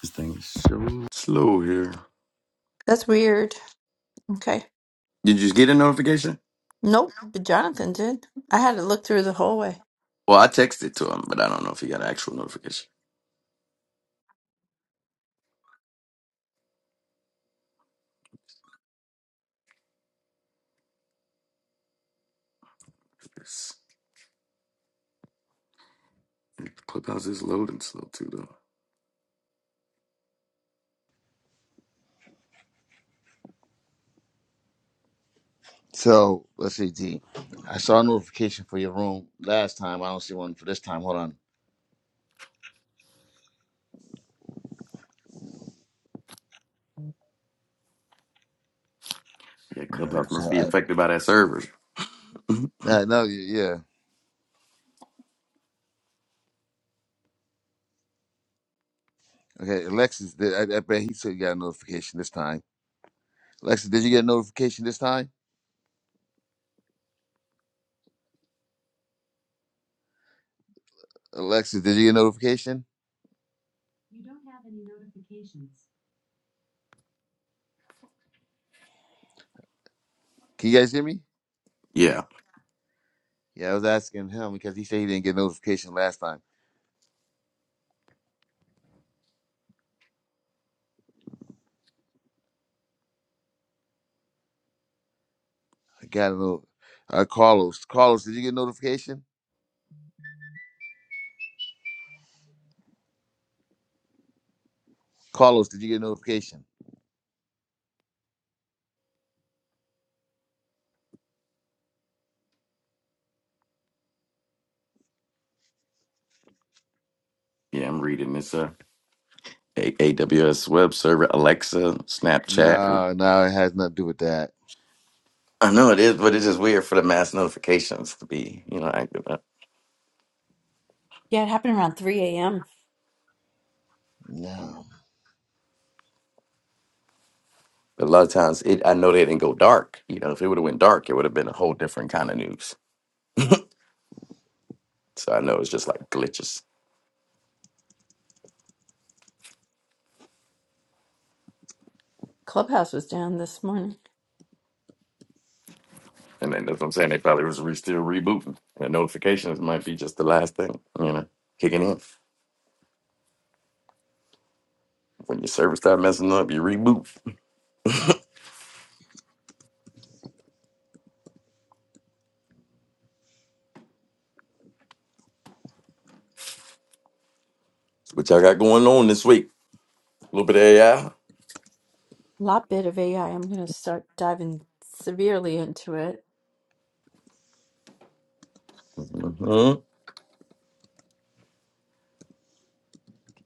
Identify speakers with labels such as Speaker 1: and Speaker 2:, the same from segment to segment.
Speaker 1: This thing's so slow here.
Speaker 2: That's weird. Okay.
Speaker 1: Did you get a notification?
Speaker 2: Nope, but Jonathan did. I had to look through the whole way.
Speaker 1: Well, I texted to him, but I don't know if he got an actual notification. It's, Clubhouse is loading slow too, though.
Speaker 3: So let's see, D. I saw a notification for your room last time. I don't see one for this time. Hold on.
Speaker 1: Yeah,
Speaker 3: Alright,
Speaker 1: Clubhouse
Speaker 3: So
Speaker 1: must be
Speaker 3: I,
Speaker 1: affected by that server.
Speaker 3: no, no, yeah. Okay, Alexis, did, I, I bet he said he got a notification this time. Alexis, did you get a notification this time? Alexis, did you get a notification? Can you guys hear me?
Speaker 1: Yeah,
Speaker 3: Yeah, I was asking him because he said he didn't get a notification last time. I got a little. Uh, Carlos, Carlos, did you get a notification? Carlos, did you get a notification?
Speaker 1: yeah, I'm reading. It's a a- AWS web server, Alexa, Snapchat.
Speaker 3: No, no, it has nothing to do with that.
Speaker 1: I know it is, but it's just weird for the mass notifications to be, you know, active. Uh,
Speaker 2: Yeah, it happened around 3 a.m.
Speaker 3: No.
Speaker 1: But a lot of times, it I know they didn't go dark. You know, if it would have went dark, it would have been a whole different kind of news. So I know it's just like glitches.
Speaker 2: Clubhouse was down this morning.
Speaker 1: And then that's what I'm saying. They probably was re- still rebooting. And notifications might be just the last thing, you know, kicking in. When your server start messing up, you reboot. That's what y'all got going on this week. A little bit of AI.
Speaker 2: A Lot bit of AI. I'm going to start diving severely into it.
Speaker 1: Mm-hmm.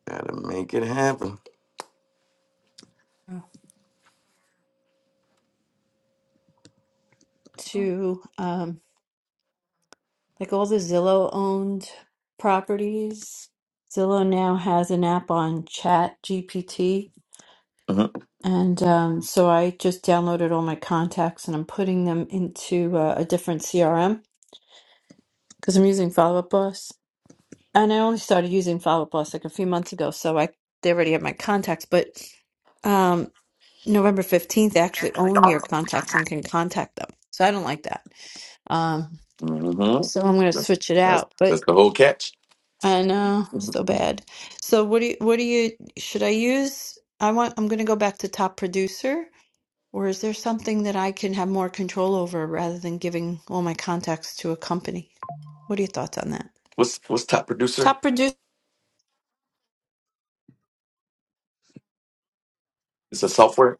Speaker 1: Gotta make it happen.
Speaker 2: Oh. To um, like all the Zillow owned properties. Zillow now has an app on Chat GPT.
Speaker 1: Mm-hmm.
Speaker 2: And um, so I just downloaded all my contacts and I'm putting them into uh, a different CRM because I'm using Follow Up Boss. and I only started using Follow Up Boss like a few months ago, so I they already have my contacts. But um, November fifteenth, they actually own your contacts and can contact them. So I don't like that. Um,
Speaker 1: Mm-hmm.
Speaker 2: so I'm going to
Speaker 1: That's
Speaker 2: switch it
Speaker 1: that's
Speaker 2: out. But
Speaker 1: that's the whole catch.
Speaker 2: I know so bad. So what do you, what do you should I use? I want I'm going to go back to top producer. Or is there something that I can have more control over rather than giving all my contacts to a company? What are your thoughts on that?
Speaker 1: What's what's top producer?
Speaker 2: Top producer.
Speaker 1: It's a software.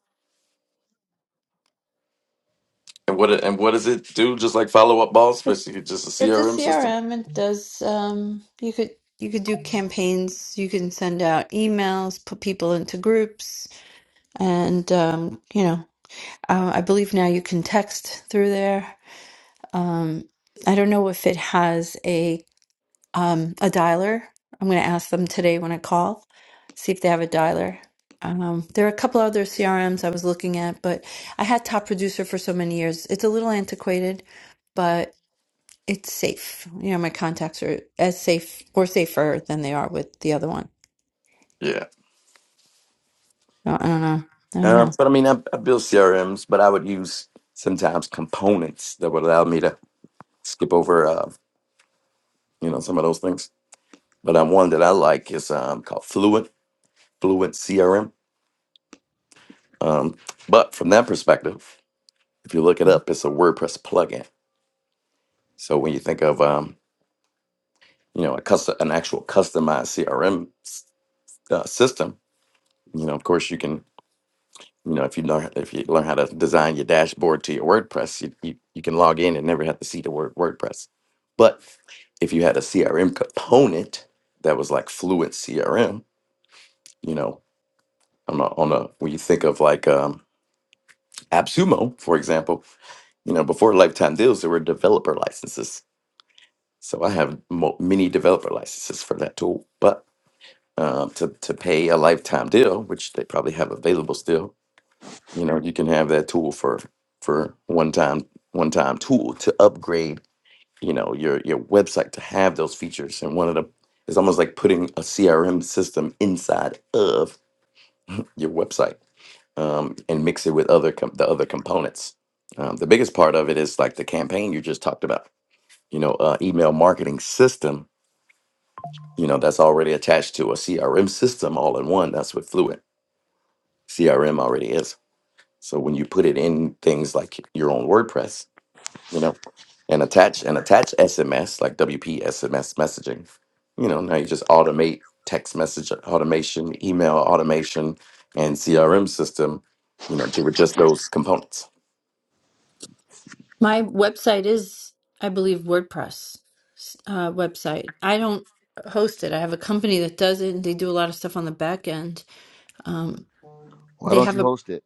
Speaker 1: And what it- and what does it do? Just like follow up boss, basically just a
Speaker 2: It's a
Speaker 1: CRM system.
Speaker 2: CRM. It does um you could you could do campaigns, you can send out emails, put people into groups, and um, you know, uh, I believe now you can text through there. Um, I don't know if it has a um a dialer. I'm going to ask them today when I call, see if they have a dialer. Um, there are a couple other CRMs I was looking at, but I had Top Producer for so many years. It's a little antiquated, but it's safe. You know, my contacts are as safe or safer than they are with the other one.
Speaker 1: Yeah.
Speaker 2: So I don't know. I don't
Speaker 1: Uh,
Speaker 2: know.
Speaker 1: but I mean, I, I build CRMs, but I would use sometimes components that would allow me to skip over uh, you know some of those things. But um, one that I like is um, called Fluent Fluent CRM. Um, but from that perspective, if you look it up, it's a WordPress plugin. So when you think of um, you know a custom an actual customized CRM uh, system, you know of course you can you know if you learn if you learn how to design your dashboard to your WordPress, you, you, you can log in and never have to see the word WordPress. But if you had a CRM component that was like Fluent CRM, you know on a, on a when you think of like um, AppSumo, for example, you know, before lifetime deals, there were developer licenses. So I have mo- many developer licenses for that tool. But um, to to pay a lifetime deal, which they probably have available still, you know, you can have that tool for for one time one time tool to upgrade, you know, your your website to have those features. And one of the it's almost like putting a CRM system inside of your website um, and mix it with other com- the other components. Um, the biggest part of it is like the campaign you just talked about. You know, uh, email marketing system. You know, that's already attached to a CRM system all in one. That's what Fluent CRM already is. So when you put it in things like your own WordPress, you know, and attach and attach SMS like WP SMS messaging, you know, now you just automate text message automation, email automation, and CRM system. You know, to with just those components.
Speaker 2: My website is, I believe, WordPress uh, website. I don't host it. I have a company that does it, and they do a lot of stuff on the back end. Um,
Speaker 3: Why
Speaker 2: they
Speaker 3: don't
Speaker 2: have
Speaker 3: you
Speaker 2: a.
Speaker 3: host it?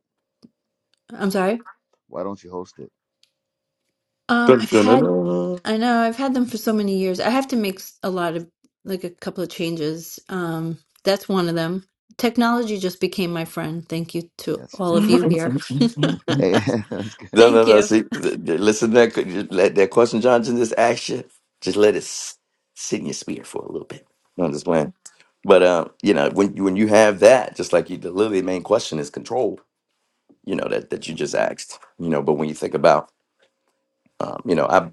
Speaker 2: I'm sorry.
Speaker 3: Why don't you host
Speaker 2: Um,
Speaker 1: Dun,
Speaker 2: I've
Speaker 1: dun, dun,
Speaker 2: had.
Speaker 1: dun.
Speaker 2: I know I've had them for so many years. I have to make s- a lot of like a couple of changes. Um, that's one of them. Technology just became my friend. Thank you to
Speaker 3: it?
Speaker 2: all of you here.
Speaker 3: Hey, that's good.
Speaker 1: No, no,
Speaker 2: Thank
Speaker 1: no.
Speaker 2: you.
Speaker 1: See, th- th- listen to that. just Let that question Johnson just ask you. Just let it s- sit in your spirit for a little bit. No, I'm just playing. But um, you know, when you when you have that, just like you, the literally main question is control. You know that that you just asked. You know, but when you think about um, you know I,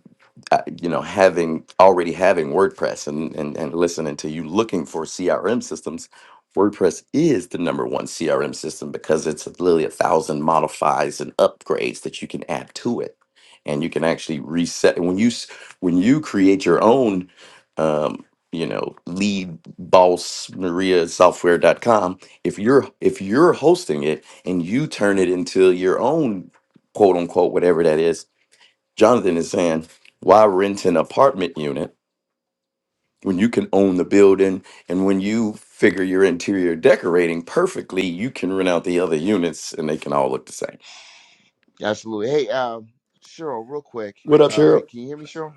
Speaker 1: I you know having already having wordpress and, and and listening to you looking for crm systems wordpress is the number one crm system because it's literally a thousand modifies and upgrades that you can add to it and you can actually reset when you s- when you create your own um, you know lead boss maria software.com if you're if you're hosting it and you turn it into your own quote unquote whatever that is Jonathan is saying, why rent an apartment unit when you can own the building? And when you figure your interior decorating perfectly, you can rent out the other units and they can all look the same.
Speaker 3: Absolutely. Hey, um, Cheryl, real quick.
Speaker 1: What
Speaker 3: Uh,
Speaker 1: up,
Speaker 3: are-
Speaker 1: Cheryl?
Speaker 3: can you hear me, Cheryl?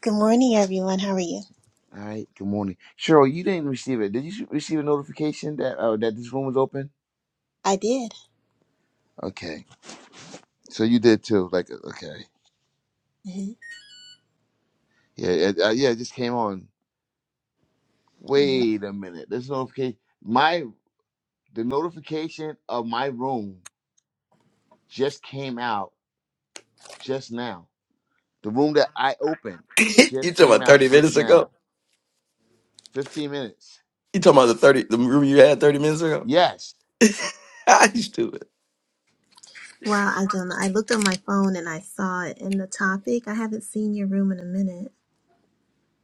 Speaker 4: Good morning, everyone. How are you?
Speaker 3: All right. Good morning, Cheryl. You didn't receive it. Did you receive a notification that uh, that this room was open?
Speaker 4: I did.
Speaker 3: Okay. So you did too. Like, uh, okay.
Speaker 4: Mhm.
Speaker 3: Yeah. It, uh, yeah. It just came on. Wait a minute. This notification. My the notification of my room just came out just now. The room that I opened
Speaker 1: you
Speaker 3: just
Speaker 1: talking
Speaker 3: came
Speaker 1: about
Speaker 3: out
Speaker 1: 30
Speaker 3: just
Speaker 1: minutes
Speaker 3: now.
Speaker 1: ago?
Speaker 3: Fifteen minutes.
Speaker 1: You talking about the 30 the room you had 30 minutes ago?
Speaker 3: Yes.
Speaker 1: I used to it.
Speaker 4: Wow, I don't know. I looked on my phone and I saw it in the topic. I haven't seen your room in a minute.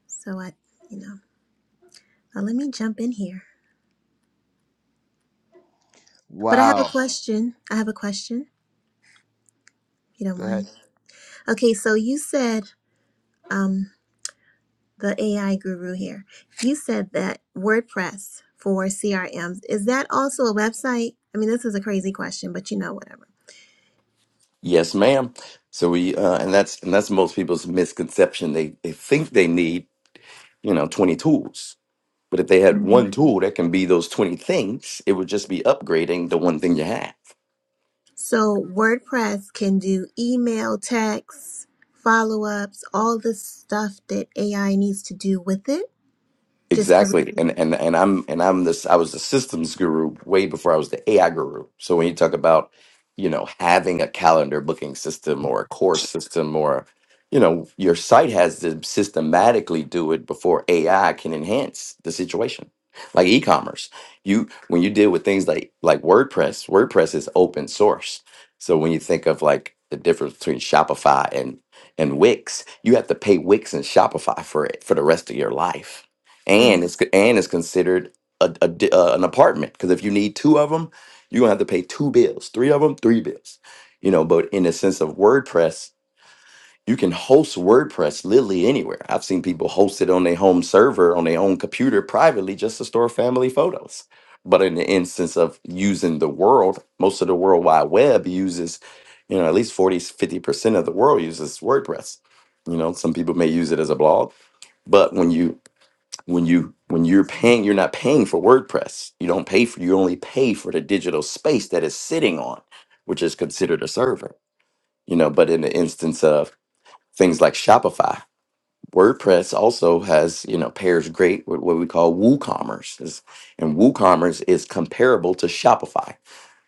Speaker 4: So I, you know, uh, let me jump in here. But I have a
Speaker 3: Wow.
Speaker 4: question. I have a question, if you don't
Speaker 3: Go ahead.
Speaker 4: mind. Okay, so you said, um, the AI guru here, you said that WordPress for CRMs, is that also a website? I mean, this is a crazy question, but you know, whatever.
Speaker 1: Yes, ma'am. So we uh, and that's and that's most people's misconception. They they think they need, you know, 20 tools But if they had one tool that can be those 20 things, it would just be upgrading the one thing you have.
Speaker 4: So WordPress can do email, text, follow ups, all the stuff that AI needs to do with it. Just every
Speaker 1: Exactly. And and and I'm and I'm this I was the systems guru way before I was the AI guru. So when you talk about, you know, having a calendar booking system or a course system or you know, your site has to systematically do it before AI can enhance the situation. Like e-commerce. You when you deal with things like like WordPress, WordPress is open source. So when you think of like the difference between Shopify and and Wix, you have to pay Wix and Shopify for it for the rest of your life and
Speaker 4: Mm,
Speaker 1: it's and it's considered a, a di- uh, an apartment because if you need two of them, you're gonna have to pay two bills. Three of them, three bills. You know, but in the sense of WordPress, you can host WordPress literally anywhere. I've seen people host it on their home server on their own computer privately just to store family photos. But in the instance of using the world, most of the World Wide Web uses, you know, at least forty fifty percent of the world uses WordPress. You know, some people may use it as a blog, but when you when you when you're paying you're not paying for wordpress you don't pay for you only pay for the digital space that it's sitting on which is considered a server you know but in the instance of things like shopify wordpress also has you know pairs great with what we call woocommerce is, and woocommerce is comparable to shopify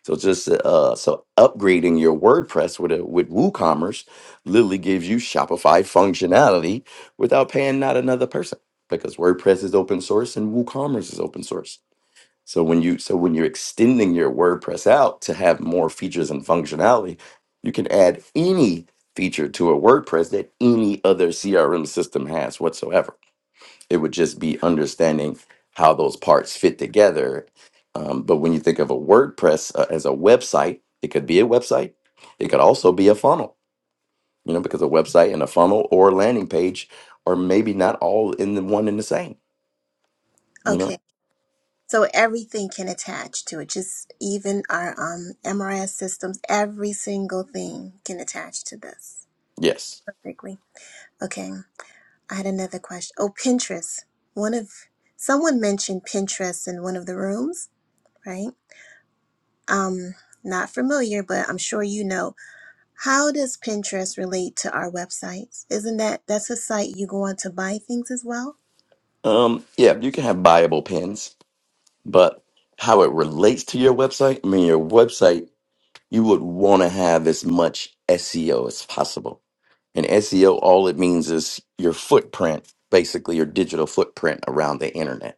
Speaker 1: so just uh, so upgrading your WordPress with a, with WooCommerce literally gives you Shopify functionality without paying not another person because WordPress is open source and WooCommerce is open source. So when you so when you're extending your WordPress out to have more features and functionality, you can add any feature to a WordPress that any other CRM system has whatsoever. It would just be understanding how those parts fit together. Um, but when you think of a WordPress uh, as a website, it could be a website. It could also be a funnel, you know, because a website and a funnel or a landing page are maybe not all in the one and the same, you
Speaker 4: okay.
Speaker 1: know?
Speaker 4: So everything can attach to it. Just even our um, MRS systems, every single thing can attach to this
Speaker 1: Yes.
Speaker 4: perfectly. Okay. I had another question. Oh, Pinterest. One of someone mentioned Pinterest in one of the rooms, right? Um, not familiar, but I'm sure you know How does Pinterest relate to our websites? Isn't that that's a site you go on to buy things as well?
Speaker 1: Um, yeah, you can have buyable pins, but how it relates to your website, I mean, your website, you would want to have as much SEO as possible And SEO, all it means is your footprint, basically your digital footprint around the internet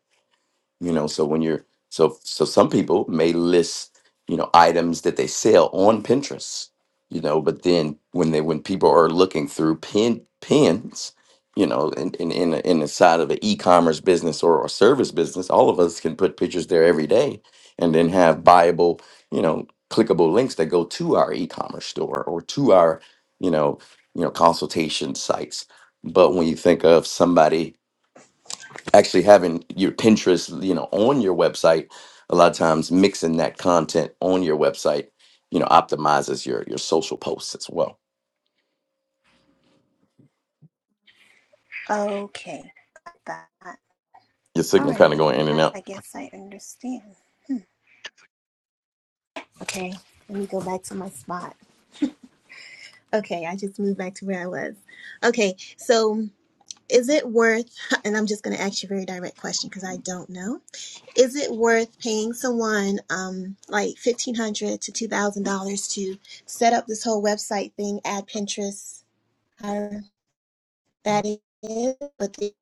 Speaker 1: you know so when you're so so some people may list you know items that they sell on pinterest you know but then when they when people are looking through pin pins you know in in in, the- in the side of an e-commerce business or a service business all of us can put pictures there every day and then have buyable you know clickable links that go to our e-commerce store or to our you know you know consultation sites but when you think of somebody actually having your Pinterest, you know, on your website, a lot of times mixing that content on your website, you know, optimizes your your social posts as well.
Speaker 4: Okay, that.
Speaker 1: Your
Speaker 4: All
Speaker 1: signal kind of
Speaker 4: right,
Speaker 1: going in and
Speaker 4: I
Speaker 1: out.
Speaker 4: I guess I understand. Okay, let me go back to my spot. Okay, I just moved back to where I was. Okay, so is it worth? And I'm just going to ask you a very direct question because I don't know. Is it worth paying someone um like fifteen hundred to two thousand dollars to set up this whole website thing, add Pinterest? that is, but they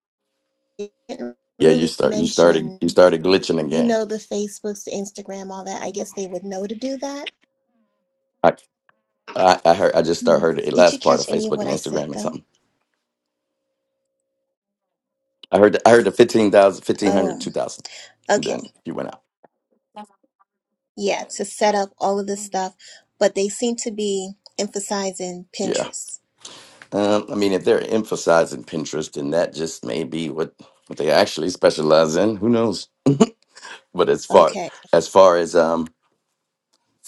Speaker 4: didn't
Speaker 1: Yeah, you
Speaker 4: really
Speaker 1: start you started you
Speaker 4: mention,
Speaker 1: started glitching
Speaker 4: you
Speaker 1: again.
Speaker 4: know, the Facebooks, the Instagram, all that. I guess they would know to do that.
Speaker 1: I I, I heard I just start
Speaker 4: Hmm.
Speaker 1: heard the
Speaker 4: Did you
Speaker 1: last part
Speaker 4: catch
Speaker 1: of
Speaker 4: any of
Speaker 1: Facebook
Speaker 4: what
Speaker 1: and
Speaker 4: I said
Speaker 1: Instagram and
Speaker 4: though?
Speaker 1: something. I heard the, I heard the 15,000 fifteen hundred
Speaker 4: Oh,
Speaker 1: 2,000. and
Speaker 4: okay.
Speaker 1: Then you went out.
Speaker 4: Yeah, to set up all of this stuff, but they seem to be emphasizing
Speaker 1: Yeah.
Speaker 4: Pinterest.
Speaker 1: Um, I mean, if they're emphasizing Pinterest, then that just may be what, what they actually specialize in. Who knows? But as far
Speaker 4: Okay.
Speaker 1: as far as um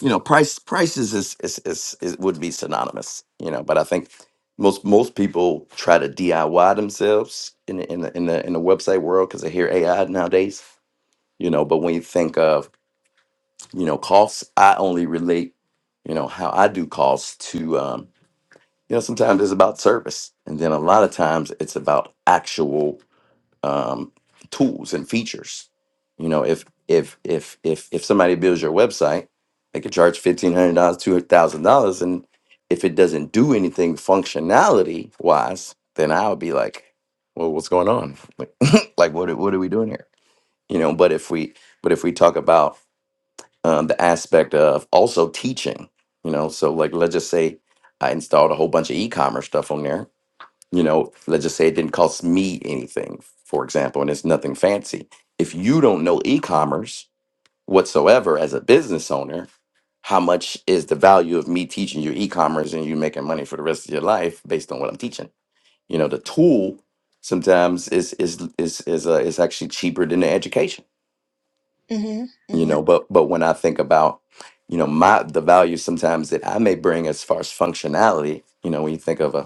Speaker 1: you know price prices is is, is is would be synonymous you know but i think most most people try to diy themselves in the in the in the, in the website world because they hear ai nowadays you know but when you think of you know costs i only relate you know how i do costs to um you know sometimes it's about service and then a lot of times it's about actual um, tools and features. You know, if if if if if somebody builds your website, they could charge fifteen hundred dollars, two thousand dollars, and if it doesn't do anything functionality wise, then I would be like, well, what's going on? Like, like what are- what are we doing here? You know, but if we but if we talk about um, the aspect of also teaching, you know, so like let's just say I installed a whole bunch of e-commerce stuff on there you know, let's just say it didn't cost me anything, for example, and it's nothing fancy. If you don't know e commerce whatsoever as a business owner, how much is the value of me teaching you e commerce and you making money for the rest of your life based on what I'm teaching? You know, the tool sometimes is is is is uh, is actually cheaper than the education.
Speaker 4: Mm-hmm.
Speaker 1: You know,
Speaker 4: Mm-hmm.
Speaker 1: but but when I think about you know my the value sometimes that I may bring as far as functionality, you know, when you think of a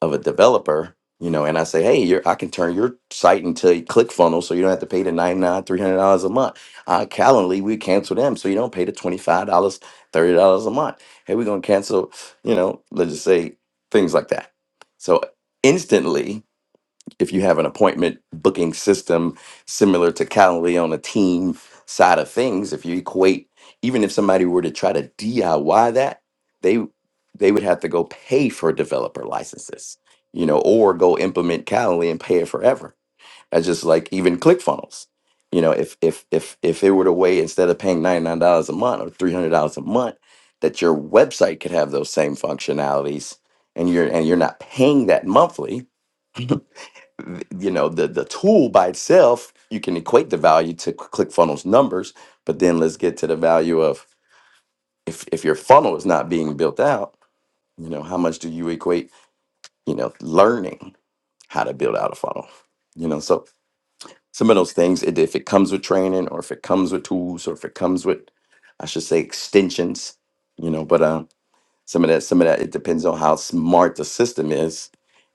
Speaker 1: of a developer, you know, and I say, hey, you're, I can turn your site into a ClickFunnels so you don't have to pay the $99, $300 a month. Uh, Calendly, we cancel them so you don't pay the $25, dollars, $30 a month. Hey, we're going to cancel, you know, let's just say things like that. So instantly, if you have an appointment booking system similar to Calendly on a team side of things, if you equate, even if somebody were to try to DIY that, they they would have to go pay for developer licenses, you know, or go implement Calendly and pay it forever. That's just like even ClickFunnels. You know, if if if if it were the way instead of paying ninety nine dollars a month or three hundred dollars a month, that your website could have those same functionalities, and you're and you're not paying that monthly, th- you know the the tool by itself you can equate the value to Cl- clickfunnels numbers but then let's get to the value of if if your funnel is not being built out you know how much do you equate you know learning how to build out a funnel you know so some of those things it- if it comes with training or if it comes with tools or if it comes with i should say extensions you know but um some of that some of that it depends on how smart the system is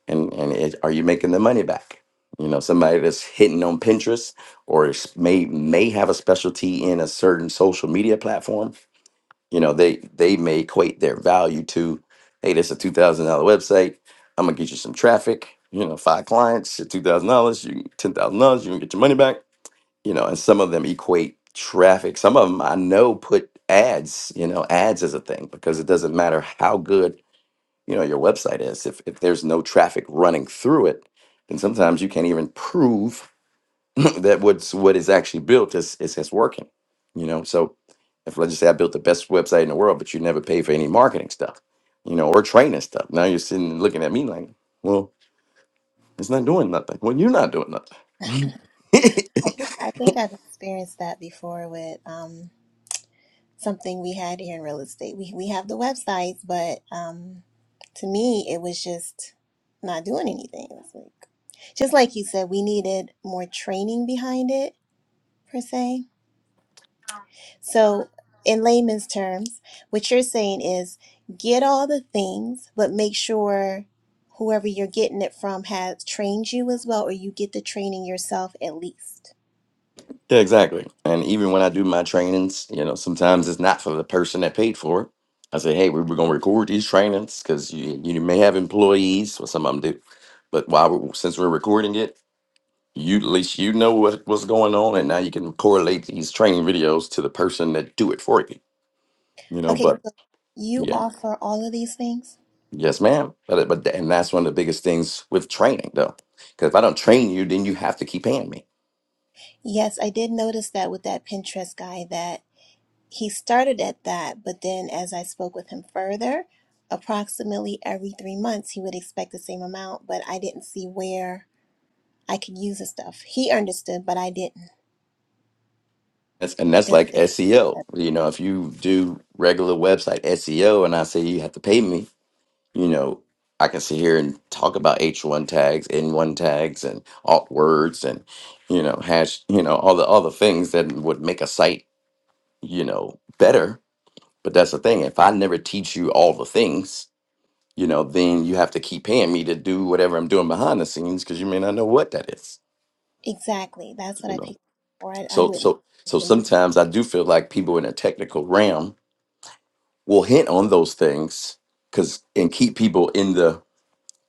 Speaker 1: and and it, are you making the money back? You know, somebody that's hitting on Pinterest or is- may may have a specialty in a certain social media platform. You know, they they may equate their value to, hey, this is a two thousand dollar website. I'm gonna get you some traffic. You know, five clients, two thousand dollars, you ten thousand dollars, you can get your money back. You know, and some of them equate traffic. Some of them I know put ads. You know, ads is a thing because it doesn't matter how good you know your website is if if there's no traffic running through it then sometimes you can't even prove that what's what is actually built is is, is working you know so if let's just say i built the best website in the world but you never pay for any marketing stuff you know or training stuff now you're sitting and looking at me like well it's not doing nothing well you're not doing nothing
Speaker 4: I think I think I've experienced that before with um something we had here in real estate. We we have the websites, but um, to me, it was just not doing anything. It was like, just like you said, we needed more training behind it per se. So, in layman's terms, what you're saying is get all the things, but make sure whoever you're getting it from has trained you as well, or you get the training yourself at least.
Speaker 1: Yeah, exactly. And even when I do my trainings, you know, sometimes it's not for the person that paid for it. I say, hey, we were going to record these trainings because you, you may have employees, or some of them do. But while we, since we're recording it, you at least you know what, what's going on, and now you can correlate these training videos to the person that do it for you. You know,
Speaker 4: Okay,
Speaker 1: but
Speaker 4: so you
Speaker 1: yeah,
Speaker 4: offer all of these things.
Speaker 1: yes, ma'am. But but and that's one of the biggest things with training, though, because if I don't train you, then you have to keep paying me.
Speaker 4: Yes, I did notice that with that Pinterest guy that he started at that, but then as I spoke with him further, approximately every three months he would expect the same amount, but I didn't see where I could use the stuff. He understood, but I didn't.
Speaker 1: That's, and that's
Speaker 4: Does-
Speaker 1: like
Speaker 4: if-
Speaker 1: SEO.
Speaker 4: uh,
Speaker 1: You know, if you do regular website SEO and I say you have to pay me, you know, I can sit here and talk about H1 tags, N1 tags and alt words and you know, hash, you know, all the all the things that would make a site, you know, better. But that's the thing. If I never teach you all the things, you know, then you have to keep paying me to do whatever I'm doing behind the scenes because you may not know what that is,
Speaker 4: exactly, that's what
Speaker 1: you
Speaker 4: I
Speaker 1: know.
Speaker 4: picked, or I, I
Speaker 1: So
Speaker 4: wouldn't.
Speaker 1: so so sometimes I do feel like people in a technical realm will hint on those things because and keep people in the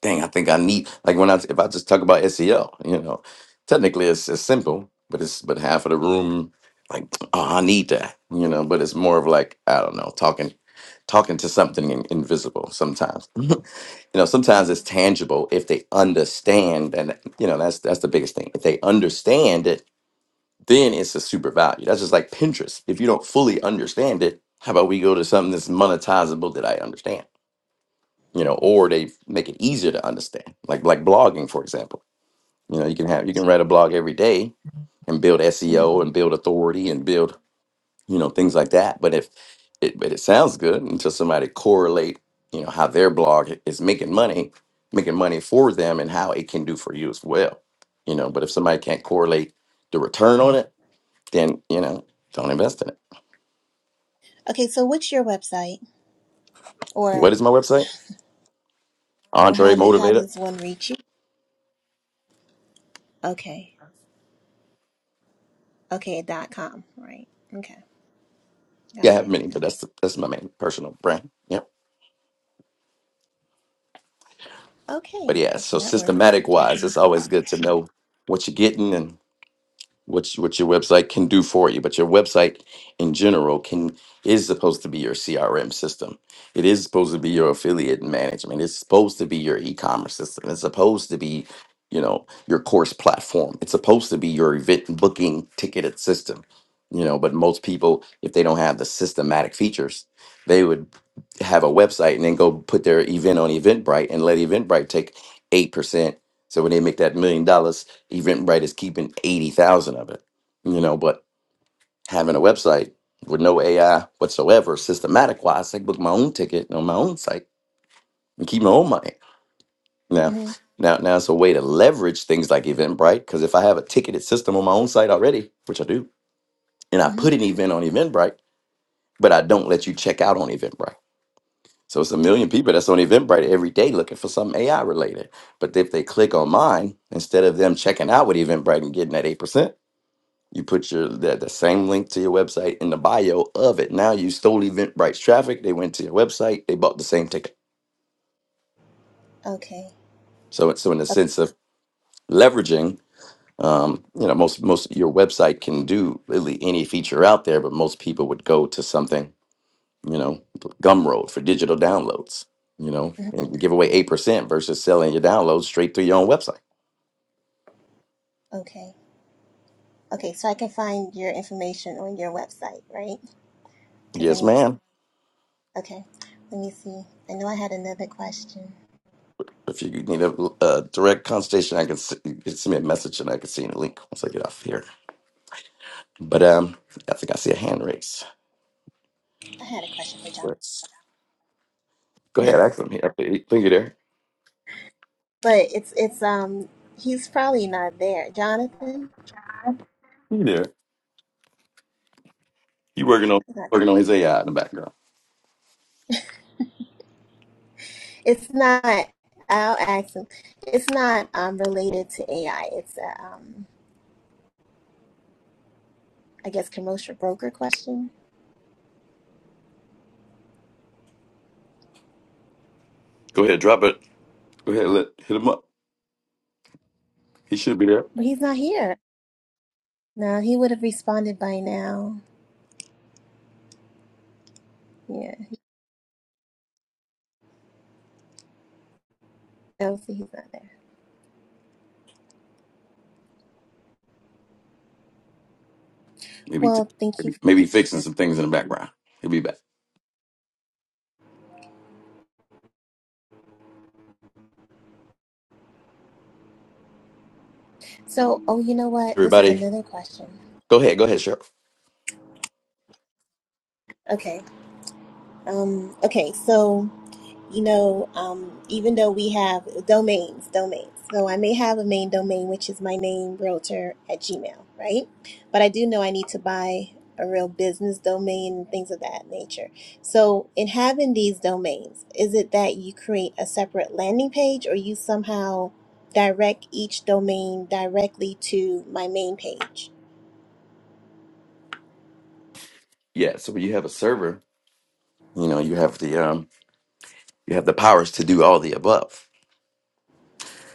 Speaker 1: dang i think i need like when i if i just talk about SEL, you know technically it's, it's simple but it's but half of the room like oh i need that you know but it's more of like i don't know talking talking to something in, invisible sometimes you know sometimes it's tangible if they understand and you know that's that's the biggest thing if they understand it then it's a super value. That's just like Pinterest. If you don't fully understand it, how about we go to something that's monetizable that I understand? You know, or they make it easier to understand. Like like blogging, for example. You know, you can have you can write a blog every day and build
Speaker 4: mhm.
Speaker 1: SEO and build authority and build, you know, things like that. But if it but it sounds good until somebody correlate, you know, how their blog is making money, making money for them and how it can do for you as well. You know, but if somebody can't correlate the return on it, then you know don't invest in it.
Speaker 4: Okay, so what's your website, or
Speaker 1: What is my website?
Speaker 4: or how
Speaker 1: Andre
Speaker 4: do how
Speaker 1: Motivator.
Speaker 4: does one reach you? Okay, okay, dot com, right? Okay,
Speaker 1: Yeah, I
Speaker 4: got
Speaker 1: have
Speaker 4: it.
Speaker 1: many, but that's that's my main personal brand. Yep. But
Speaker 4: Okay,
Speaker 1: yeah,
Speaker 4: okay,
Speaker 1: so
Speaker 4: that works.
Speaker 1: systematic
Speaker 4: Okay.
Speaker 1: wise, it's always good to know what you're getting and. what you- what your website can do for you but your website in general can is supposed to be your crm system it is supposed to be your affiliate management it's supposed to be your e-commerce system it's supposed to be you know your course platform it's supposed to be your event booking ticketed system you know but most people if they don't have the systematic features they would have a website and then go put their event on eventbrite and let eventbrite take 8% so when they make that million dollars Eventbrite is keeping 80,000 of it, you know, but having a website with no AI whatsoever, systematic wise, I can book my own ticket on my own site and keep my own money. Now,
Speaker 4: Mhm.
Speaker 1: now, now it's a way to leverage things like Eventbrite because if I have a ticketed system on my own site already, which I do, and I
Speaker 4: hmm
Speaker 1: put an event on Eventbrite, but I don't let you check out on Eventbrite. So it's a million people that's on Eventbrite every day looking for something AI related. But if they click on mine, instead of them checking out with Eventbrite and getting that 8%, You put your that the same link to your website in the bio of it. Now you stole Eventbrite's traffic. They went to your website. They bought the same ticket.
Speaker 4: Okay.
Speaker 1: So it's- so in the sense of leveraging, um, you know, most most your website can do really any feature out there, but most people would go to something, you know, Gumroad for digital downloads. You know,
Speaker 4: Mhm.
Speaker 1: and give away eight percent versus selling your downloads straight through your own website.
Speaker 4: Okay. Okay. So I can find your information on your website, right? Because I
Speaker 1: Yes,
Speaker 4: need.
Speaker 1: ma'am.
Speaker 4: Okay. Let me see. I know I had another question.
Speaker 1: If you need a, uh direct consultation, I can s- you can send me a message and I can send you a link once I get off here. But um, I think I see a hand raise.
Speaker 4: I had a question for John,
Speaker 1: Let's go ahead, ask him. He, I think he there.
Speaker 4: but it's it's um he's probably not there. Jonathan,
Speaker 1: He there. He working on
Speaker 4: he's not
Speaker 1: working
Speaker 4: there.
Speaker 1: on his AI in the background.
Speaker 4: It's not. I'll ask him. It's not um related to AI. It's a um I guess commercial broker question,
Speaker 1: Go ahead, drop it. Go ahead, let hit him up. He should be there.
Speaker 4: but he's not here. No, he would have responded by now. Yeah. i No, see, he's not there.
Speaker 1: Maybe
Speaker 4: Well, thank you.
Speaker 1: maybe maybe
Speaker 4: for.
Speaker 1: fixing some things in the background. He'll be back.
Speaker 4: So, oh, you know what? This is
Speaker 1: Everybody,
Speaker 4: another question.
Speaker 1: go ahead, go ahead, Cheryl.
Speaker 4: Okay. Um, okay. So, you know, um, even though we have domains, domains. So I may have a main domain, which is my name, realtor at Gmail, right? But I do know I need to buy a real business domain and things of that nature. So, in having these domains, is it that you create a separate landing page or you somehow? direct each domain directly to my main page.
Speaker 1: Yeah. So when you have a server, you know you have the um you have the powers to do all the above.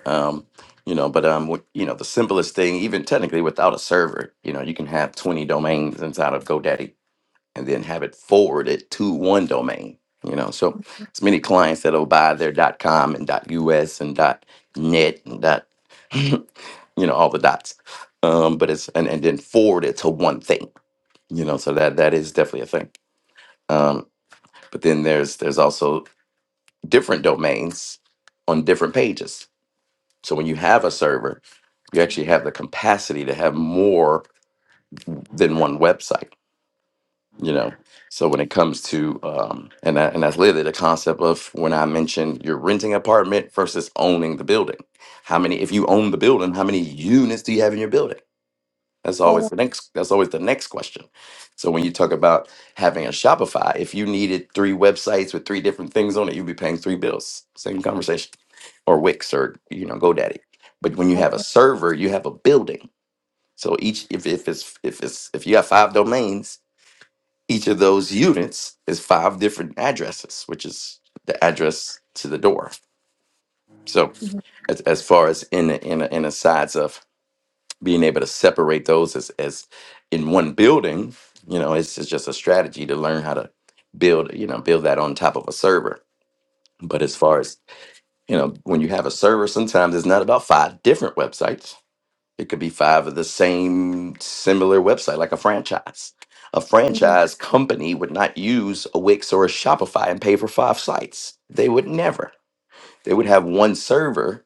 Speaker 1: Um, you know, but um, what- you know the simplest thing, even technically without a server, you know, you can have twenty domains inside of GoDaddy and then have it forwarded to one domain. You know, so
Speaker 4: Mm-hmm.
Speaker 1: it's many clients that'll buy their .com and .us and .net and dot, you know, all the dots. Um, but it's and, and then forward it to one thing. You know, so that that is definitely a thing. Um, but then there's there's also different domains on different pages. So when you have a server, you actually have the capacity to have more than one website you know so when it comes to um and that, and that's literally the concept of when i mentioned you're renting an apartment versus owning the building how many if you own the building how many units do you have in your building that's
Speaker 4: All
Speaker 1: always
Speaker 4: of
Speaker 1: the next that's always the next question so when you talk about having a shopify if you needed three websites with three different things on it you'd be paying three bills same conversation or wix or you know godaddy but when you have a
Speaker 4: okay.
Speaker 1: server you have a building so each if, if it's if it's if you have five domains each of those units is five different addresses, which is the address to the door. So
Speaker 4: Mm-hmm.
Speaker 1: as, as far as in the, in the, in the sides of being able to separate those as, as in one building, you know, it's, it's just a strategy to learn how to build, you know, build that on top of a server. But as far as, you know, when you have a server, sometimes it's not about five different websites It could be five of the same similar website, like a franchise. A
Speaker 4: Mm-hmm.
Speaker 1: franchise company would not use a Wix or a Shopify and pay for five sites. They would never. They would have one server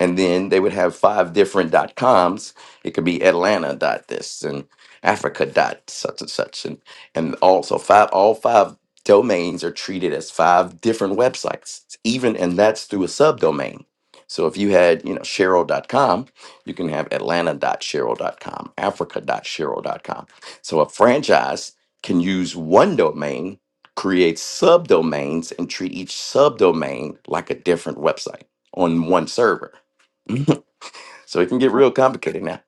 Speaker 1: and then they would have five different dot coms. It could be Atlanta dot this and Africa dot such and such and and also five all five domains are treated as five different websites, even and that's through a subdomain. So if you had, you know, Cheryl .dot com, you can have Atlanta .dot .dot .dot Cheryl Cheryl com, Africa .dot Cheryl dot com. So a franchise can use one domain create subdomains and treat each subdomain like a different website on one server. so it can get real complicated now.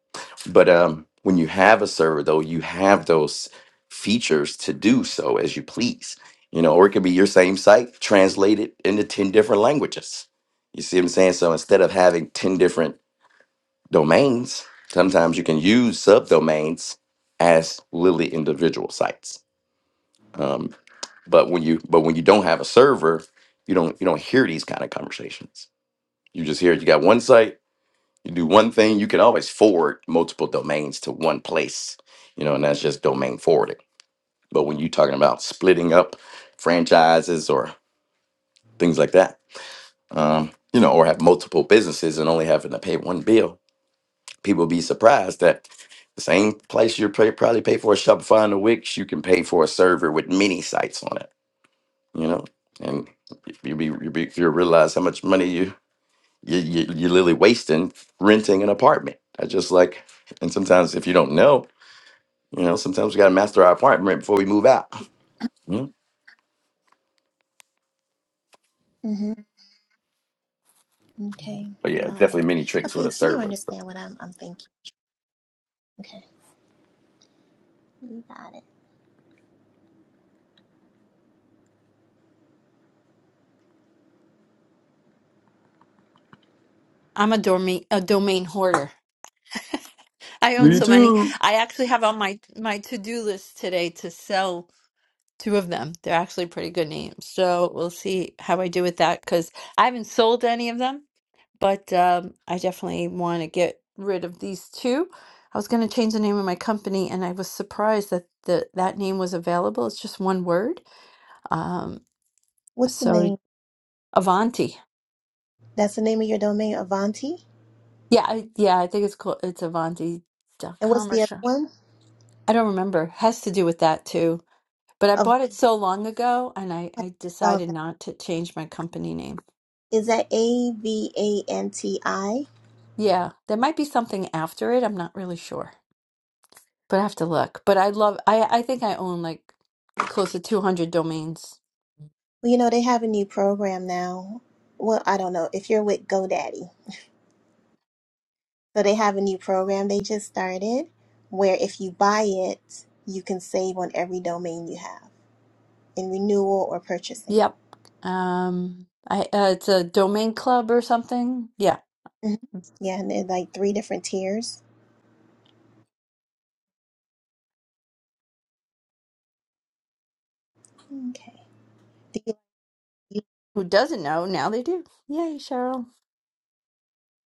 Speaker 1: But um, when you have a server, though, you have those features to do so as you please. You know, or it could be your same site translated into 10 different languages. You see what I'm saying? So instead of having 10 different domains, sometimes you can use subdomains as literally individual sites. Um, but when you but when you don't have a server, you don't you don't hear these kind of conversations. You just hear you got one site, you do one thing, you can always forward multiple domains to one place, you know, and that's just domain forwarding. But when you're talking about splitting up franchises or things like that, um, you know, or have multiple businesses and only having to pay one bill, people be surprised that the same place you pay, probably pay for a Shopify and a Wix, you can pay for a server with many sites on it you know, and you be you be you realize how much money you you you you literally wasting renting an apartment. I just like, and sometimes if you don't know, you know, sometimes we gotta master our apartment before we move out. you
Speaker 4: mm-hmm, Okay.
Speaker 1: But yeah,
Speaker 4: Got
Speaker 1: definitely
Speaker 4: it.
Speaker 1: many tricks with
Speaker 4: Okay,
Speaker 1: a
Speaker 4: so you
Speaker 1: server.
Speaker 4: understand what I'm I'm thinking. Okay. You got it.
Speaker 2: I'm a domain a domain hoarder. I own
Speaker 1: Me
Speaker 4: hmm
Speaker 2: so many.
Speaker 1: too.
Speaker 2: I actually have on my my to-do list today to sell two of them. They're actually pretty good names. So we'll see how I do with that because I haven't sold any of them, but um, I definitely want to get rid of these two. I was going to change the name of my company, and I was surprised that the that name was available. It's just one word. Um,
Speaker 4: What's the
Speaker 2: so
Speaker 4: name?
Speaker 2: Avanti.
Speaker 4: That's the name of your domain, Avanti.
Speaker 2: Yeah, I, yeah, I think it's called it's Avanti
Speaker 4: And what's
Speaker 2: Avanti.com or
Speaker 4: the other
Speaker 2: something.
Speaker 4: one?
Speaker 2: I don't remember. Has to do with that too. But I
Speaker 4: Avanti
Speaker 2: bought it so long ago and I, I
Speaker 4: spell
Speaker 2: decided
Speaker 4: that.
Speaker 2: not to change my company name.
Speaker 4: Is that A V A N T I?
Speaker 2: Yeah, there might be something after it. I'm not really sure. But I have to look. But I love I I think I own like close to 200 domains.
Speaker 4: Well, you know, they have a new program now. Well, I don't know if you're with GoDaddy. So they have a new program they just started where if you buy it, you can save on every domain you have in renewal or purchasing.
Speaker 2: Yep. Um I uh, it's a domain club or something. Yeah.
Speaker 4: hmm Yeah, and they're like three different tiers. Okay. Do you-
Speaker 2: Who doesn't know? Now they do. Yay, Cheryl.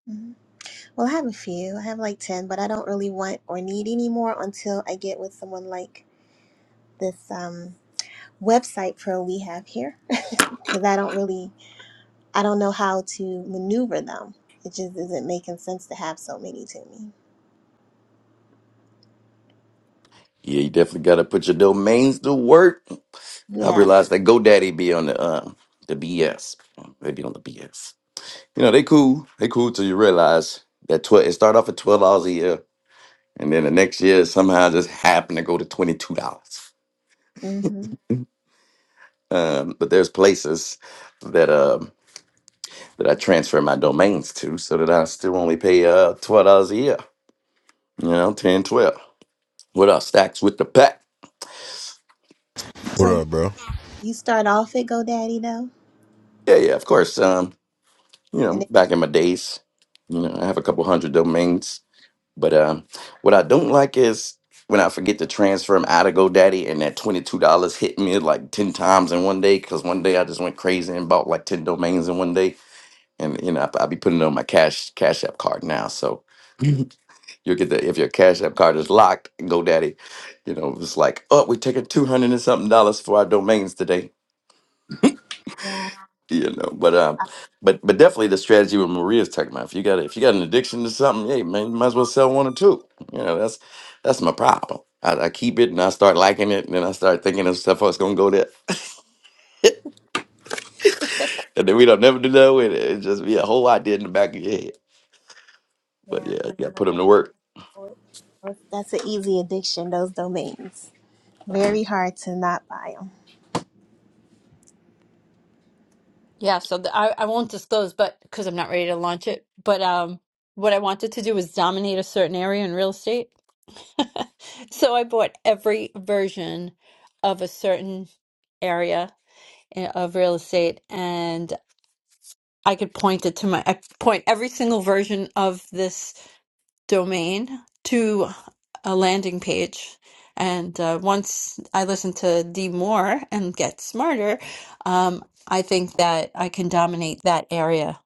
Speaker 4: mhm. Well, I have a few. I have like 10, but I don't really want or need any more until I get with someone like this um, website pro we have here. because I don't really, I don't know how to maneuver them. It just isn't making sense to have so many to me.
Speaker 1: Yeah, you definitely gotta put your domains to work. I
Speaker 4: Yeah.
Speaker 1: realized that GoDaddy be on the um the BS. They be on the BS. You know, they cool. They cool till you realize that twelve it start off at twelve dollars a year and then the next year it somehow just happened to go to twenty two dollars.
Speaker 4: hmm
Speaker 1: Um, but there's places that um, that I transfer my domains to, so that I still only pay uh twelve dollars a year. You know, 10, 12. What else? Stacks with the pack.
Speaker 5: What
Speaker 4: So
Speaker 5: up, bro?
Speaker 4: you start off at GoDaddy though,
Speaker 1: Yeah, yeah, of course. Um, you
Speaker 4: and
Speaker 1: know,
Speaker 4: then,
Speaker 1: back in my days, you know, I have a couple hundred domains. But um, what I don't like is when I forget to transfer them out of GoDaddy and that $22 hit me like 10 times in one day because one day I just went crazy and bought like 10 domains in one day and you know I- I'll be putting it on my cash cash app card now. So you'll get the if your cash app card is locked, GoDaddy, you know it's like oh we're taking two hundred and something dollars for our domains today,
Speaker 4: yeah,
Speaker 1: you know. But um,
Speaker 4: I-
Speaker 1: but but definitely the strategy with Maria's talking about. If you got if you got an addiction to something, hey man, you might as well sell one or two. You know that's that's my problem. I, I keep it and I start liking it, and then I start thinking of stuff that's gonna go there, and then we don't never do that with it. It just be a whole idea in the back of your head. But
Speaker 4: yeah,
Speaker 1: yeah, you
Speaker 4: that's
Speaker 1: gotta put
Speaker 4: what
Speaker 1: them
Speaker 4: that's
Speaker 1: to work.
Speaker 4: for. That's that's an easy addiction. Those domains, very hard to not buy them.
Speaker 2: Yeah, so the, I, I won't disclose, but because I'm not ready to launch it. But um, what I wanted to do was dominate a certain area in real estate. So I bought every version of a certain area i- of real estate, and I could point it to my, I could point every single version of this domain to a landing page. And uh, once I listen to D more and get smarter, um, I think that I can dominate that area.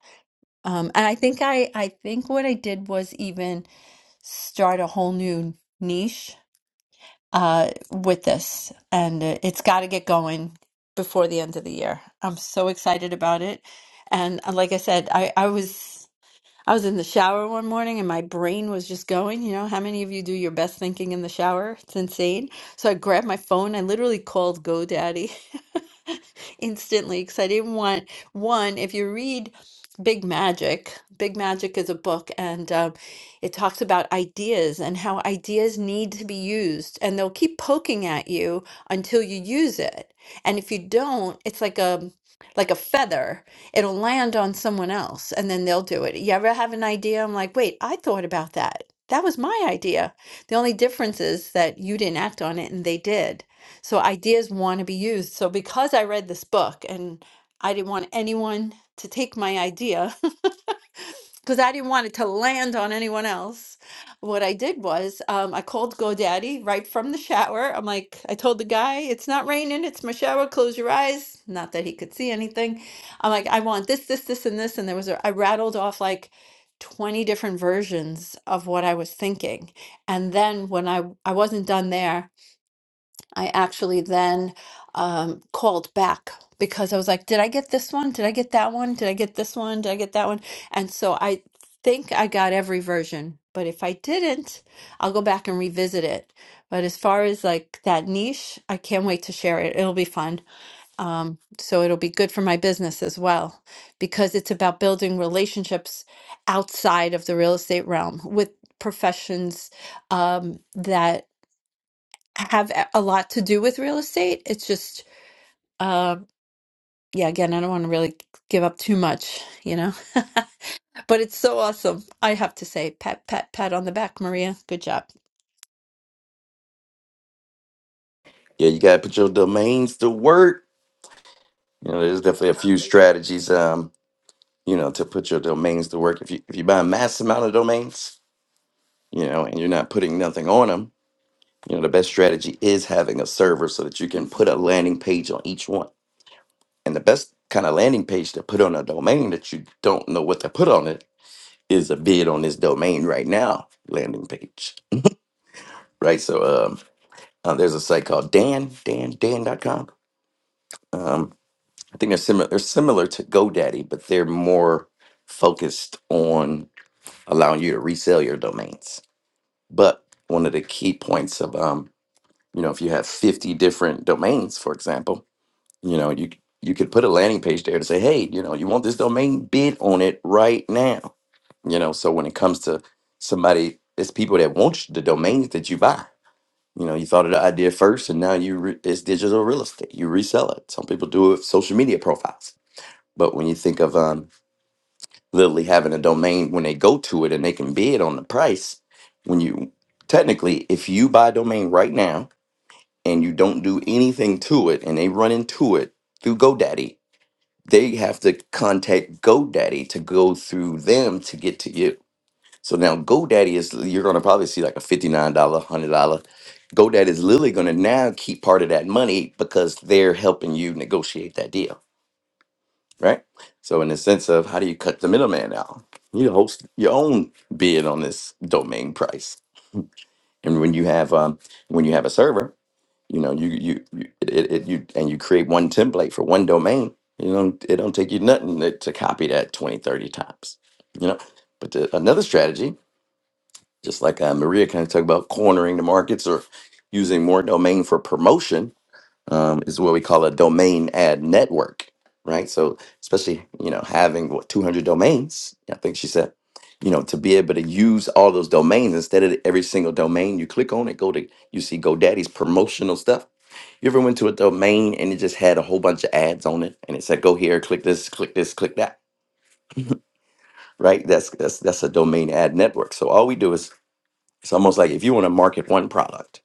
Speaker 2: Um, and I think I, I think what I did was even start a whole new niche uh, with this, and uh, it's got to get going before the end of the year. I'm so excited about it, and uh, like I said, I, I was. I was in the shower one morning and my brain was just going. You know, how many of you do your best thinking in the shower? It's insane. So I grabbed my phone. I literally called GoDaddy instantly because I didn't want one. If you read Big Magic, Big Magic is a book and um, it talks about ideas and how ideas need to be used and they'll keep poking at you until you use it. And if you don't, it's like a like a feather it'll land on someone else and then they'll do it. You ever have an idea? I'm like, wait, I thought about that. That was my idea. The only difference is that you didn't act on it and they did. So ideas want to be used. So because I read this book and I didn't want anyone to take my idea, because I didn't want it to land on anyone else. What I did was um, I called GoDaddy right from the shower. I'm like, I told the guy, it's not raining, it's my shower, close your eyes. Not that he could see anything. I'm like, I want this, this, this, and this. And there was a, I rattled off like 20 different versions of what I was thinking. And then when I, I wasn't done there, I actually then um, called back because I was like, did I get this one? Did I get that one? Did I get this one? Did I get that one? And so I think I got every version. But if I didn't, I'll go back and revisit it. But as far as like that niche, I can't wait to share it. It'll be fun. Um, so it'll be good for my business as well because it's about building relationships outside of the real estate realm with professions um, that have a a lot to do with real estate. It's just, um, yeah, again, I don't want to really give up too much, you know, but it's so awesome. I have to say, pat, pat, pat on the back, Maria. Good job.
Speaker 1: yeah, you gotta put your domains to work. You know, there's
Speaker 4: That
Speaker 1: definitely a few
Speaker 4: sounds interesting.
Speaker 1: strategies, um, you know, to put your domains to work. If you if you buy a mass amount of domains, you know, and you're not putting nothing on them, you know, the best strategy is having a server so that you can put a landing page on each one. And the best kind of landing page to put on a domain that you don't know what to put on it is a bid on this domain right now landing page, right? So um, uh, there's a site called Dan Dan Dan. dot Dan.com. I think they're similar. They're similar to GoDaddy, but they're more focused on allowing you to resell your domains. But one of the key points of, um, you know, if you have fifty different domains, for example, you know, you c- you could put a landing page there to say, hey, you know, you want this domain, bid on it right now. You know, so when it comes to somebody, it's people that want the domains that you buy. You know, you thought of the idea first, and now you re- it's digital real estate. You resell it. Some people do it with social media profiles but when you think of um, literally having a domain, when they go to it and they can bid on the price, when you technically, if you buy a domain right now and you don't do anything to it and they run into it through GoDaddy, they have to contact GoDaddy to go through them to get to you. So now GoDaddy is, you're going to probably see like a $59, $100. GoDaddy is literally going to now keep part of that money because they're helping you negotiate that deal. right? So in the sense of how do you cut the middleman out? You host your own bid on this domain price, and when you have um, when you have a server, you know you you, you it, it, it you and you create one template for one domain. You know it don't take you nothing to, to copy that 20 30 times. You know, but the, another strategy, just like uh, Maria kind of talked about, cornering the markets or using more domain for promotion um, is what we call a domain ad network, right? So, especially you know having what 200 domains, I think she said, you know, to be able to use all those domains instead of every single domain you click on it, go to you see GoDaddy's promotional stuff. You ever went to a domain and it just had a whole bunch of ads on it, and it said go here, click this, click this, click that, right? That's that's that's a domain ad network. So all we do is it's almost like if you want to market one product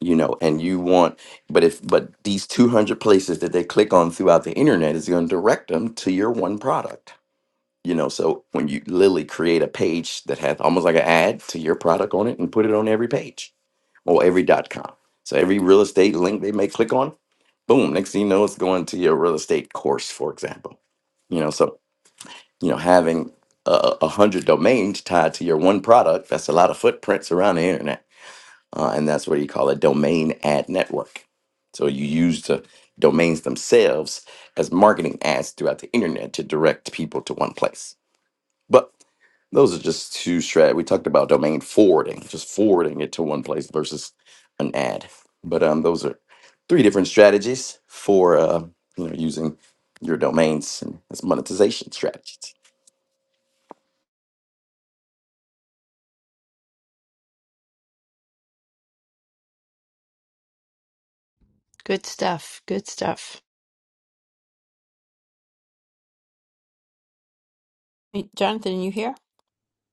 Speaker 1: you know and you want but if but these 200 places that they click on throughout the internet is going to direct them to your one product you know so when you literally create a page that has almost like an ad to your product on it and put it on every page or every dot com so every real estate link they may click on boom next thing you know it's going to your real estate course for example you know so you know having a, a hundred domains tied to your one product that's a lot of footprints around the internet uh, and that's what you call a domain ad network. So you use the domains themselves as marketing ads throughout the internet to direct people to one place. But those are just two strat. We talked about domain forwarding, just forwarding it to one place versus an ad. But um, those are three different strategies for uh, you know using your domains and as monetization strategies.
Speaker 2: Good stuff. Good stuff. Hey, Jonathan, you here?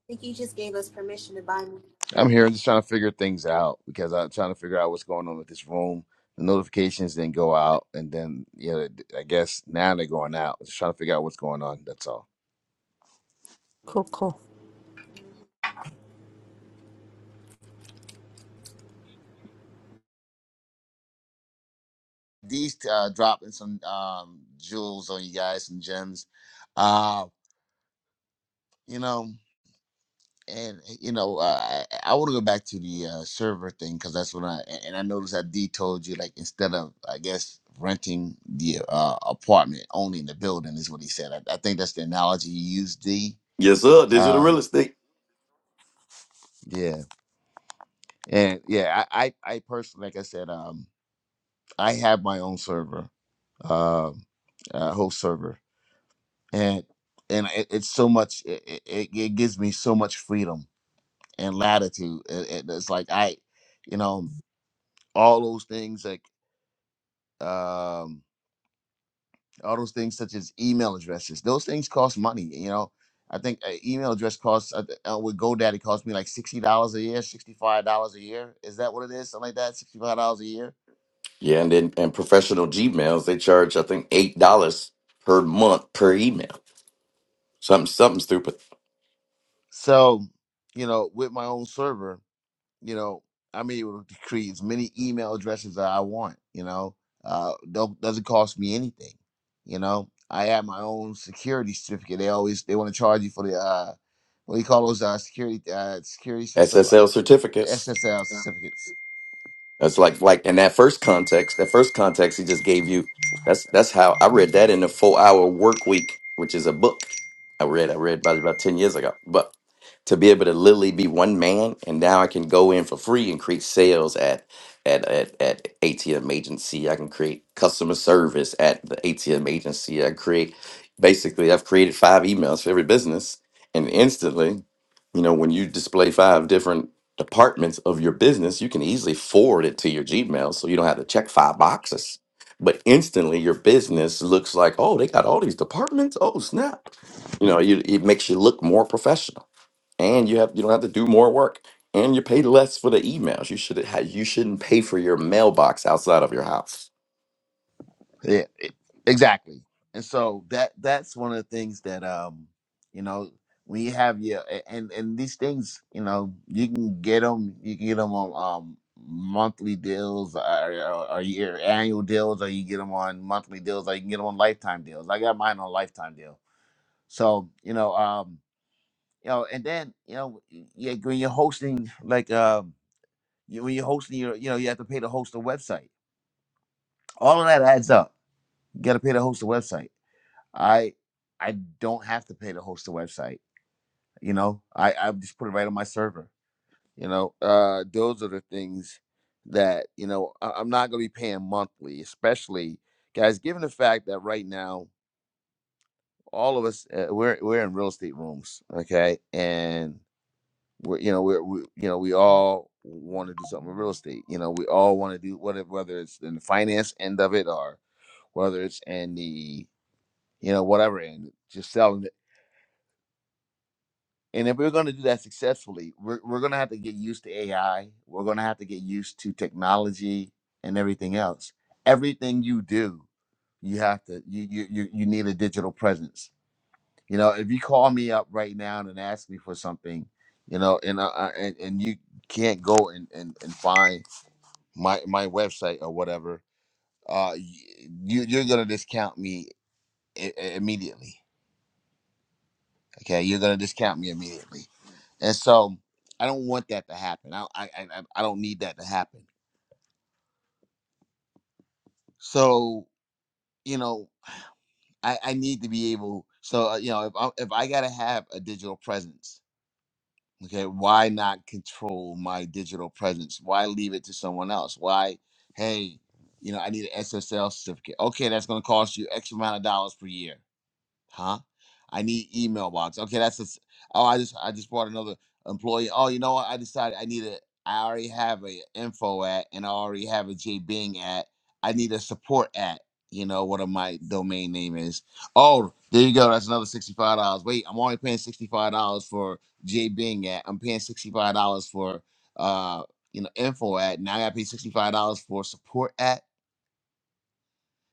Speaker 4: I think you just gave us permission to buy more.
Speaker 3: I'm here just trying to figure things out because I'm trying to figure out what's going on with this room. The notifications didn't go out, and then you know, I guess now they're going out. Just trying to figure out what's going on. That's all.
Speaker 2: Cool, cool.
Speaker 3: These uh, dropping some um, jewels on you guys, some gems. Uh, you know, and eh, you know, uh, I, I want to go back to the uh, server thing because that's when I and I noticed that D told you like instead of I guess renting the uh, apartment, owning the building is what he said. I, I think that's the analogy he used. D
Speaker 1: Yes, sir. Digital real
Speaker 3: Um,
Speaker 1: estate.
Speaker 3: yeah, and yeah, I, I, I personally, like I said, um, I have my own server, um, uh, host server, and and it, it's so much. It, it, it it gives me so much freedom and latitude. It, it- it's like I, you know, all those things like um, all those things such as email addresses. Those things cost money. You know, I think an email address costs uh, uh, with GoDaddy costs me like sixty dollars a year, sixty five dollars a year. Is that what it is? Something like that, sixty five dollars a year
Speaker 1: Yeah, and then and professional Gmails they charge I think eight dollars per month per email. Something something stupid.
Speaker 3: So, you know, with my own server, you know, I'm able to create as many email addresses that I want. You know, uh, don't doesn't cost me anything. You know, I have my own security certificate. They always they want to charge you for the uh, what do you call those uh, security uh, security system uh,
Speaker 1: SSL certificates.
Speaker 3: SSL certificates.
Speaker 1: That's like like in that first context, that first context he just gave you. That's that's how I read that in the four hour work week, which is a book I read. I read about about ten years ago. But to be able to literally be one man, and now I can go in for free and create sales at at at, at ATM agency. I can create customer service at the ATM agency. I create basically I've created five emails for every business, and instantly, you know, when you display five different departments of your business, you can easily forward it to your Gmail so you don't have to check five boxes. But instantly your business looks like, oh, they got all these departments. Oh, snap. You know, you, it makes you look more professional and you have you don't have to do more work and you pay less for the emails. You should have, you shouldn't pay for your mailbox outside of your house.
Speaker 3: Yeah, e- exactly. And so that that's one of the things that um you know when you have your a- and and these things you know you can get them you can get them on um monthly deals or, or, or your annual deals or you get them on monthly deals or you can get them on lifetime deals. I got mine on lifetime deal. So you know um you know and then you know y- yeah when you're hosting like um you, when you're hosting your you know you have to pay to host a website. All of that adds up. You got to pay to host a website I I don't have to pay to host a website. You know, I I just put it right on my server. You know, uh, those are the things that you know I, I'm not going to be paying monthly, especially guys. Given the fact that right now all of us uh, we're we're in real estate rooms, okay, and we're you know we're we, you know we all want to do something with real estate. You know, we all want to do whatever, whether it's in the finance end of it or whether it's in the you know whatever end, just selling it And if we're going to do that successfully, we're, we're going to have to get used to AI. We're going to have to get used to technology and everything else. Everything you do, you have to you you you, you need a digital presence. You know, if you call me up right now and ask me for something, you know, and uh, uh, and, and you can't go and, and, and find my my website or whatever, uh, y- you you're gonna discount me I- immediately Okay, you're gonna discount me immediately, and so I don't want that to happen. I I I, I I don't need that to happen. So you know, I I need to be able. So uh, you know, if I, if I gotta have a digital presence, okay, why not control my digital presence? Why leave it to someone else? Why, hey, you know, I need an SSL certificate. Okay, that's gonna cost you X amount of dollars per year Huh? I need email box. Okay, that's a, s- oh, I just I just brought another employee. Oh, you know what? I decided I need a I already have a info at and I already have a J Bing at. I need a support at, you know, what my domain name is. Oh, there you go. That's another $65. Wait, I'm only paying $65 for J Bing at. I'm paying $65 for uh, you know, info at. Now I gotta pay $65 for support at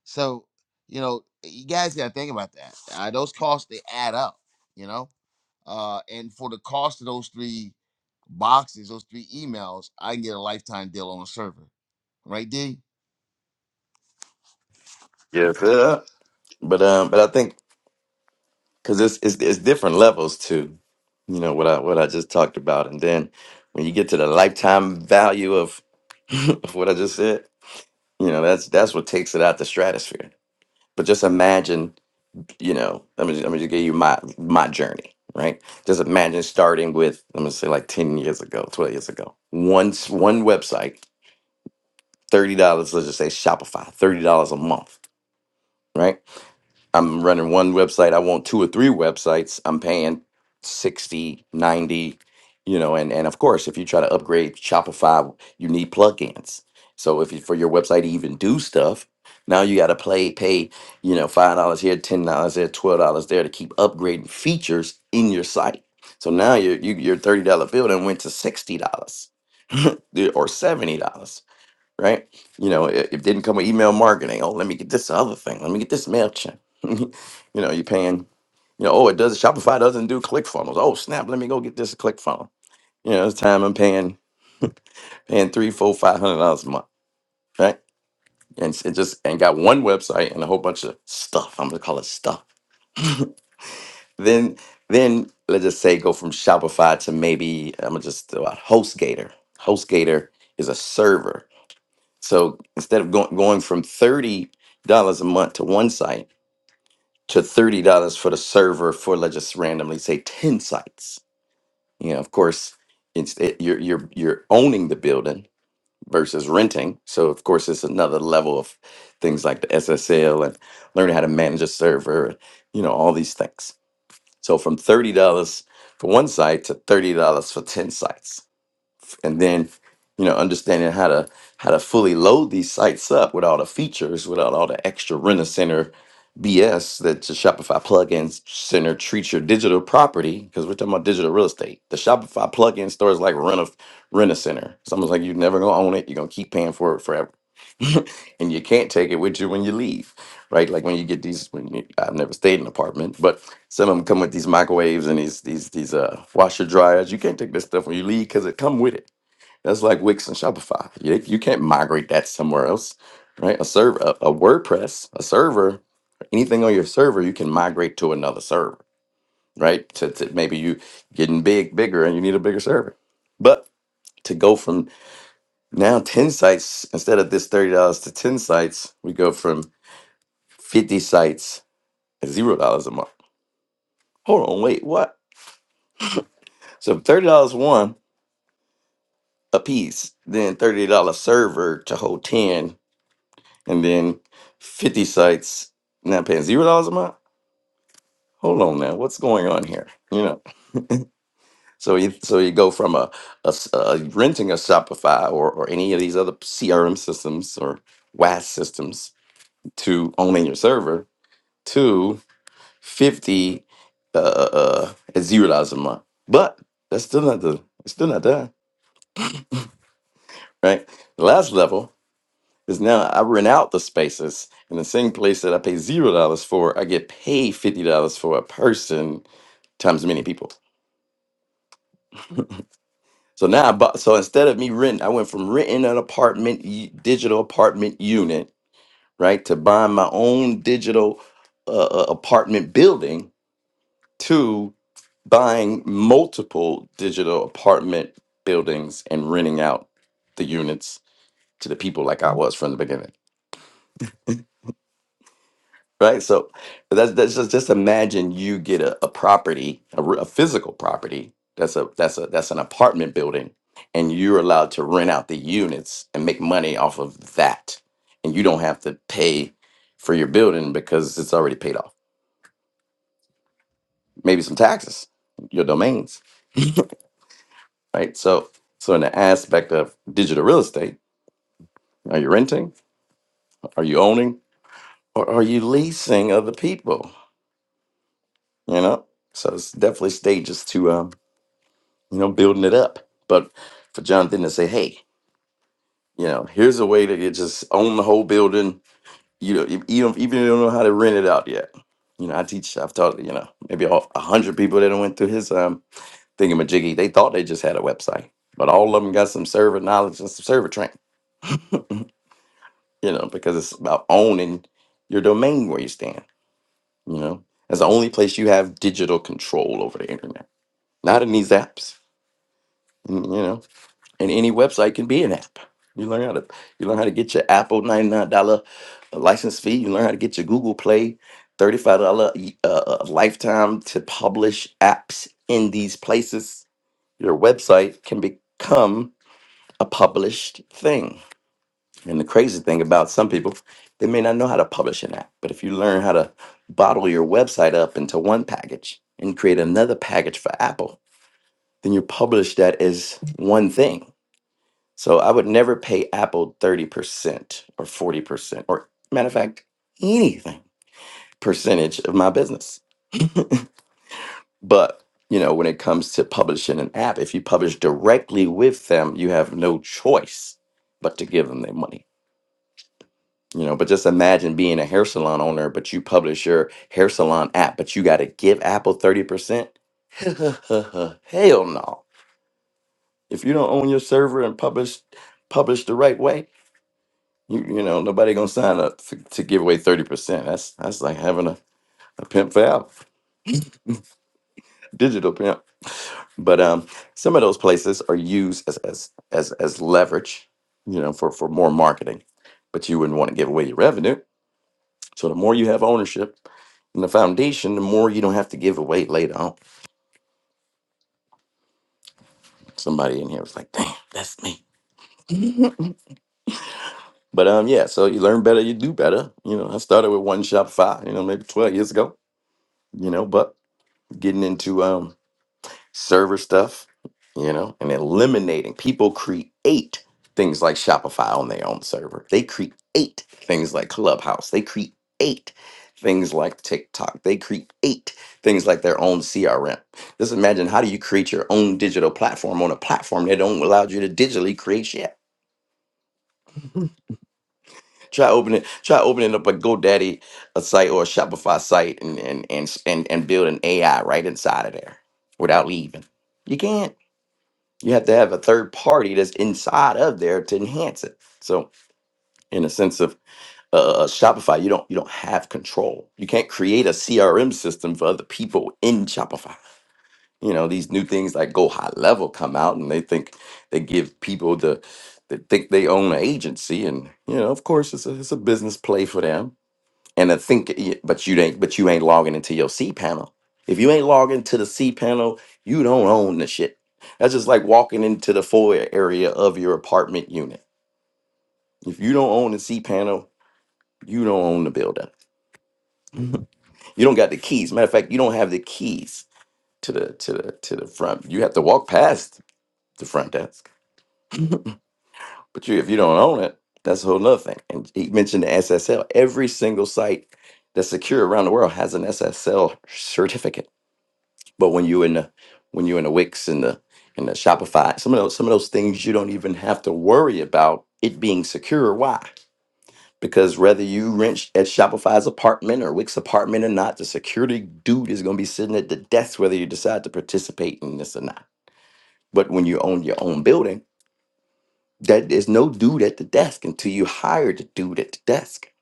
Speaker 3: so, you know, you guys got to think about that. Uh, those costs they add up, you know. Uh, and for the cost of those three boxes, those three emails, I can get a lifetime deal on a server, right, D?
Speaker 1: Yes. sir. But um but I think cuz it's, it's it's different levels to you know what I what I just talked about and then when you get to the lifetime value of of what I just said. You know, that's that's what takes it out the stratosphere. But just imagine, you know, let me let me just give you my my journey, right? Just imagine starting with let me say like ten years ago, twelve years ago, one s- one website, thirty dollars. Let's just say Shopify, thirty dollars a month, right? I'm running one website. I want two or three websites. I'm paying 60, 90, you know, and, and of course, if you try to upgrade Shopify, you need plugins. So if you, for your website to even do stuff, now you got to play, pay, you know, $5 here, $10 there, $12 there to keep upgrading features in your site. So now your, you, your $30 bill done went to $60 or $70. right? You know, it, it didn't come with email marketing. Oh, let me get this other thing. Let me get this MailChimp. you know, you're paying, you know, oh, it does Shopify doesn't do click funnels. Oh, snap, let me go get this click funnel. You know, it's time I'm paying paying three, four, five hundred dollars a month, right? And s- it just and got one website and a whole bunch of stuff. I'm gonna call it stuff. Then then let's just say go from Shopify to maybe I'm gonna just throw out HostGator. HostGator is a server So instead of going going from thirty dollars a month to one site to thirty dollars for the server for let's just randomly say ten sites, you know, of course, it's it, you're you're you're owning the building versus renting. So of course, it's another level of things like the SSL and learning how to manage a server, you know, all these things. So from thirty dollars for one site to thirty dollars for ten sites and then you know understanding how to how to fully load these sites up with all the features without all the extra rent center bs that the shopify plugin center treats your digital property because we're talking about digital real estate the shopify plugin store is like rent a rent a center it's almost like you're never going to own it you're going to keep paying for it forever and you can't take it with you when you leave right like when you get these when you, i've never stayed in an apartment but some of them come with these microwaves and these these these uh washer dryers. You can't take this stuff when you leave because it come with it that's like Wix and Shopify. You, you can't migrate that somewhere else, right? A server, a, a WordPress, a server, anything on your server, you can migrate to another server, right? To, to maybe you getting big, bigger, and you need a bigger server. But to go from now ten sites instead of this thirty dollars to ten sites, we go from fifty sites at zero dollars a month. Hold on, wait, what? So thirty dollars one a piece, then thirty dollar server to hold ten and then 50 sites now paying zero dollars a month hold on now what's going on here you know so you so you go from a, a s- a renting a shopify or, or any of these other crm systems or WAS systems to owning your server to 50 uh, uh, uh, at zero dollars a month but that's still not the it's still not done right the last level Because now I rent out the spaces, and the same place that I pay zero dollars for, I get paid fifty dollars for a person times many people. So now I bought. So instead of me renting, I went from renting an apartment, y- digital apartment unit, right, to buying my own digital uh, uh, apartment building to buying multiple digital apartment buildings and renting out the units to the people like I was from the beginning. right? So that's that's just just imagine you get a, a property, a, r- a physical property. That's a that's a that's an apartment building, and you're allowed to rent out the units and make money off of that, and you don't have to pay for your building because it's already paid off. Maybe some taxes, your domains, right? So so in the aspect of digital real estate, are you renting? Are you owning? Or are you leasing other people? You know, so it's definitely stages to um you know, building it up. But for Jonathan to say, hey, you know, here's a way that you just own the whole building. You know, if- even if even if you don't know how to rent it out yet. You know, I teach. I've taught you know maybe a a hundred people that went through his um thingamajiggy. They thought they just had a website, but all of them got some server knowledge and some server training. You know, because it's about owning your domain where you stand. You know, that's the only place you have digital control over the internet. Not in these apps. You know. and any website can be an app. You learn how to you learn how to get your Apple ninety nine dollar uh, license fee. You learn how to get your Google Play thirty five dollar uh, uh, lifetime to publish apps in these places. Your website can become a published thing. And the crazy thing about some people, they may not know how to publish an app, but if you learn how to bottle your website up into one package and create another package for Apple, then you publish that as one thing so I would never pay Apple 30% or 40% or matter of fact, anything percentage of my business. But you know, when it comes to publishing an app, if you publish directly with them, you have no choice but to give them their money. You know, but just imagine being a hair salon owner, but you publish your hair salon app, but you got to give Apple 30%. Hell no. If you don't own your server and publish publish the right way, You, you know, nobody gonna sign up to, to give away thirty percent. That's that's like having a, a pimp for out, digital pimp. But um, some of those places are used as as as as leverage, you know, for for more marketing. But you wouldn't want to give away your revenue. So the more you have ownership in the foundation, the more you don't have to give away later on. Somebody in here was like, "Damn, that's me." but um, yeah. So you learn better, you do better. You know, I started with one Shopify, you know, maybe twelve years ago. You know, but getting into um. server stuff, you know, and eliminating people create things like Shopify on their own server. They create things like Clubhouse. They create things like TikTok. They create things like their own CRM. Just imagine how do you create your own digital platform on a platform that don't allow you to digitally create shit. Try opening, try opening up a GoDaddy a site or a Shopify site and and and and, and build an AI right inside of there without leaving. You can't. you have to have a third party that's inside of there to enhance it so in a sense of uh, uh, uh, shopify you don't you don't have control you can't create a crm system for other people in shopify you know these new things like go high level come out and they think they give people the they think they own an agency and you know of course it's a, it's a business play for them and I think, y- but you ain't, but you ain't logging into your C panel. If you ain't logging to the C panel, you don't own the shit. That's just like walking into the foyer area of your apartment unit. If you don't own the C panel, you don't own the building. you don't got the keys. Matter of fact, you don't have the keys to the to the to the front. You have to walk past the front desk. But you, if you don't own it, that's a whole nother thing. And he mentioned the SSL. Every single site that's secure around the world has an SSL certificate But when you in the when you're in the Wix and the and the Shopify, some of those some of those things you don't even have to worry about it being secure. Why? Because whether you rent at Shopify's apartment or Wix apartment or not, the security dude is going to be sitting at the desk whether you decide to participate in this or not. But when you own your own building, that there's no dude at the desk until you hire the dude at the desk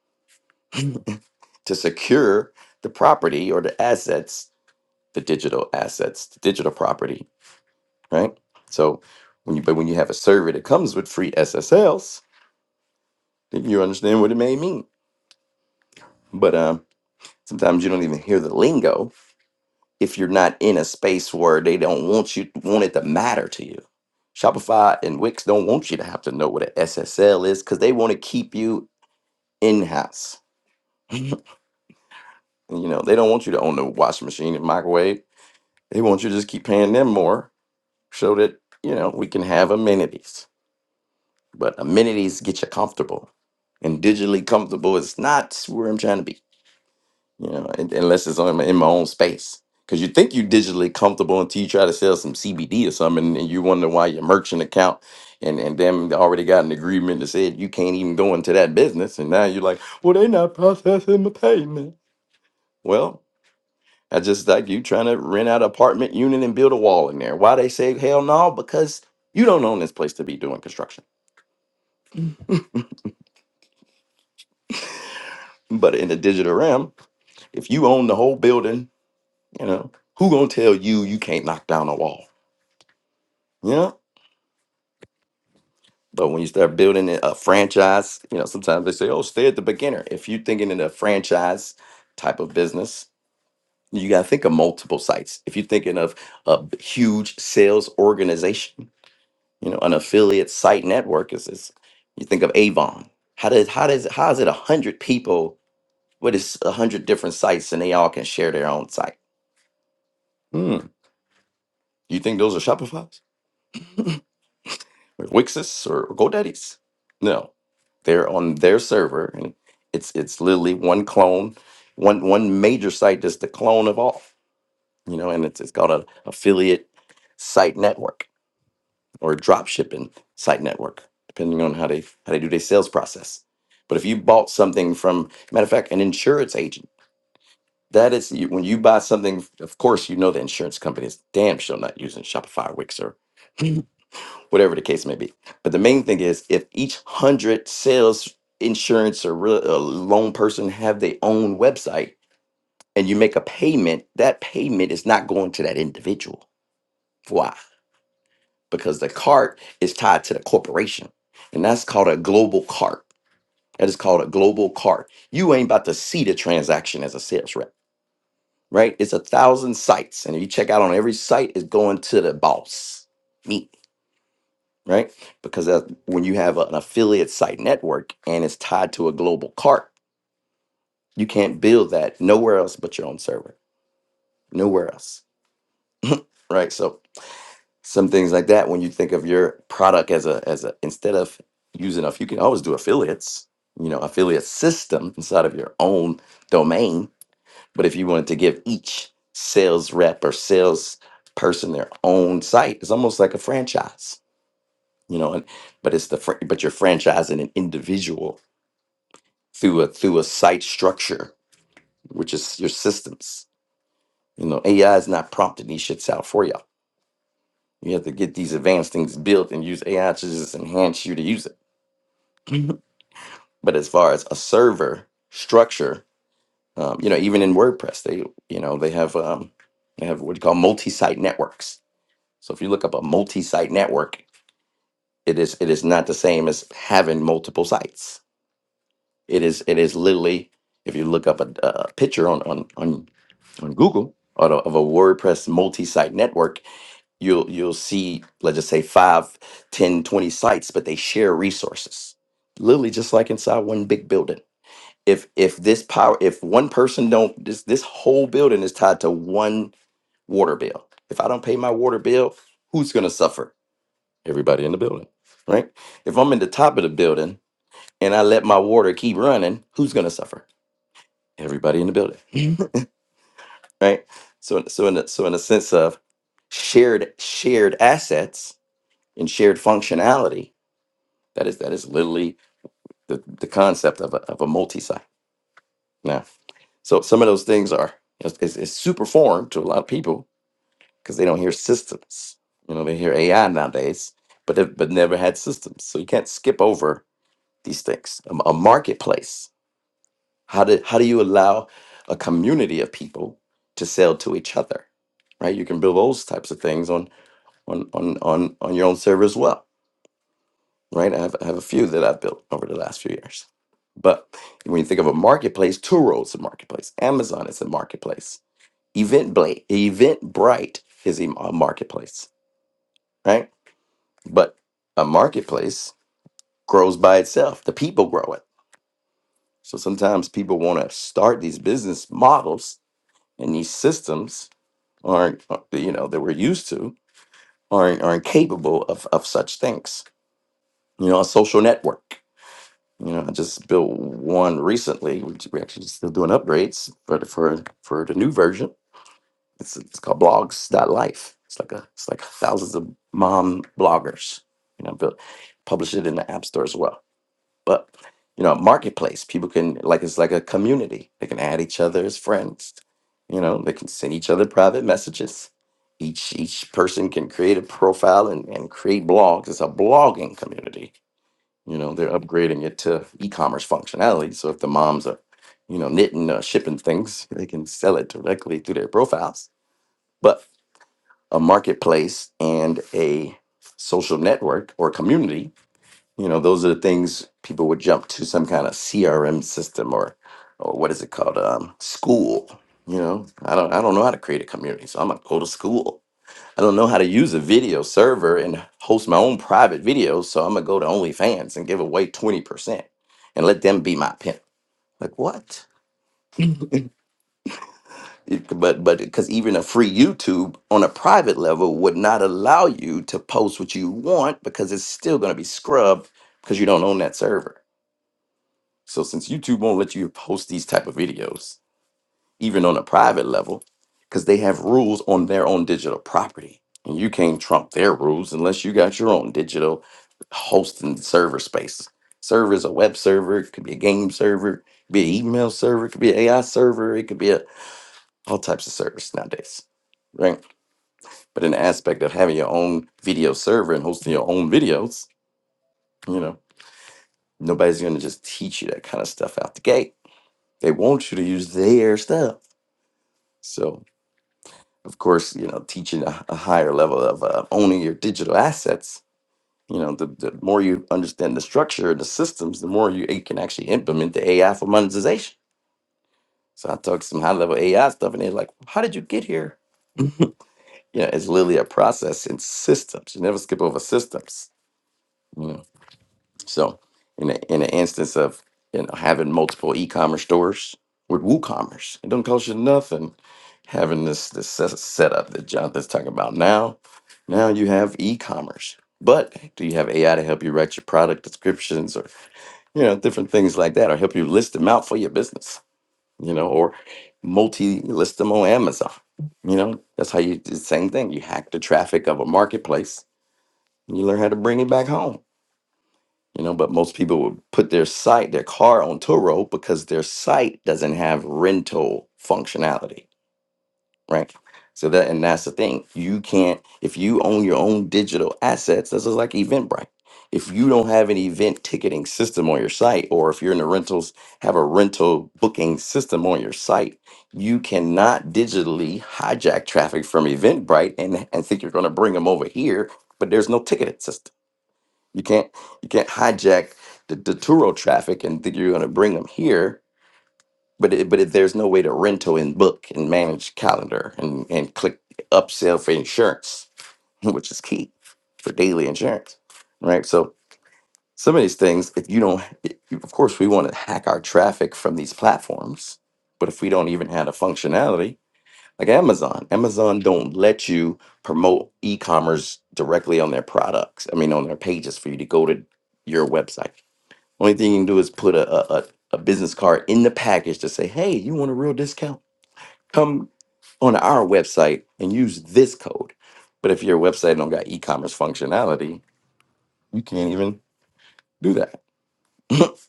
Speaker 1: to secure the property or the assets, the digital assets, the digital property right? So when you but when you have a server that comes with free SSLs, then you understand what it may mean. But um, sometimes you don't even hear the lingo if you're not in a space where they don't want you want it to matter to you. Shopify and Wix don't want you to have to know what an SSL is because they want to keep you in house. you know they don't want you to own the washing machine and microwave. They want you to just keep paying them more so that you know we can have amenities But amenities get you comfortable, and digitally comfortable is not where I'm trying to be. You know, un- unless it's on my, in my own space. Because you think you digitally comfortable until you try to sell some CBD or something, and, and you wonder why your merchant account and and them already got an agreement that said you can't even go into that business, and now you're like, well, they not processing the payment. Well, that's just like you trying to rent out an apartment unit and build a wall in there. Why they say hell no? Because you don't own this place to be doing construction. But in the digital realm, If you own the whole building, you know, who gonna tell you you can't knock down a wall? You know? But when you start building a a franchise, you know, sometimes they say, oh, stay at the beginner. If you're thinking in a franchise type of business, you gotta think of multiple sites. If you're thinking of a b- huge sales organization, you know, an affiliate site network is, is you think of Avon. How does how does how is it a hundred people, but it's a hundred different sites and they all can share their own site? Hmm. You think those are Shopify's? Wixis or GoDaddy's. No, they're on their server, and it's it's literally one clone, one one major site that's the clone of all. You know, and it's it's called an affiliate site network or drop shipping site network, depending on how they how they do their sales process. But if you bought something from, matter of fact, an insurance agent, that is you- when you buy something. Of course, you know the insurance company is damn sure not using Shopify or Wix or whatever the case may be. But the main thing is, if each hundred sales insurance or real, uh, loan person have their own website, and you make a payment, that payment is not going to that individual. Why? Because the cart is tied to the corporation, and that's called a global cart. That is called a global cart. You ain't about to see the transaction as a sales rep, right? It's a thousand sites, and if you check out on every site, it's going to the boss, me right? Because that's when you have an affiliate site network and it's tied to a global cart, you can't build that nowhere else but your own server, nowhere else, right? So some things like that. When you think of your product as a as a instead of using a, you can always do affiliates, you know, affiliate system inside of your own domain. But if you wanted to give each sales rep or sales person their own site, it's almost like a franchise, you know. And but it's the fr- but you're franchising an individual through a through a site structure, which is your systems. You know, AI is not prompting these shits out for y'all. You have to get these advanced things built and use AI to just enhance you to use it. Mhm. but as far as a server structure, um, you know, even in WordPress, they you know they have um, they have what you call multi-site networks. So if you look up a multi-site network, it is it is not the same as having multiple sites. It is it is literally if you look up a, a picture on on on on Google or the- of a WordPress multi-site network, you'll you'll see, let's just say five, ten, twenty sites, but they share resources. Literally just like inside one big building. If if this power if one person don't this this whole building is tied to one water bill. If I don't pay my water bill, who's gonna suffer? Everybody in the building. Right? If I'm in the top of the building and I let my water keep running, who's gonna suffer? Everybody in the building. right? So, so in a, so in a sense of shared shared assets and shared functionality, that is that is literally the, the concept of a, of a multi-site. Now, so some of those things are it's, it's it's super foreign to a lot of people because they don't hear systems. You know, they hear AI nowadays, but they've- but never had systems. So you can't skip over these things. A, a marketplace. How do how do you allow a community of people to sell to each other? Right? You can build those types of things on on on on your own server as well, right? I have I have a few that I've built over the last few years. But when you think of a marketplace, Turo is a marketplace, Amazon is a marketplace, Eventbrite, Eventbrite is a a marketplace, right? But a marketplace grows by itself. The people grow it. So sometimes people want to start these business models and these systems aren't, uh, you know, that we're used to aren't aren't capable of of such things. You know, a social network You know, I just built one recently. We we actually still doing upgrades, but for for the new version, it's it's called blogs.life. It's like a it's like thousands of mom bloggers. You know, built publish it in the app store as well. But you know, marketplace people can like it's like a community. They can add each other as friends. You know, they can send each other private messages. Each each person can create a profile and, and create blogs. It's a blogging community you know they're upgrading it to e-commerce functionality so if the moms are you know knitting or shipping things they can sell it directly through their profiles but a marketplace and a social network or community you know those are the things people would jump to some kind of crm system or or what is it called um, school you know i don't i don't know how to create a community so i'm gonna go to school I don't know how to use a video server and host my own private videos, so I'm gonna go to OnlyFans and give away 20% and let them be my pimp. Like what? It- But but because even a free YouTube on a private level would not allow you to post what you want because it's still gonna be scrubbed because you don't own that server. So since YouTube won't let you post these type of videos, even on a private level, because they have rules on their own digital property. And you can't trump their rules unless you got your own digital hosting server space. Server is a web server, it could be a game server, it could be an email server, it could be an AI server, it could be a, all types of servers nowadays. Right. But in the aspect of having your own video server and hosting your own videos, you know, nobody's gonna just teach you that kind of stuff out the gate. They want you to use their stuff. So of course, you know, teaching a, a higher level of uh, owning your digital assets. You know, the, the more you understand the structure and the systems, the more you, you can actually implement the AI for monetization. So I talk some high level AI stuff, and they're like, "How did you get here?" You know, it's literally a process in systems. You never skip over systems. So, in a, in an instance of you know having multiple e-commerce stores with WooCommerce, it don't cost you nothing. Having this this set- setup that Jonathan's talking about now, now you have e-commerce. But do you have AI to help you write your product descriptions or you know different things like that, or help you list them out for your business? You know, or multi list them on Amazon. You know, that's how you do the same thing. You hack the traffic of a marketplace. And you learn how to bring it back home you know but most people would put their site their car on turo because their site doesn't have rental functionality right so that and that's the thing you can't if you own your own digital assets this is like eventbrite if you don't have an event ticketing system on your site or if you're in the rentals have a rental booking system on your site you cannot digitally hijack traffic from eventbrite and, and think you're going to bring them over here but there's no ticketing system you can't you can't hijack the, the Turo traffic and think you're going to bring them here. But it, but it, there's no way to rental and book and manage calendar and and click upsell for insurance, which is key for daily insurance, right? So some of these things, if you don't, it- of course, we want to hack our traffic from these platforms, but if we don't even have the functionality like Amazon, Amazon don't let you promote e-commerce directly on their products. I mean, on their pages for you to go to your website only thing you can do is put a, a, a a business card in the package to say, hey, you want a real discount? Come on our website and use this code. But if your website don't got e-commerce functionality, you can't even do that,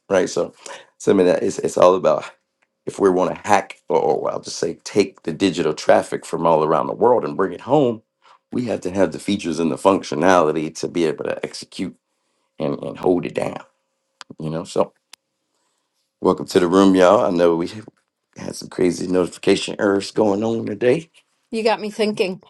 Speaker 1: right? So, so I mean, that it's, it's all about if we want to hack, or, or well, I'll just say, take the digital traffic from all around the world and bring it home, we have to have the features and the functionality to be able to execute and, and hold it down, you know? So Welcome to the room, y'all. I know we had some crazy notification errors going on today.
Speaker 2: You got me thinking.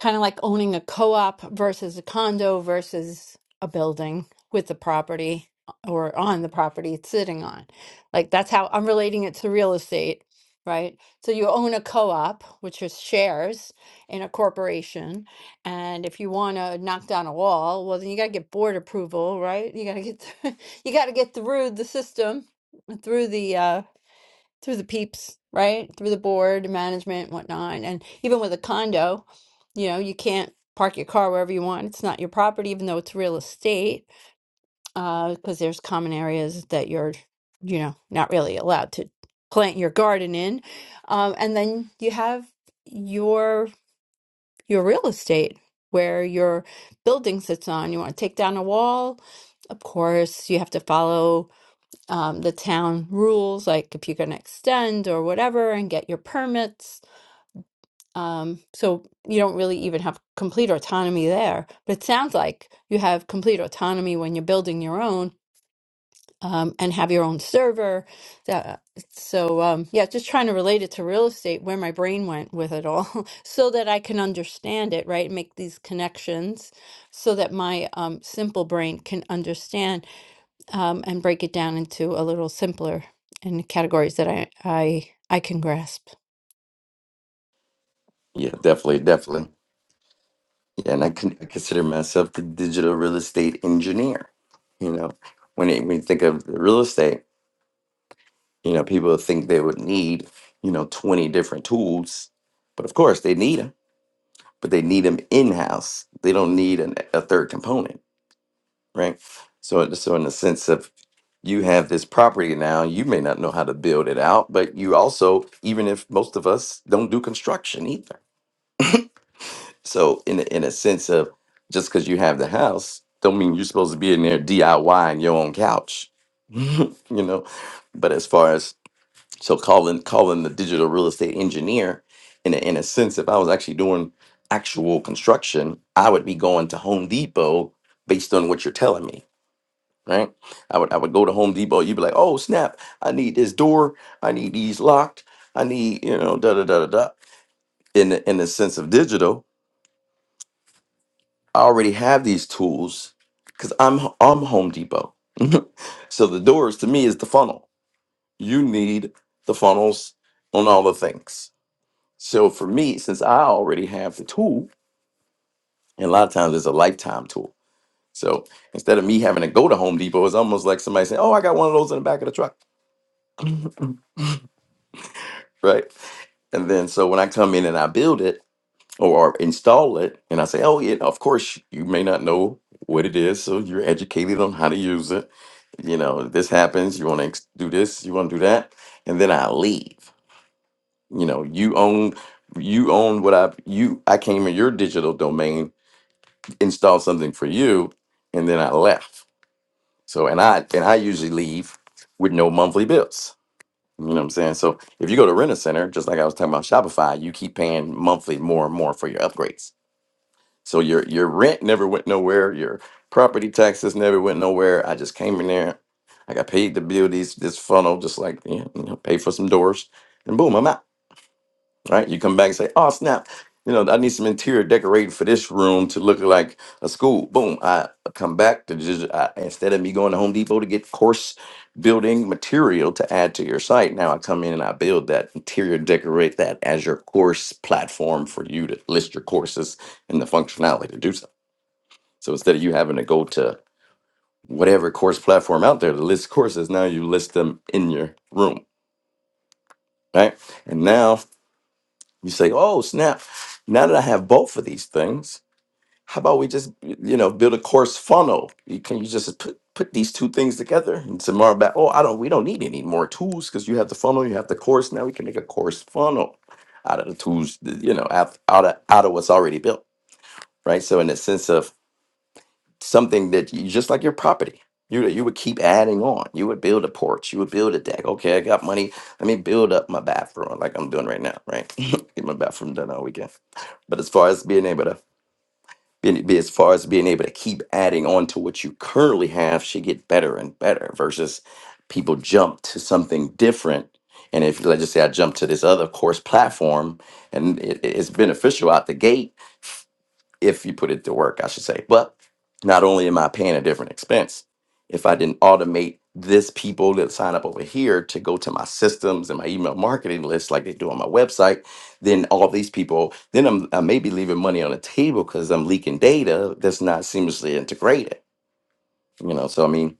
Speaker 2: kind of like owning a co-op versus a condo versus a building with the property uh, or on the property it's sitting on. Like that's how I'm relating it to real estate, right? So you own a co-op, which is shares in a corporation, and if you want to knock down a wall, well then you got to get board approval, right? You got to get you got to get through the system, through the uh through the peeps, right? Through the board, management, whatnot. And even with a condo, you know, you can't park your car wherever you want. It's not your property, even though it's real estate, uh, because there's common areas that you're, you know, not really allowed to plant your garden in. Um, and then you have your your real estate where your building sits on. You want to take down a wall, of course, you have to follow um, the town rules, like if you're going to extend or whatever and get your permits. Um, so you don't really even have complete autonomy there. But it sounds like you have complete autonomy when you're building your own um, and have your own server. That, so, um, yeah, just trying to relate it to real estate, where my brain went with it all, so that I can understand it, right? Make these connections so that my um, simple brain can understand um, and break it down into a little simpler in categories that I, I I can grasp
Speaker 1: Yeah, definitely, definitely. Yeah, and I, con- I consider myself the digital real estate engineer. You know, when it, when you think of the real estate, you know, people think they would need, you know, twenty different tools, but of course they need them, but they need them in house. They don't need an, a third component, right? So, so in the sense of you have this property now you may not know how to build it out but you also even if most of us don't do construction either so in a, in a sense of just because you have the house don't mean you're supposed to be in there DIYing your own couch you know but as far as so calling calling the digital real estate engineer in a, in a sense if I was actually doing actual construction I would be going to Home Depot based on what you're telling me right? I would I would go to Home Depot. You'd be like, oh snap! I need this door. I need these locked. I need you know da da da da da. In the, in the sense of digital, I already have these tools because I'm H- I'm Home Depot. so the doors to me is the funnel. You need the funnels on all the things. So for me, since I already have the tool, and a lot of times it's a lifetime tool. So instead of me having to go to Home Depot, it's almost like somebody saying, "Oh, I got one of those in the back of the truck." right? And then so when I come in and I build it or install it, and I say, oh, yeah, of course, you may not know what it is. So you're educated on how to use it. You know, this happens. You want to do this, you want to do that. And then I leave. You know, you own you own what I've you I came in your digital domain, installed something for you, and then I left. So and I and I usually leave with no monthly bills you know what I'm saying? So if you go to rent a center, just like I was talking about Shopify, you keep paying monthly more and more for your upgrades. So your your rent never went nowhere. Your property taxes never went nowhere. I just came in there. I got paid to build these this funnel, just like you know, pay for some doors, and boom, I'm out right? You come back and say, "Oh snap, you know, I need some interior decorating for this room to look like a school." Boom! I come back to just I, instead of me going to Home Depot to get course building material to add to your site, now I come in and I build that interior, decorate that as your course platform for you to list your courses and the functionality to do so. So instead of you having to go to whatever course platform out there to list courses, now you list them in your room, right? And now You say, oh, snap, now that I have both of these things, how about we just, you know, build a course funnel? You can you just put, put these two things together and tomorrow back, oh, I don't, we don't need any more tools because you have the funnel, you have the course. Now we can make a course funnel out of the tools, you know, out, out, of, out of what's already built, right? So in the sense of something that you just like your property. You you would keep adding on. You would build a porch. You would build a deck. Okay, I got money. Let me build up my bathroom like I'm doing right now. Right, get my bathroom done all weekend. But as far as being able to be, be as far as being able to keep adding on to what you currently have, should get better and better. Versus people jump to something different. And if let's just say I jump to this other course platform, and it, it- it's beneficial out the gate if you put it to work, I should say. But not only am I paying a different expense, if I didn't automate this people that sign up over here to go to my systems and my email marketing list like they do on my website, then all these people, then I'm I may be leaving money on the table because I'm leaking data that's not seamlessly integrated. You know, so I mean,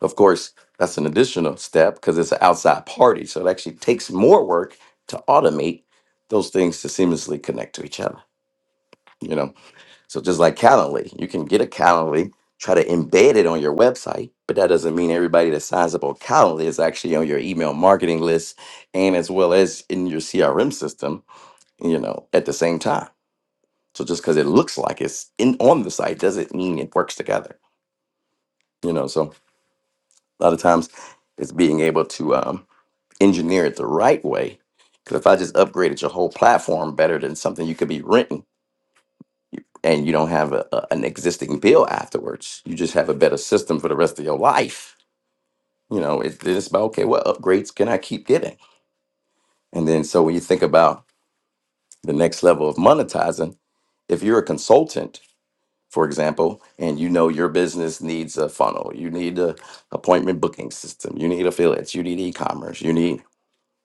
Speaker 1: of course, that's an additional step because it's an outside party. So it actually takes more work to automate those things to seamlessly connect to each other. You know. So just like Calendly, you can get a Calendly, try to embed it on your website, but that doesn't mean everybody that signs up on Calendly is actually on your email marketing list and as well as in your CRM system, you know, at the same time. So just because it looks like it's in on the site doesn't mean it works together. You know, so a lot of times it's being able to um, engineer it the right way. Because if I just upgraded your whole platform better than something you could be renting and you don't have a, a- an existing bill afterwards. You just have a better system for the rest of your life. You know, it, it's about okay, what upgrades can I keep getting? And then so when you think about the next level of monetizing, if you're a consultant, for example, and you know your business needs a funnel, you need a appointment booking system, you need affiliates, you need e-commerce, you need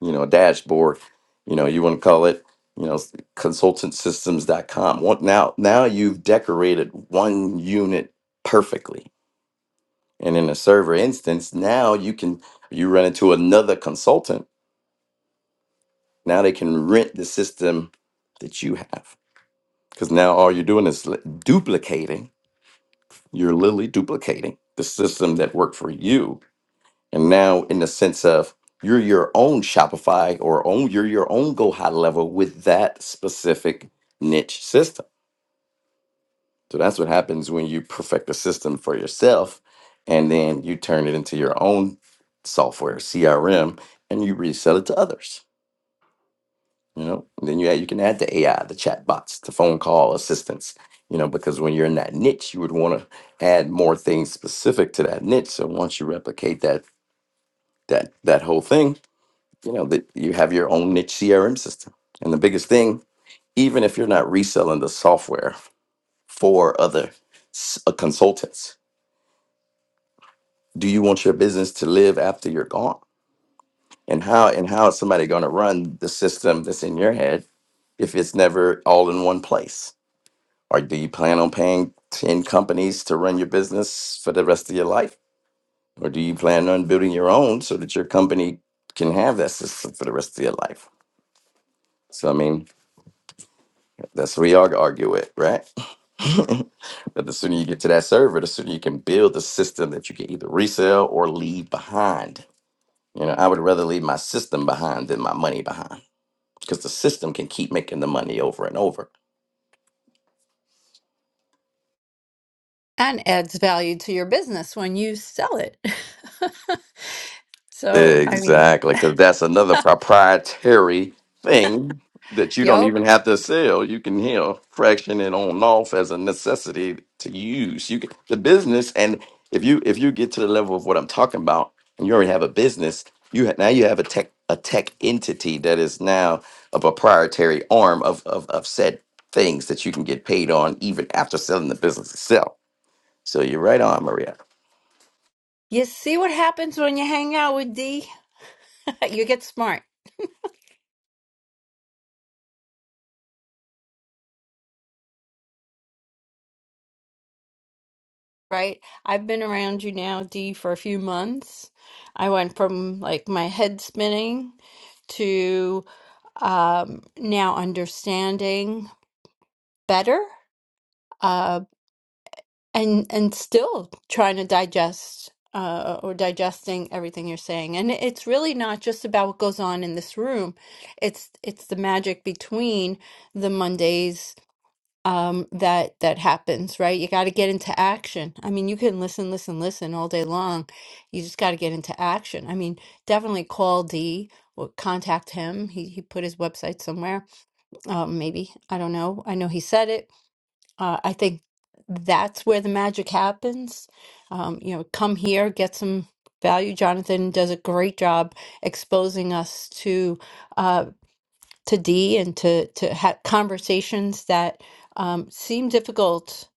Speaker 1: you know, dashboard, you know, you want to call it, you know, consultantsystems.com. What now now you've decorated one unit perfectly. And in a server instance, now you can you run into another consultant. Now they can rent the system that you have. Because now all you're doing is li- duplicating, you're literally duplicating the system that worked for you And now, in the sense of you're your own Shopify or own you're your own go high level with that specific niche system. So that's what happens when you perfect a system for yourself, and then you turn it into your own software CRM, and you resell it to others. You know, and then you add, you can add the AI, the chat bots, the phone call assistants. You know, because when you're in that niche, you would want to add more things specific to that niche. So once you replicate that that that whole thing, you know that you have your own niche crm system and the biggest thing even if you're not reselling the software for other s- uh, consultants do you want your business to live after you're gone and how and how is somebody going to run the system that's in your head if it's never all in one place or do you plan on paying 10 companies to run your business for the rest of your life or do you plan on building your own so that your company can have that system for the rest of your life so i mean That's what we all argue with, right? but the sooner you get to that server, the sooner you can build a system that you can either resell or leave behind. You know, I would rather leave my system behind than my money behind because the system can keep making the money over and over.
Speaker 2: and adds value to your business when you sell it. so I mean,
Speaker 1: Exactly. So that's another proprietary thing that you don't
Speaker 2: yo,
Speaker 1: even have to sell. You can hear fraction it on off as a necessity to use. You can, the business, and if you if you get to the level of what I'm talking about, and you already have a business, you ha- now you have a tech a tech entity that is now a proprietary arm of of of said things that you can get paid on even after selling the business itself. So you're right on, Maria.
Speaker 2: you see what happens when you hang out with D? you get smart, right? I've been around you now, D, for a few months. I went from like my head spinning to um, now understanding better Um, and and still trying to digest uh, or digesting everything you're saying and it's really not just about what goes on in this room it's it's the magic between the mondays um that that happens right you got to get into action i mean you can listen listen listen all day long you just got to get into action i mean definitely call d or contact him he he put his website somewhere um maybe i don't know i know he said it uh, I think that's where the magic happens. Um, you know, come here, get some value. Jonathan does a great job exposing us to uh, to D and to to ha- conversations that um, seem difficult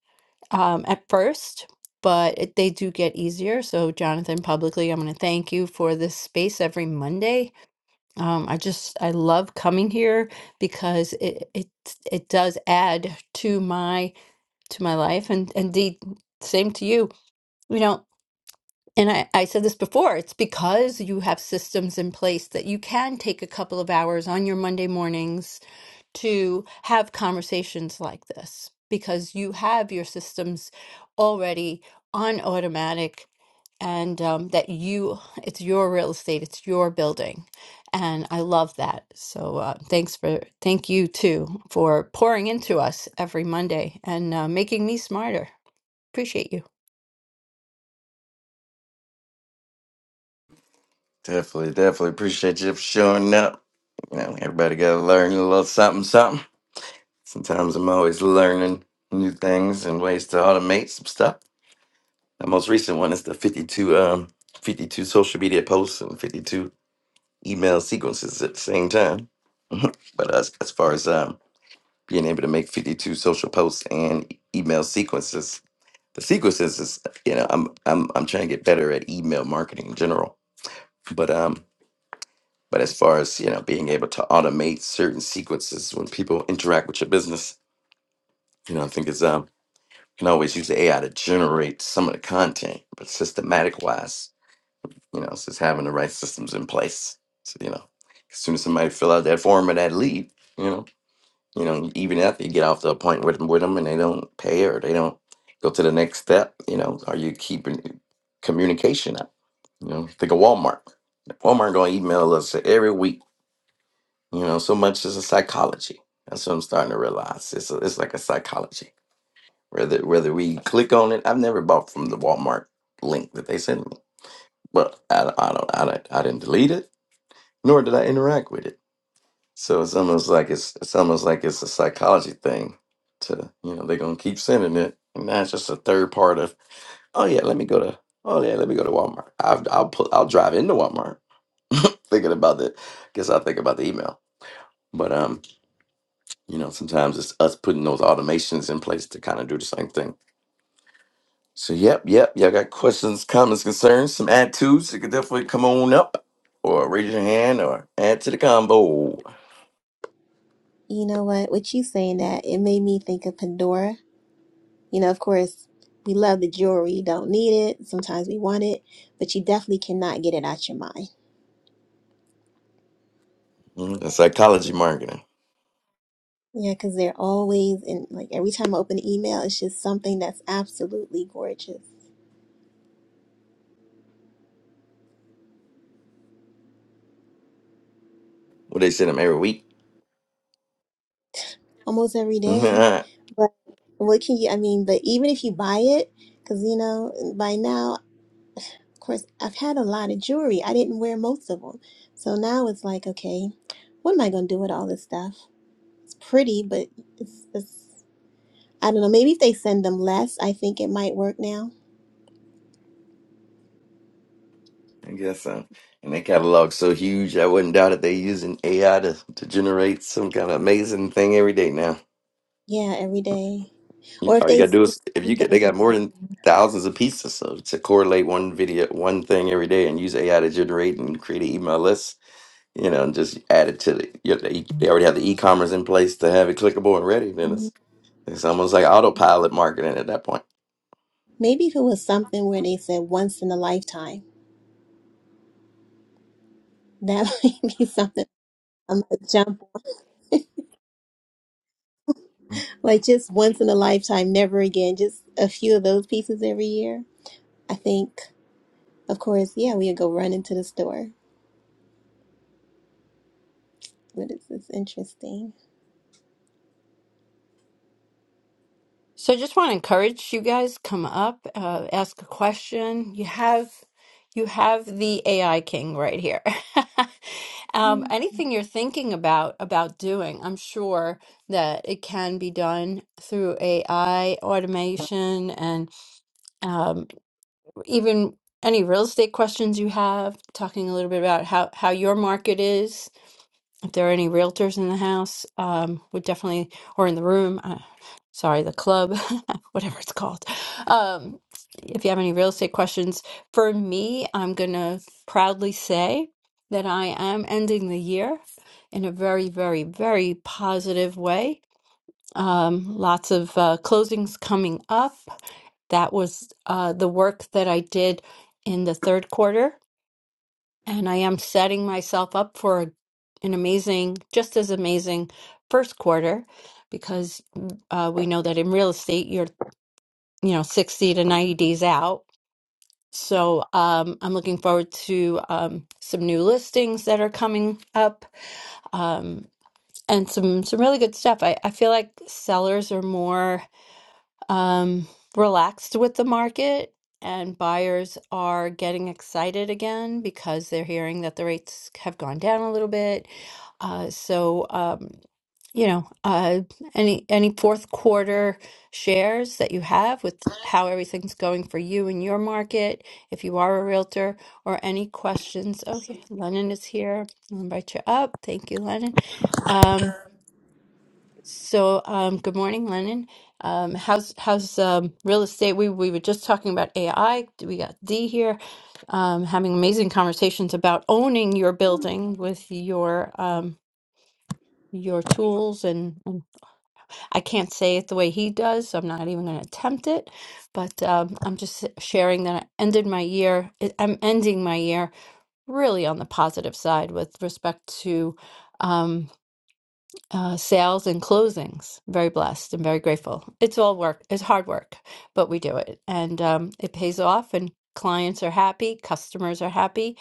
Speaker 2: um, at first. But it, they do get easier. So, Jonathan, publicly, I'm going to thank you for this space every Monday. Um, I just I love coming here because it it it does add to my to my life and indeed same to you you know and I, I said this before it's because you have systems in place that you can take a couple of hours on your monday mornings to have conversations like this because you have your systems already on automatic and um, that you it's your real estate it's your building and i love that so uh, thanks for thank you too for pouring into us every monday and uh, making me smarter Appreciate you.
Speaker 1: Definitely, definitely appreciate you for showing up. You know, everybody got to learn a little something, something. Sometimes I'm always learning new things and ways to automate some stuff. The most recent one is the 52, um, 52 social media posts and 52 email sequences at the same time. But as, as far as um, being able to make 52 social posts and e- email sequences, the sequences is, you know, I'm I'm I'm trying to get better at email marketing in general. But um, But as far as you know, being able to automate certain sequences when people interact with your business, you know, I think it's um you can always use the AI to generate some of the content, but systematic wise, you know, it's just having the right systems in place. So you know, as soon as somebody fill out that form or that lead, you know, you know, even after you get off the appointment with them, with them, and they don't pay or they don't go to the next step, you know, are you keeping communication up? You know, think of Walmart. Walmart gonna email us every week You know, so much is a psychology. That's what I'm starting to realize. It's a, it's like a psychology. Whether whether we click on it, I've never bought from the Walmart link that they sent me, but I, I don't I, don't- I didn't delete it, nor did I interact with it. So it's almost like it's it's almost like it's a psychology thing. To you know, they're gonna keep sending it, and that's just a third part of. Oh yeah, let me go to. Oh yeah, let me go to Walmart. I've, I'll put I'll drive into Walmart thinking about the. Guess I'll think about the email, but um. You know, sometimes it's us putting those automations in place to kind of do the same thing. So, yep, yep. Y'all got questions, comments, concerns, some attitudes? You could definitely come on up or raise your hand or add to the combo.
Speaker 4: You know what? With you saying that, it made me think of Pandora You know, of course, we love the jewelry, you don't need it. Sometimes we want it, but you definitely cannot get it out your mind.
Speaker 1: Mhm. And Psychology marketing.
Speaker 4: Yeah, because they're always in, like, every time I open an email, it's just something that's absolutely gorgeous
Speaker 1: What they send them every week?
Speaker 4: almost every day.
Speaker 1: I
Speaker 4: But what can you, I mean, but even if you buy it, because, you know, by now, of course, I've had a lot of jewelry. I didn't wear most of them. So now it's like, okay, what am I going to do with all this stuff? It's pretty, but it's, it's I don't know. Maybe if they send them less, I think it might work now.
Speaker 1: guess so. And their catalog's so huge, I wouldn't doubt it. They're using AI to, to generate some kind of amazing thing every day now.
Speaker 4: Yeah, every day.
Speaker 1: You-
Speaker 4: Or if
Speaker 1: All you
Speaker 4: they
Speaker 1: gotta do
Speaker 4: send
Speaker 1: is if you get
Speaker 4: something.
Speaker 1: they got more than thousands of pieces, so to correlate one video, one thing every day, and use AI to generate and create an email list, you know, and just add it to the. You know, they, they already have the e-commerce in place to have it clickable and ready. Then
Speaker 4: Mhm.
Speaker 1: it's it's almost like autopilot marketing at that point.
Speaker 4: Maybe if it was something where they said once in a lifetime, that might be something I'm gonna jump Like just once in a lifetime, never again. Just a few of those pieces every year. I think, of course, yeah, we would go run into the store. But it's, it's interesting.
Speaker 2: So I just want to encourage you guys come up, uh, ask a question. You have you have the AI king right here. um,
Speaker 4: Mm.
Speaker 2: anything you're thinking about about doing, I'm sure that it can be done through AI automation and um, even any real estate questions you have. Talking a little bit about how how your market is if there are any realtors in the house, um, would definitely, or in the room, uh, sorry, the club, whatever it's called. Um, if you have any real estate questions for me, I'm going to proudly say that I am ending the year in a very, very, very positive way. Um, lots of uh, closings coming up. That was uh, the work that I did in the third quarter and I am setting myself up for a- an amazing, just as amazing first quarter because uh, we know that in real estate you're, you know, 60 to 90 days out. So um, I'm looking forward to um, some new listings that are coming up um, and some some really good stuff. I, I feel like sellers are more um, relaxed with the market, and buyers are getting excited again because they're hearing that the rates have gone down a little bit. Uh, so, um, you know, uh, any any fourth quarter shares that you have with how everything's going for you in your market, if you are a realtor, or any questions. Oh, here, Lennon is here. I'll invite you up. Thank you, Lennon. Um, so, um, good morning, Lennon. Um, how's how's um, real estate? We we were just talking about AI. We got D here, um, having amazing conversations about owning your building with your um, your tools, and, and I can't say it the way he does, so I'm not even going to attempt it. But um, I'm just sharing that I ended my year. I'm ending my year really on the positive side with respect to. um uh, sales and closings. Very blessed and very grateful. It's all work, it's hard work, but we do it and um, it pays off, and clients are happy, customers are happy,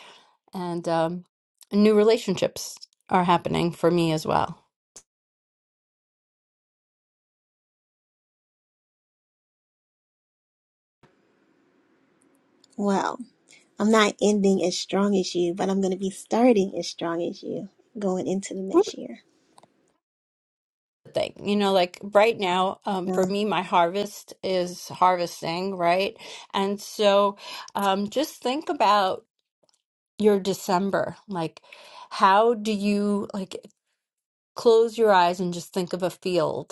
Speaker 2: and um, new relationships are happening for me as well.
Speaker 4: Wow. I'm not ending as strong as you, but I'm going to be starting as strong as you going into the
Speaker 2: Whoop.
Speaker 4: next year.
Speaker 2: Thing, you know, like right now, um,
Speaker 4: No,
Speaker 2: for me, my harvest is harvesting, right? And so, um, just think about your December. Like, how do you like close your eyes and just think of a field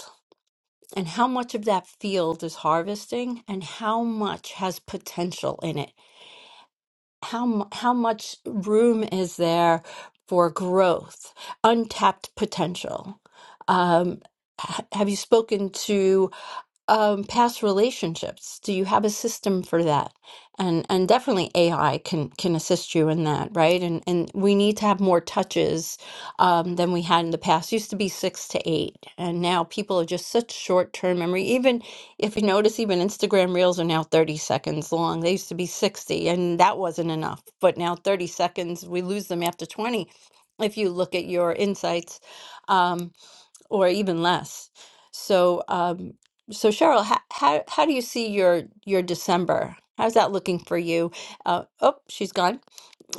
Speaker 2: and how much of that field is harvesting and how much has potential in it how mu- how much room is there for growth untapped potential um ha- have you spoken to um, past relationships? Do you have a system for that? And and definitely AI can can assist you in that, right? And and we need to have more touches um, than we had in the past. Used to be six to eight, and now people are just such short term memory. Even if you notice, even Instagram Reels are now thirty seconds long. They used to be sixty, and that wasn't enough. But now thirty seconds, we lose them after twenty. If you look at your insights. Um, or even less. So, um, so Cheryl, how, how how do you see your your December? How's that looking for you? Uh, oh, she's gone.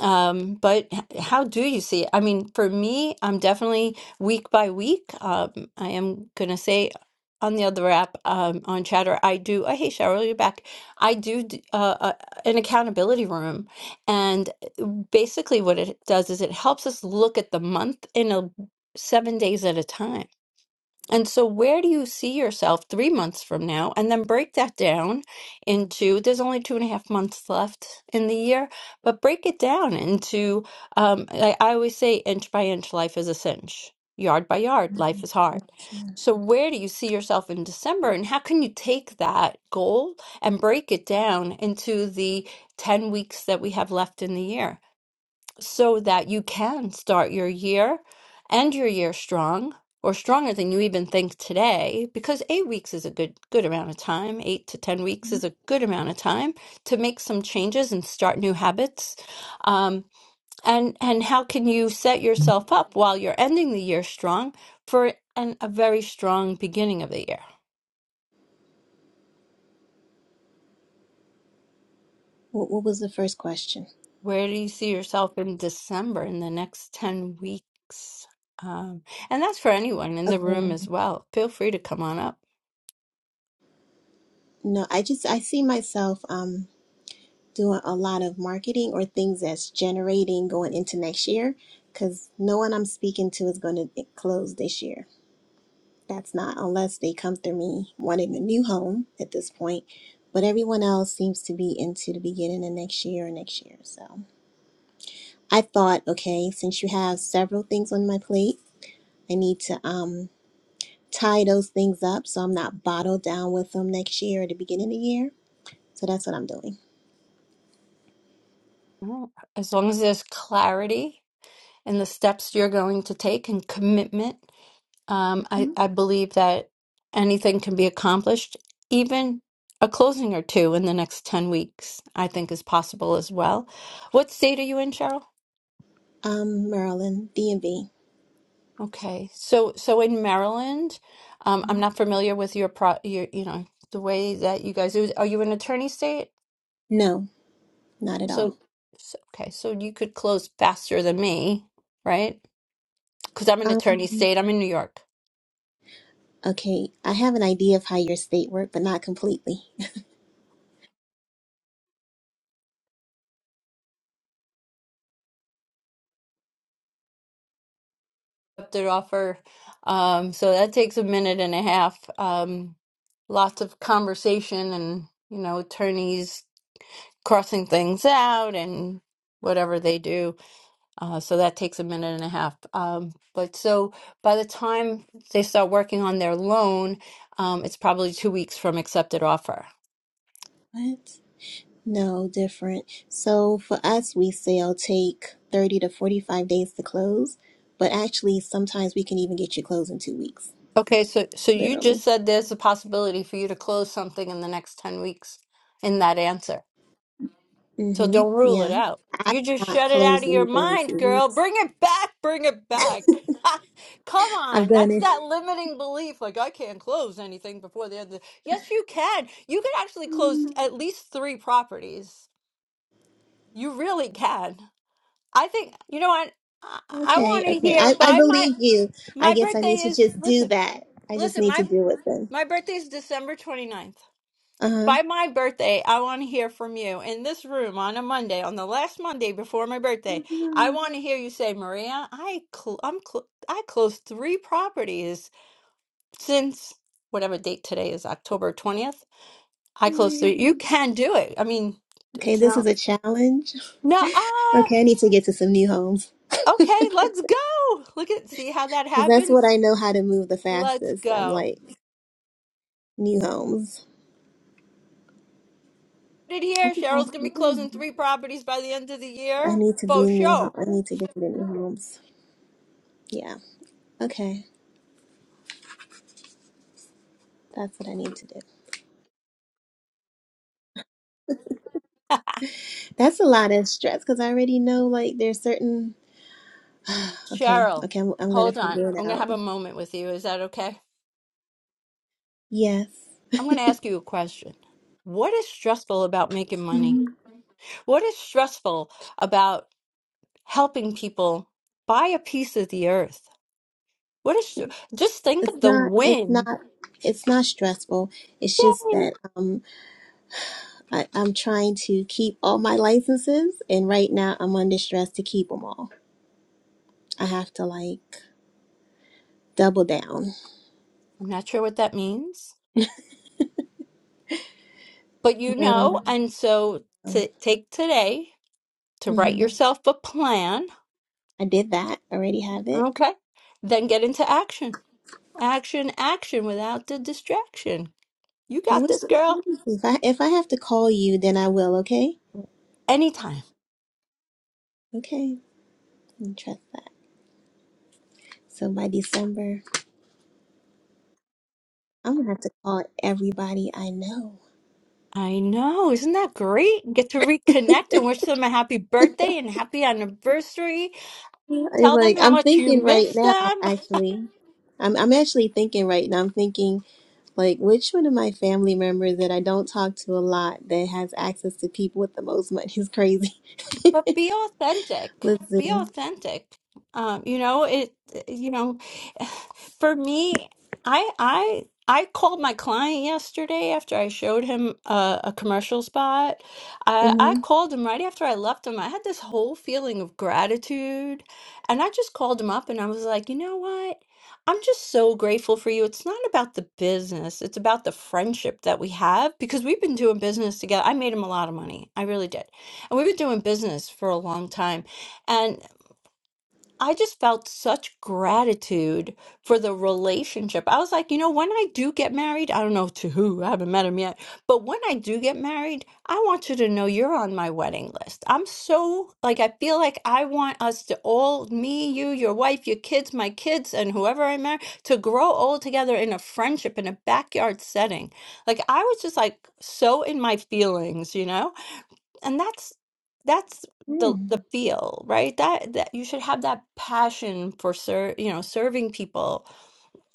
Speaker 2: Um, but h- how do you see it? I mean, for me, I'm definitely week by week. Um, I am gonna say on the other app um, on Chatter, I do. Oh, hey, Cheryl, you're back. I do d- uh, uh, an accountability room, and uh, basically what it does is it helps us look at the month in a seven days at a time. And so, where do you see yourself three months from now? And then break that down into there's only two and a half months left in the year, but break it down into um, I, I always say, inch by inch, life is a cinch, yard by yard, life is hard.
Speaker 4: that's true.
Speaker 2: So, where do you see yourself in December? And how can you take that goal and break it down into the 10 weeks that we have left in the year? so that you can start your year and your year strong or stronger than you even think today because 8 weeks is a good good amount of time 8 to 10 weeks is a good amount of time to make some changes and start new habits um, and and how can you set yourself up while you're ending the year strong for an, a very strong beginning of the year
Speaker 4: What, what was the first question?
Speaker 2: Where do you see yourself in December in the next 10 weeks? Um, and that's for anyone in the room
Speaker 4: Okay.
Speaker 2: as well. Feel free to come on up.
Speaker 4: No, I just, I see myself. um, doing a lot of marketing or things that's generating going into next year because no one I'm speaking to is going to close this year. That's not unless they come through me wanting a new home at this point. But everyone else seems to be into the beginning of next year or next year. So I thought, okay, since you have several things on my plate, I need to um, tie those things up so I'm not bottled down with them next year or the beginning of the year. So that's what I'm doing.
Speaker 2: Mm. As long as there's clarity in the steps you're going to take and commitment, um, I, I believe that anything can be accomplished, even a closing or two in the next 10 weeks, I think is possible as well. What state are you in, Cheryl?
Speaker 4: Um, Maryland, DMV.
Speaker 2: Okay. So so in Maryland, um, I'm not familiar with your pro your you know the way that you guys do. Are you an attorney state?
Speaker 4: No. Not at
Speaker 2: So,
Speaker 4: all.
Speaker 2: so okay, so you could close faster than me, right? Because I'm an attorney
Speaker 4: Um,
Speaker 2: state. I'm in New York.
Speaker 4: okay, I have an idea of how your state work, but not completely.
Speaker 2: accepted offer. Um, so that takes a minute and a half. Um, lots of conversation and you know attorneys crossing things out and whatever they do. Uh, so that takes a minute and a half. Um, but so by the time they start working on their loan, um, it's probably two weeks from accepted offer.
Speaker 4: What? No, different. So for us, we sale take 30 to 45 days to close, but actually sometimes we can even get you closed in two weeks,
Speaker 2: Okay, so so you just
Speaker 4: literally.
Speaker 2: said there's a possibility for you to close something in the next 10 weeks in that answer. So
Speaker 4: Mm-hmm.
Speaker 2: don't rule it
Speaker 4: Yeah.
Speaker 2: out.
Speaker 4: I
Speaker 2: You just
Speaker 4: not
Speaker 2: shut it out
Speaker 4: closed
Speaker 2: of your
Speaker 4: anything in
Speaker 2: mind,
Speaker 4: two
Speaker 2: girl.
Speaker 4: weeks.
Speaker 2: Bring it back. Bring it back. Come
Speaker 4: I've
Speaker 2: on.
Speaker 4: done
Speaker 2: That's
Speaker 4: it.
Speaker 2: that limiting belief. Like, I can't close anything before the other. Yes, you can. You can actually close at least three properties. You really can. I think, you know what? I, I
Speaker 4: Okay,
Speaker 2: want to
Speaker 4: okay.
Speaker 2: hear
Speaker 4: I, I
Speaker 2: by my,
Speaker 4: believe you. I
Speaker 2: my
Speaker 4: guess I need
Speaker 2: birthday
Speaker 4: to
Speaker 2: is,
Speaker 4: just do
Speaker 2: listen,
Speaker 4: that. I just
Speaker 2: listen,
Speaker 4: need to
Speaker 2: my,
Speaker 4: do it then.
Speaker 2: my birthday is December 29th.
Speaker 4: Uh-huh.
Speaker 2: by my birthday, I want to hear from you in this room on a Monday, on the last Monday before my birthday. I want to hear you say, Maria, I cl- I'm cl- I closed three properties since whatever date today is, October 20th.
Speaker 4: Oh
Speaker 2: I
Speaker 4: my
Speaker 2: closed three.
Speaker 4: God.
Speaker 2: You can do it. I mean,
Speaker 4: Okay,
Speaker 2: it's
Speaker 4: this is
Speaker 2: not.
Speaker 4: a challenge.
Speaker 2: No, ah,
Speaker 4: Okay, I need to get to some new homes.
Speaker 2: okay, let's go. Look at, see how that
Speaker 4: Because that's what I
Speaker 2: happens?
Speaker 4: know how to move the
Speaker 2: Let's
Speaker 4: fastest. I'm
Speaker 2: go.
Speaker 4: like, new homes.
Speaker 2: Did
Speaker 4: I
Speaker 2: here,
Speaker 4: can
Speaker 2: Cheryl's gonna
Speaker 4: possibly
Speaker 2: be
Speaker 4: do
Speaker 2: closing
Speaker 4: that.
Speaker 2: three properties by the end of the
Speaker 4: I
Speaker 2: year.
Speaker 4: need to do
Speaker 2: For
Speaker 4: new homes.
Speaker 2: sure.
Speaker 4: I need to get to the new homes. Yeah. Okay. That's what I need to do. That's a lot of stress because I already know like there's certain. okay.
Speaker 2: Cheryl,
Speaker 4: Okay. I'm, I'm going to
Speaker 2: hold on.
Speaker 4: figure it
Speaker 2: I'm going to
Speaker 4: out.
Speaker 2: have a moment with you. Is that okay?
Speaker 4: Yes.
Speaker 2: I'm going to ask you a question. What is stressful about making money?
Speaker 4: Mhm.
Speaker 2: What is stressful about helping people buy a piece of the earth? What is just think
Speaker 4: It's
Speaker 2: of the
Speaker 4: not, it's
Speaker 2: win.
Speaker 4: not, it's not stressful. It's just
Speaker 2: Yay.
Speaker 4: that um, I, I'm trying to keep all my licenses, and right now I'm under stress to keep them all. I have to like double down.
Speaker 2: I'm not sure what that means, but you
Speaker 4: No.
Speaker 2: know, and so to take today to write
Speaker 4: hmm
Speaker 2: yourself a plan,
Speaker 4: I did that. I already have it.
Speaker 2: okay? Then get into action. Action, action without the distraction. You
Speaker 4: Okay,
Speaker 2: got
Speaker 4: what's
Speaker 2: this,
Speaker 4: the,
Speaker 2: girl.
Speaker 4: let me if I if I have to call you, then I will. Okay,
Speaker 2: Anytime.
Speaker 4: okay, I can trust that. So by December, I'm gonna have to call everybody I know.
Speaker 2: I know. Isn't that great? Get to reconnect and wish them a happy birthday and happy anniversary.
Speaker 4: Yeah, and,
Speaker 2: Tell them
Speaker 4: Like
Speaker 2: how
Speaker 4: I'm
Speaker 2: much you
Speaker 4: thinking right
Speaker 2: miss
Speaker 4: now,
Speaker 2: them.
Speaker 4: actually, I'm I'm actually thinking right now. I'm thinking like which one of my family members that I don't talk to a lot that has access to people with the most money is crazy.
Speaker 2: but be authentic
Speaker 4: Let's see.
Speaker 2: be authentic um you know it eh, you know for me i i i called my client yesterday after i showed him a, a commercial spot i
Speaker 4: Mm-hmm.
Speaker 2: i called him right after i left him i had this whole feeling of gratitude and i just called him up and i was like you know what I'm just so grateful for you. It's not about the business, it's about the friendship that we have because we've been doing business together. I made him a lot of money. I really did and we've been doing business for a long time. And I just felt such gratitude for the relationship. I was like, you know, when I do get married, I don't know to who, I haven't met him yet, but when I do get married, I want you to know you're on my wedding list. I'm so like, I feel like I want us to all, me, you, your wife, your kids, my kids, and whoever I marry, to grow old together in a friendship in a backyard setting. Like, I was just like so in my feelings, you know? and that's that's
Speaker 4: Hmm.
Speaker 2: the the feel right that that you should have that passion for ser you know serving people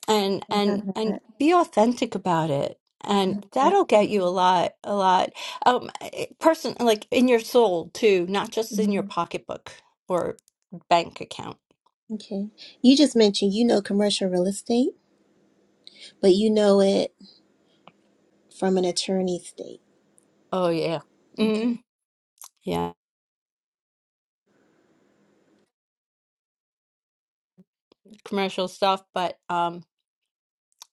Speaker 2: and
Speaker 4: I have
Speaker 2: and and
Speaker 4: that.
Speaker 2: be authentic about it and
Speaker 4: that
Speaker 2: that'll get you a lot a lot um eh, person like in your soul too not just in your
Speaker 4: mm,
Speaker 2: pocketbook or bank account
Speaker 4: okay. You just mentioned you know commercial real estate, but you know it from an attorney state.
Speaker 2: oh yeah
Speaker 4: Okay.
Speaker 2: mm yeah commercial stuff but um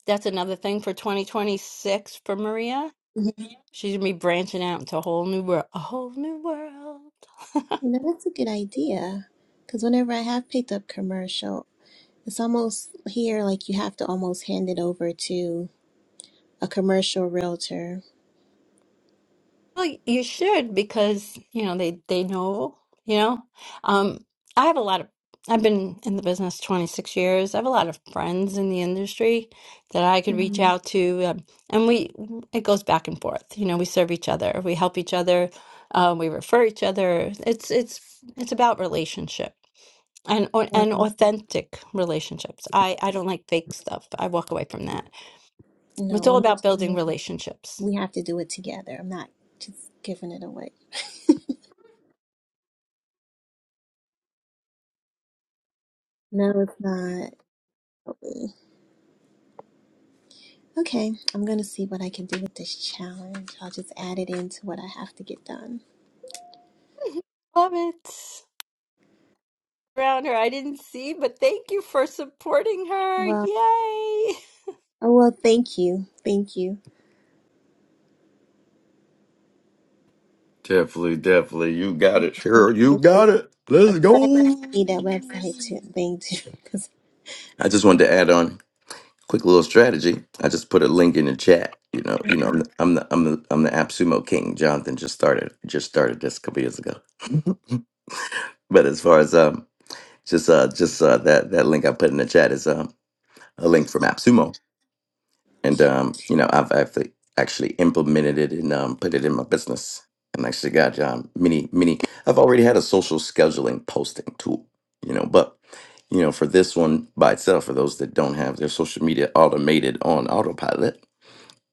Speaker 2: that's another thing for 2026 for Maria
Speaker 4: Mhm.
Speaker 2: She's gonna be branching out into a whole new world, a whole new world.
Speaker 4: No, that's a good idea. Because whenever I have picked up commercial, it's almost here like you have to almost hand it over to a commercial realtor.
Speaker 2: Well, you should because, you know, they they know, you know. Um, I have a lot of I've been in the business 26 years. I have a lot of friends in the industry that I could reach
Speaker 4: hmm
Speaker 2: out to, um, and we it goes back and forth. You know, we serve each other, we help each other, uh, we refer each other. It's it's it's about relationship and or, and authentic relationships. I I don't like fake stuff. I walk away from that.
Speaker 4: No,
Speaker 2: It's all
Speaker 4: we'll make
Speaker 2: about building
Speaker 4: sure
Speaker 2: relationships.
Speaker 4: we have to do it together. I'm not just giving it away. No, it's not. Okay, I'm gonna see what I can do with this challenge. I'll just add it into what I have to get done.
Speaker 2: Love it. Around her, I didn't see, but thank you for supporting her.
Speaker 4: Well,
Speaker 2: Yay!
Speaker 4: oh well, thank you, thank you.
Speaker 1: Definitely, definitely. You got it, Sure, You got it. Let's
Speaker 4: Okay, but I
Speaker 1: go.
Speaker 4: definitely need that website to, thing too, because
Speaker 1: I just wanted to add on. quick little strategy. I just put a link in the chat. You know, you know, I'm the I'm the I'm the app sumo king. Jonathan just started just started this a couple years ago. but as far as um, just uh, just uh, that that link I put in the chat is um a link from app sumo, and um, you know, I've actually actually implemented it and um put it in my business, and actually got um many many. I've already had a social scheduling posting tool, you know, but. You know, for this one by itself, for those that don't have their social media automated on autopilot,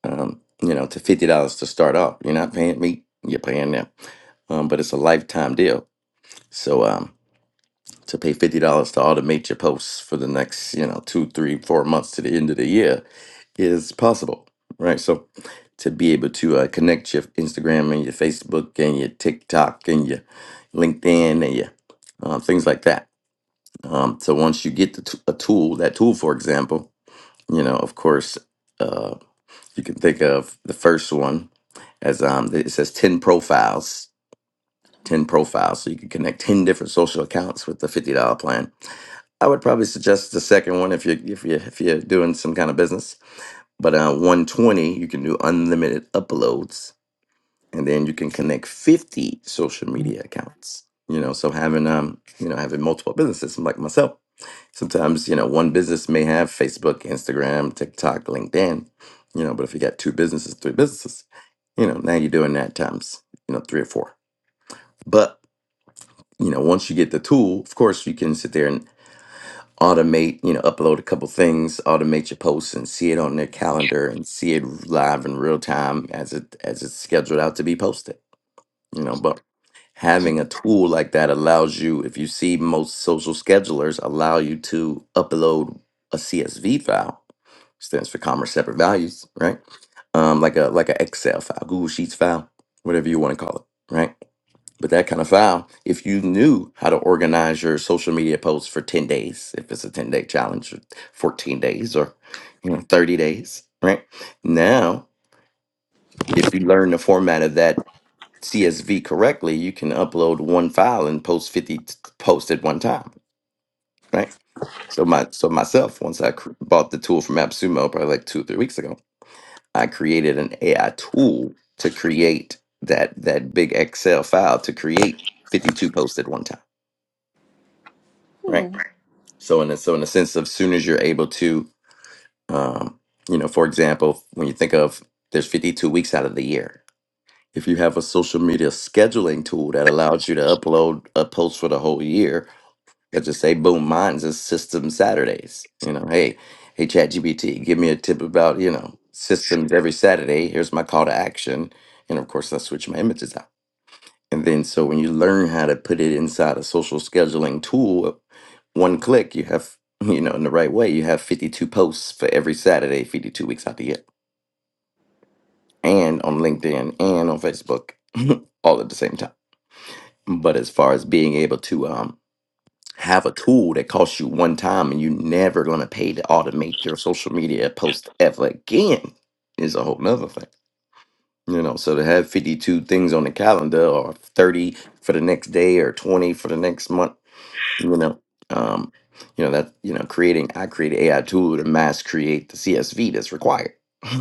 Speaker 1: um, you know, to fifty dollars to start off. You're not paying me, you're paying them. Um, but it's a lifetime deal. So um, to pay fifty dollars to automate your posts for the next, you know, two, three, four months to the end of the year is possible, right? So to be able to uh, connect your Instagram and your Facebook and your TikTok and your LinkedIn and your uh, things like that. Um, so once you get the t- a tool, that tool, for example, you know, of course. uh, you can think of the first one as um, it says 10 profiles, 10 profiles. So you can connect 10 different social accounts with the $50 plan. I would probably suggest the second one if you're, if you're, if you're doing some kind of business. But uh, 120, you can do unlimited uploads and then you can connect 50 social media accounts you know so having um you know having multiple businesses like myself sometimes you know one business may have facebook instagram tiktok linkedin you know but if you got two businesses three businesses you know now you're doing that times you know three or four but you know once you get the tool of course you can sit there and automate you know upload a couple things automate your posts and see it on their calendar and see it live in real time as it as it's scheduled out to be posted you know but having a tool like that allows you if you see most social schedulers allow you to upload a csv file stands for commerce separate values right um like a like an excel file google sheets file whatever you want to call it right but that kind of file if you knew how to organize your social media posts for 10 days if it's a 10 day challenge or 14 days or you know 30 days right now if you learn the format of that CSV correctly, you can upload one file and post 50 t- posts at one time, right? So my so myself, once I cr- bought the tool from AppSumo probably like two or three weeks ago, I created an AI tool to create that that big Excel file to create 52 posts at one time, right?
Speaker 4: hmm.
Speaker 1: So in a, so in a sense of soon as you're able to, um, you know, for example, when you think of there's 52 weeks out of the year. If you have a social media scheduling tool that allows you to upload a post for the whole year, But just say, boom, mine's is System Saturdays. You know, hey, hey, ChatGPT, give me a tip about, you know, systems every Saturday. Here's my call to action. And of course, I switch my images out. And then so when you learn how to put it inside a social scheduling tool, one click, you have, you know, in the right way, you have 52 posts for every Saturday, 52 weeks out the year, and on LinkedIn and on Facebook, all at the same time. But as far as being able to, um, have a tool that costs you one time and you're never going to pay to automate your social media post ever again is a whole nother thing. You know, so to have 52 things on the calendar or 30 for the next day or 20 for the next month you know um you know that you know creating i create an ai tool to mass create the csv that's required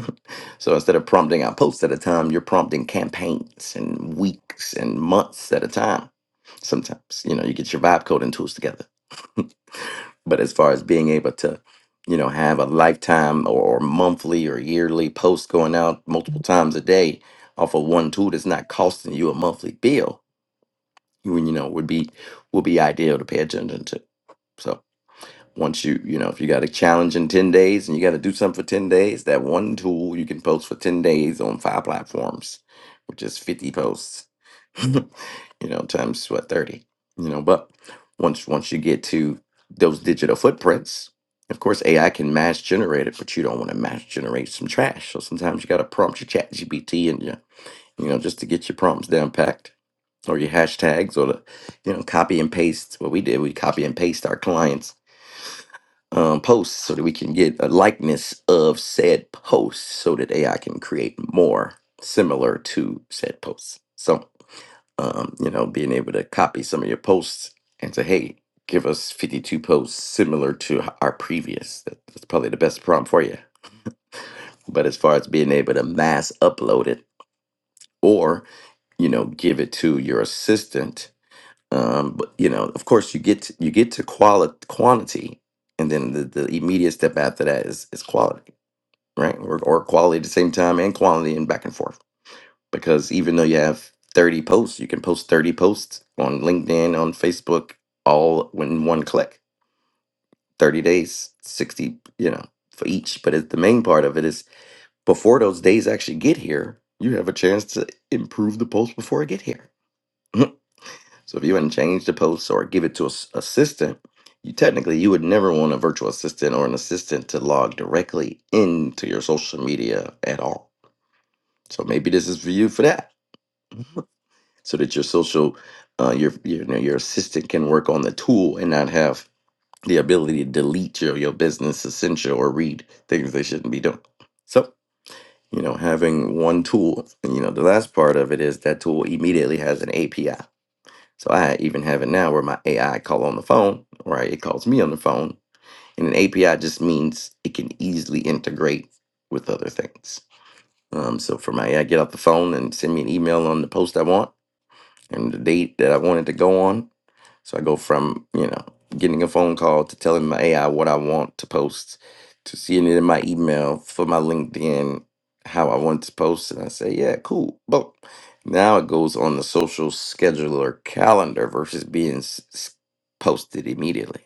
Speaker 1: so instead of prompting out posts at a time you're prompting campaigns and weeks and months at a time sometimes you know you get your vibe coding tools together but as far as being able to you know have a lifetime or, or monthly or yearly post going out multiple times a day off of one tool that's not costing you a monthly bill you you know would be would be ideal to pay attention to so once you, you know, if you got a challenge in 10 days and you got to do something for 10 days, that one tool you can post for 10 days on five platforms, which is 50 posts, you know, times what, 30, you know, but once, once you get to those digital footprints, of course, AI can mass generate it, but you don't want to mass generate some trash. So sometimes you got to prompt your chat GPT and your, you know, just to get your prompts down packed or your hashtags or the, you know, copy and paste. What we did, we copy and paste our clients um, posts so that we can get a likeness of said posts so that AI can create more similar to said posts. So, um, you know, being able to copy some of your posts and say, hey, give us 52 posts similar to h- our previous. That- That's probably the best prompt for you. But as far as being able to mass upload it or, you know, give it to your assistant, um, but you know, of course, you get to, you get to quality quantity, and then the, the immediate step after that is is quality right? Or, or quality at the same time and quantity and back and forth. Because even though you have 30 posts, you can post 30 posts on LinkedIn, on Facebook, all in one click. 30 days, 60, you know, for each. But it, the main part of it is before those days actually get here, you have a chance to improve the post before it get here. so if you hadn't changed the posts or give it to an assistant, you technically you would never want a virtual assistant or an assistant to log directly into your social media at all So maybe this is for you for that, so that your social, uh, your your you know, your assistant can work on the tool and not have the ability to delete your your business essential or read things they shouldn't be doing. So you know, having one tool, and, you know, the last part of it is that tool immediately has an API. So I even have it now where my AI call on the phone, right? It calls me on the phone, and an API just means it can easily integrate with other things. Um, so for my AI, get off the phone and send me an email on the post I want and the date that I wanted to go on. So I go from, you know, getting a phone call to telling my AI what I want to post to seeing it in my email for my LinkedIn, how I want to post. And I say, yeah, cool. But now it goes on the social scheduler calendar versus being s- s- posted immediately.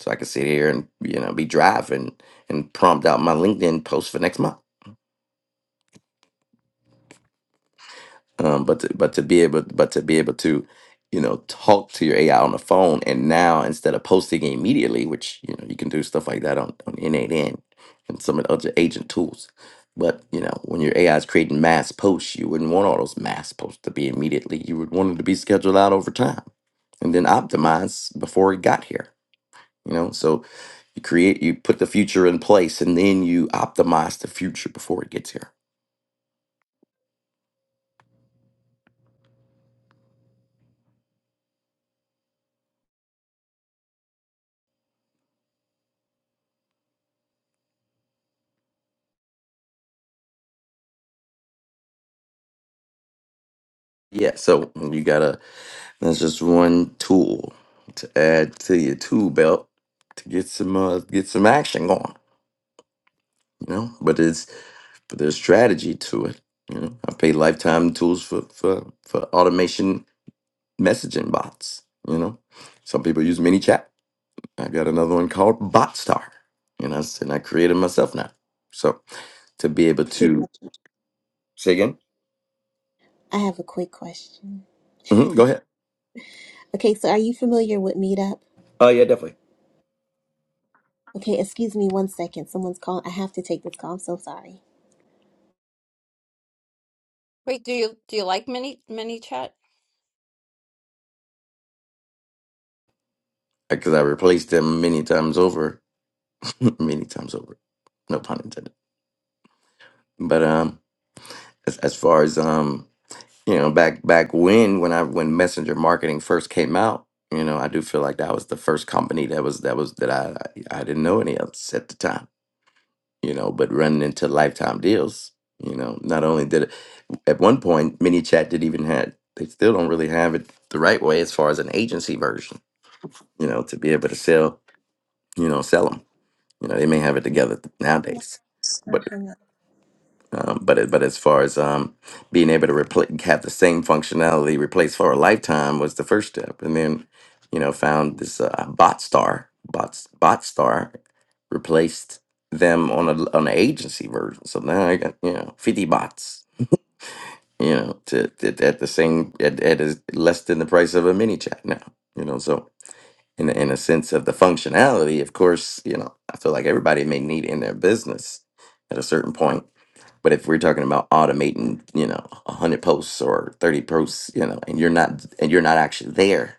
Speaker 1: So I can sit here and, you know, be driving and prompt out my LinkedIn post for next month. um, but to, but to be able but to be able to you know talk to your AI on the phone and now instead of posting it immediately which you know you can do stuff like that on on N8N and some of the other agent tools but you know when your AI is creating mass posts you wouldn't want all those mass posts to be immediately you would want them to be scheduled out over time and then optimized before it got here you know so you create you put the future in place and then you optimize the future before it gets here yeah so you gotta that's just one tool to add to your tool belt to get some uh, get some action going you know. But it's but there's strategy to it. You know, I pay lifetime tools for for for automation messaging bots. You know, some people use ManyChat. I got another one called BotStar, and I s- and I created myself now. So to be able
Speaker 4: Cute.
Speaker 1: to say again,
Speaker 4: I have a quick question.
Speaker 1: hmm go ahead.
Speaker 4: Okay, so are you familiar with Meetup?
Speaker 1: Oh yeah, definitely.
Speaker 4: Okay, excuse me one second. Someone's calling. I have to take this call. I'm so sorry.
Speaker 2: Wait, do you do you like mini mini chat?
Speaker 1: Because I replaced them many times over, many times over. No pun intended. But um, as, as far as um you know back back when when i when messenger marketing first came out you know i do feel like that was the first company that was that was that i i I didn't know any else at the time you know but running into lifetime deals you know not only did it at one point mini chat did even had they still don't really have it the right way as far as an agency version you know to be able to sell you know sell them you know they may have it together nowadays
Speaker 4: It's
Speaker 1: but.
Speaker 4: not hung up.
Speaker 1: Um, but it, but as far as um, being able to repl- have the same functionality replaced for a lifetime was the first step, and then you know found this uh, bot star bot bot replaced them on a on an agency version. So now I got you know fifty bots you know to, to at the same at, at is less than the price of a mini chat now you know so in a- in a sense of the functionality, of course you know I feel like everybody may need it in their business at a certain point but if we're talking about automating, you know, a hundred posts or thirty posts, you know, and you're not and you're not actually there,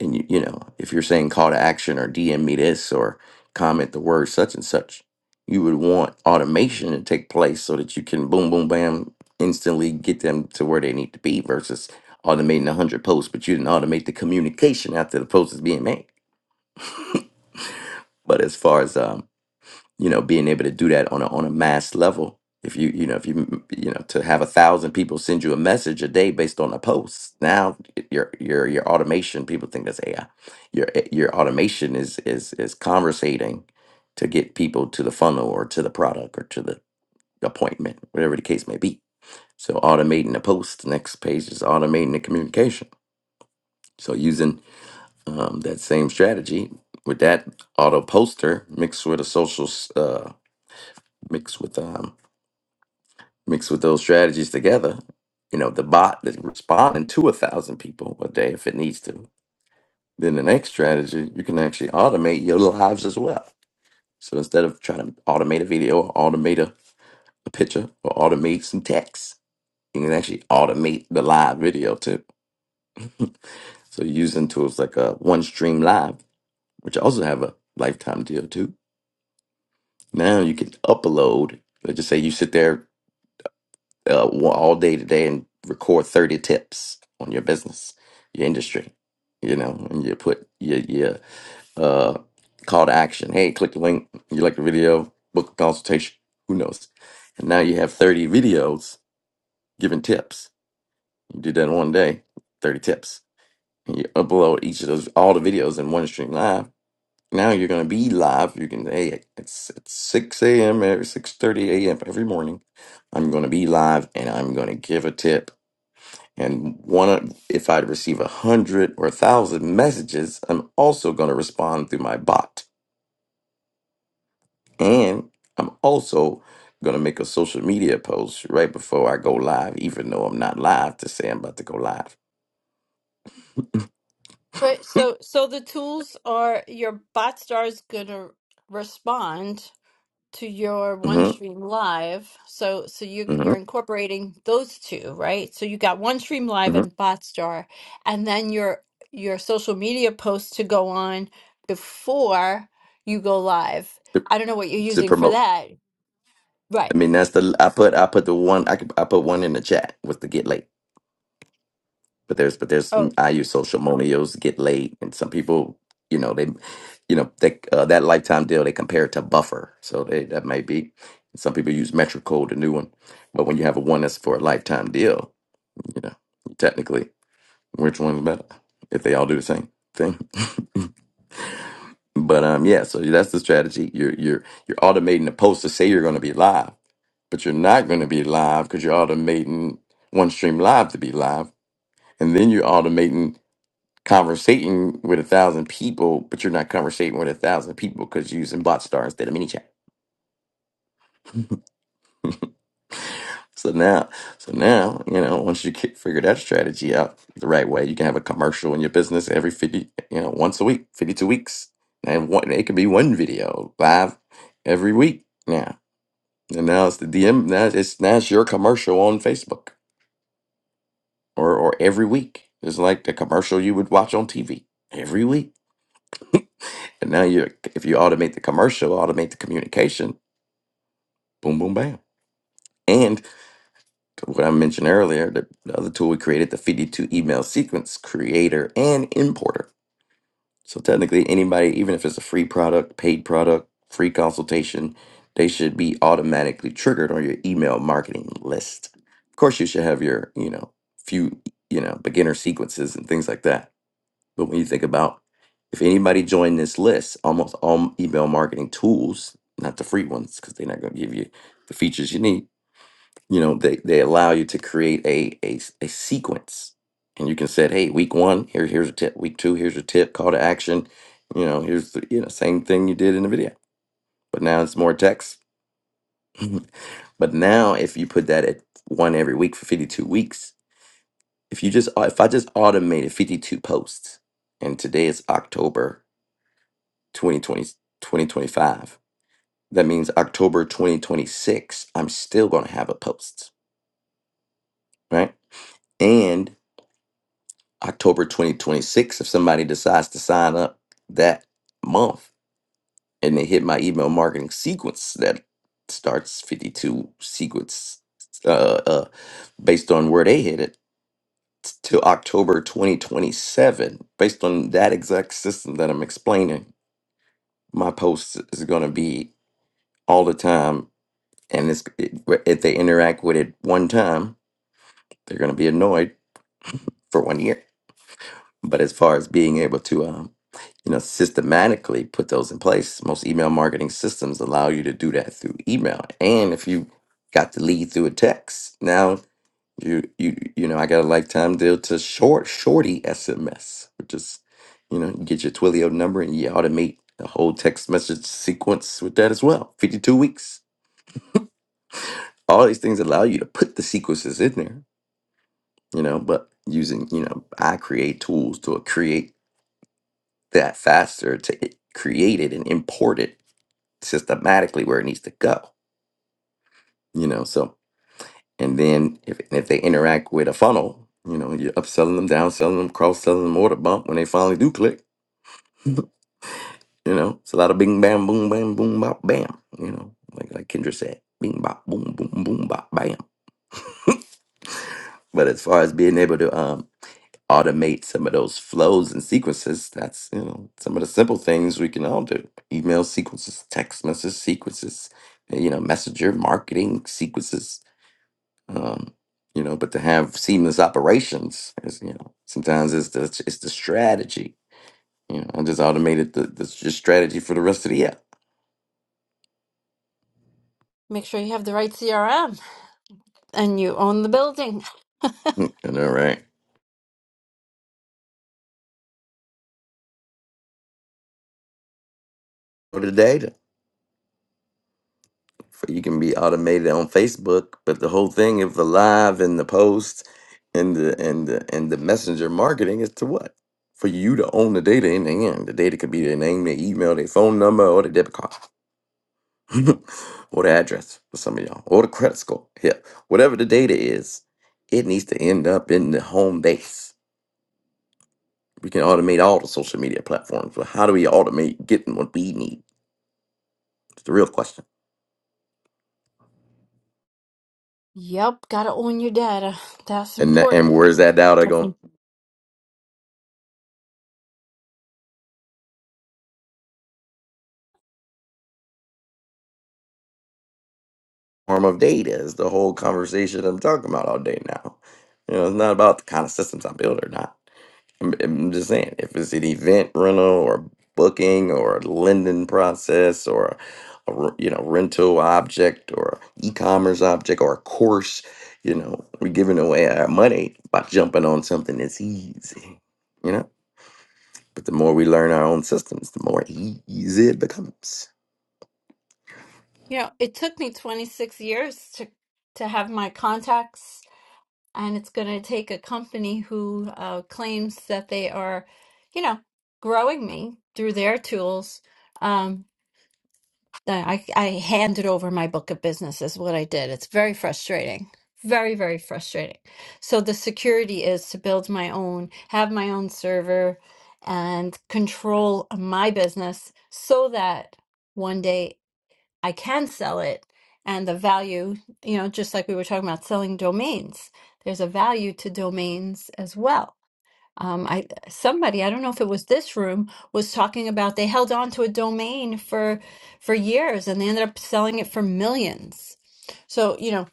Speaker 1: and you you know, if you're saying call to action or DM me this or comment the word such and such, you would want automation to take place so that you can boom, boom, bam, instantly get them to where they need to be versus automating a hundred posts, but you didn't automate the communication after the post is being made. But as far as um, you know being able to do that on a on a mass level if you you know if you you know to have a thousand people send you a message a day based on a post now your your your automation people think that's ai your your automation is is is conversating to get people to the funnel or to the product or to the appointment whatever the case may be so automating the post next page is automating the communication so using um, that same strategy with that auto poster mixed with a social s- uh, mixed with um, mixed with those strategies together, you know, the bot that's responding to a thousand people a day if it needs to. Then the next strategy, you can actually automate your lives as well. So instead of trying to automate a video or automate a, a picture or automate some text, you can actually automate the live video too. So using tools like uh, OneStream Live, which also have a lifetime deal too. Now you can upload. Let's just say you sit there uh, one- all day today and record 30 tips on your business, your industry, you know, and you put your, your uh, call to action. Hey, click the link. You like the video, book a consultation, who knows? And now you have 30 videos giving tips. You do that in one day, 30 tips. And you upload each of those, all the videos in one stream live. Now you're going to be live. You can, hey, it's, it's 6 a.m. every 6.30 a.m. every morning. I'm going to be live and I'm going to give a tip and one, of- if I receive a hundred or a thousand messages, I'm also going to respond through my bot, and I'm also going to make a social media post right before I go live, even though I'm not live, to say I'm about to go live.
Speaker 2: Right. So so the tools are your bot stars gonna respond to your
Speaker 1: Mm-hmm.
Speaker 2: OneStream Live. So so you you're
Speaker 1: Mm-hmm.
Speaker 2: incorporating those two, right? So you got OneStream Live
Speaker 1: Mm-hmm.
Speaker 2: and Botstar, and then your your social media posts to go on before you go live.
Speaker 1: To,
Speaker 2: I don't know what you're
Speaker 1: to
Speaker 2: using for
Speaker 1: promote.
Speaker 2: that. Right.
Speaker 1: I mean, that's the I put I put the one I could, I put one in the chat was to get late. but there's but there's mm,
Speaker 2: Oh,
Speaker 1: I use social millennials get laid, and some people, you know, they, you know, they, uh, that lifetime deal they compare it to buffer, so they, that might be. Some people use Metro Code, the new one, but when you have a one that's for a lifetime deal, you know, technically, which one's better if they all do the same thing? but um, yeah, so that's the strategy. You're you're you're automating the post to say you're going to be live, but you're not going to be live because you're automating one stream live to be live, and then you're automating conversating with a thousand people, but you're not conversating with a thousand people because you're using BotStar instead of ManyChat. so now, so now, you know, once you get, figure that strategy out the right way, you can have a commercial in your business every fifty, you know, once a week, fifty-two weeks, and one it could be one video live every week now. And now it's the DM. Now it's now it's your commercial on Facebook or or every week. It's like the commercial you would watch on TV every week. And now you, if you automate the commercial, automate the communication Boom, boom, bam. And what I mentioned earlier, the, the other tool we created, the fifty-two email sequence creator and importer. So technically, anybody, even if it's a free product, paid product, free consultation, they should be automatically triggered on your email marketing list. Of course, you should have your, you know, few, you know, beginner sequences and things like that. But when you think about if anybody joined this list, almost all email marketing tools, not the free ones, because they're not going to give you the features you need you know they, they allow you to create a a a sequence and you can set hey week one here here's a tip week two here's a tip call to action you know here's the you know same thing you did in the video but now it's more text but now if you put that at one every week for 52 weeks if you just if i just automated 52 posts and today is october 2020 2025, that means october 2026 i'm still going to have a post right and. October 2026 if somebody decides to sign up that month and they hit my email marketing sequence that starts 52 sequence uh, uh, based on where they hit it t- to October 2027 based on that exact system that I'm explaining my post is going to be all the time and it's, it- if they interact with it one time they're going to be annoyed for one year But as far as being able to, um, you know, systematically put those in place, most email marketing systems allow you to do that through email. And if you got the lead through a text, now you you you know, I got a lifetime deal to short shorty SMS, which is, you know, you get your Twilio number and you automate the whole text message sequence with that as well. Fifty two weeks. All these things allow you to put the sequences in there, you know, but using, you know, I create tools to create that faster to i- create it and import it systematically where it needs to go. You know, so and then if if they interact with a funnel, you know, you're upselling them, downselling them, cross selling them, order bump when they finally do click. You know, it's a lot of bing bam boom bam boom bop bam. You know, like like Kendra said, bing bop boom boom boom bop bam. But as far as being able to um. automate some of those flows and sequences. That's you know some of the simple things we can all do: email sequences, text message sequences, eh, you know, messenger marketing sequences. Um, you know, but to have seamless operations is you know sometimes it's the it's the strategy. You know, I just automated the the s- just strategy for the rest of the year.
Speaker 2: make sure you have the right CRM and you own the building.
Speaker 1: Hmm, and All right, for today. for you can be automated on Facebook, but the whole thing of the live and the post and the and the and the messenger marketing is to what? For you to own the data in the end. The data could be their name, their email, their phone number, or their debit card. or the address for some of y'all. Or the credit score. Yeah. Whatever the data is, it needs to end up in the home base. We can automate all the social media platforms, but how do we automate getting what we need? It's the real question.
Speaker 2: Yep, gotta own your data. That's
Speaker 1: And that,
Speaker 2: important.
Speaker 1: and where's that data going?
Speaker 2: Definitely.
Speaker 1: form of data is the whole conversation I'm talking about all day now. You know, it's not about the kind of systems I build or not. I'm, I'm just saying, if it's an event rental or booking or a lending process or a, re- you know rental object or e-commerce object or a course, you know, we're giving away our money by jumping on something that's easy. You know, but the more we learn our own systems, the more e- easy it becomes.
Speaker 2: You know, it took me 26 years to to have my contacts and it's going to take a company who uh, claims that they are, you know, growing me through their tools. Um, that I I handed over my book of business is what I did. It's very frustrating, very very frustrating. So the security is to build my own, have my own server, and control my business so that. one day. I can sell it and the value, you know, just like we were talking about selling domains, there's a value to domains as well. Um, I somebody, I don't know if it was this room, was talking about they held on to a domain for for years and they ended up selling it for millions. So, you know,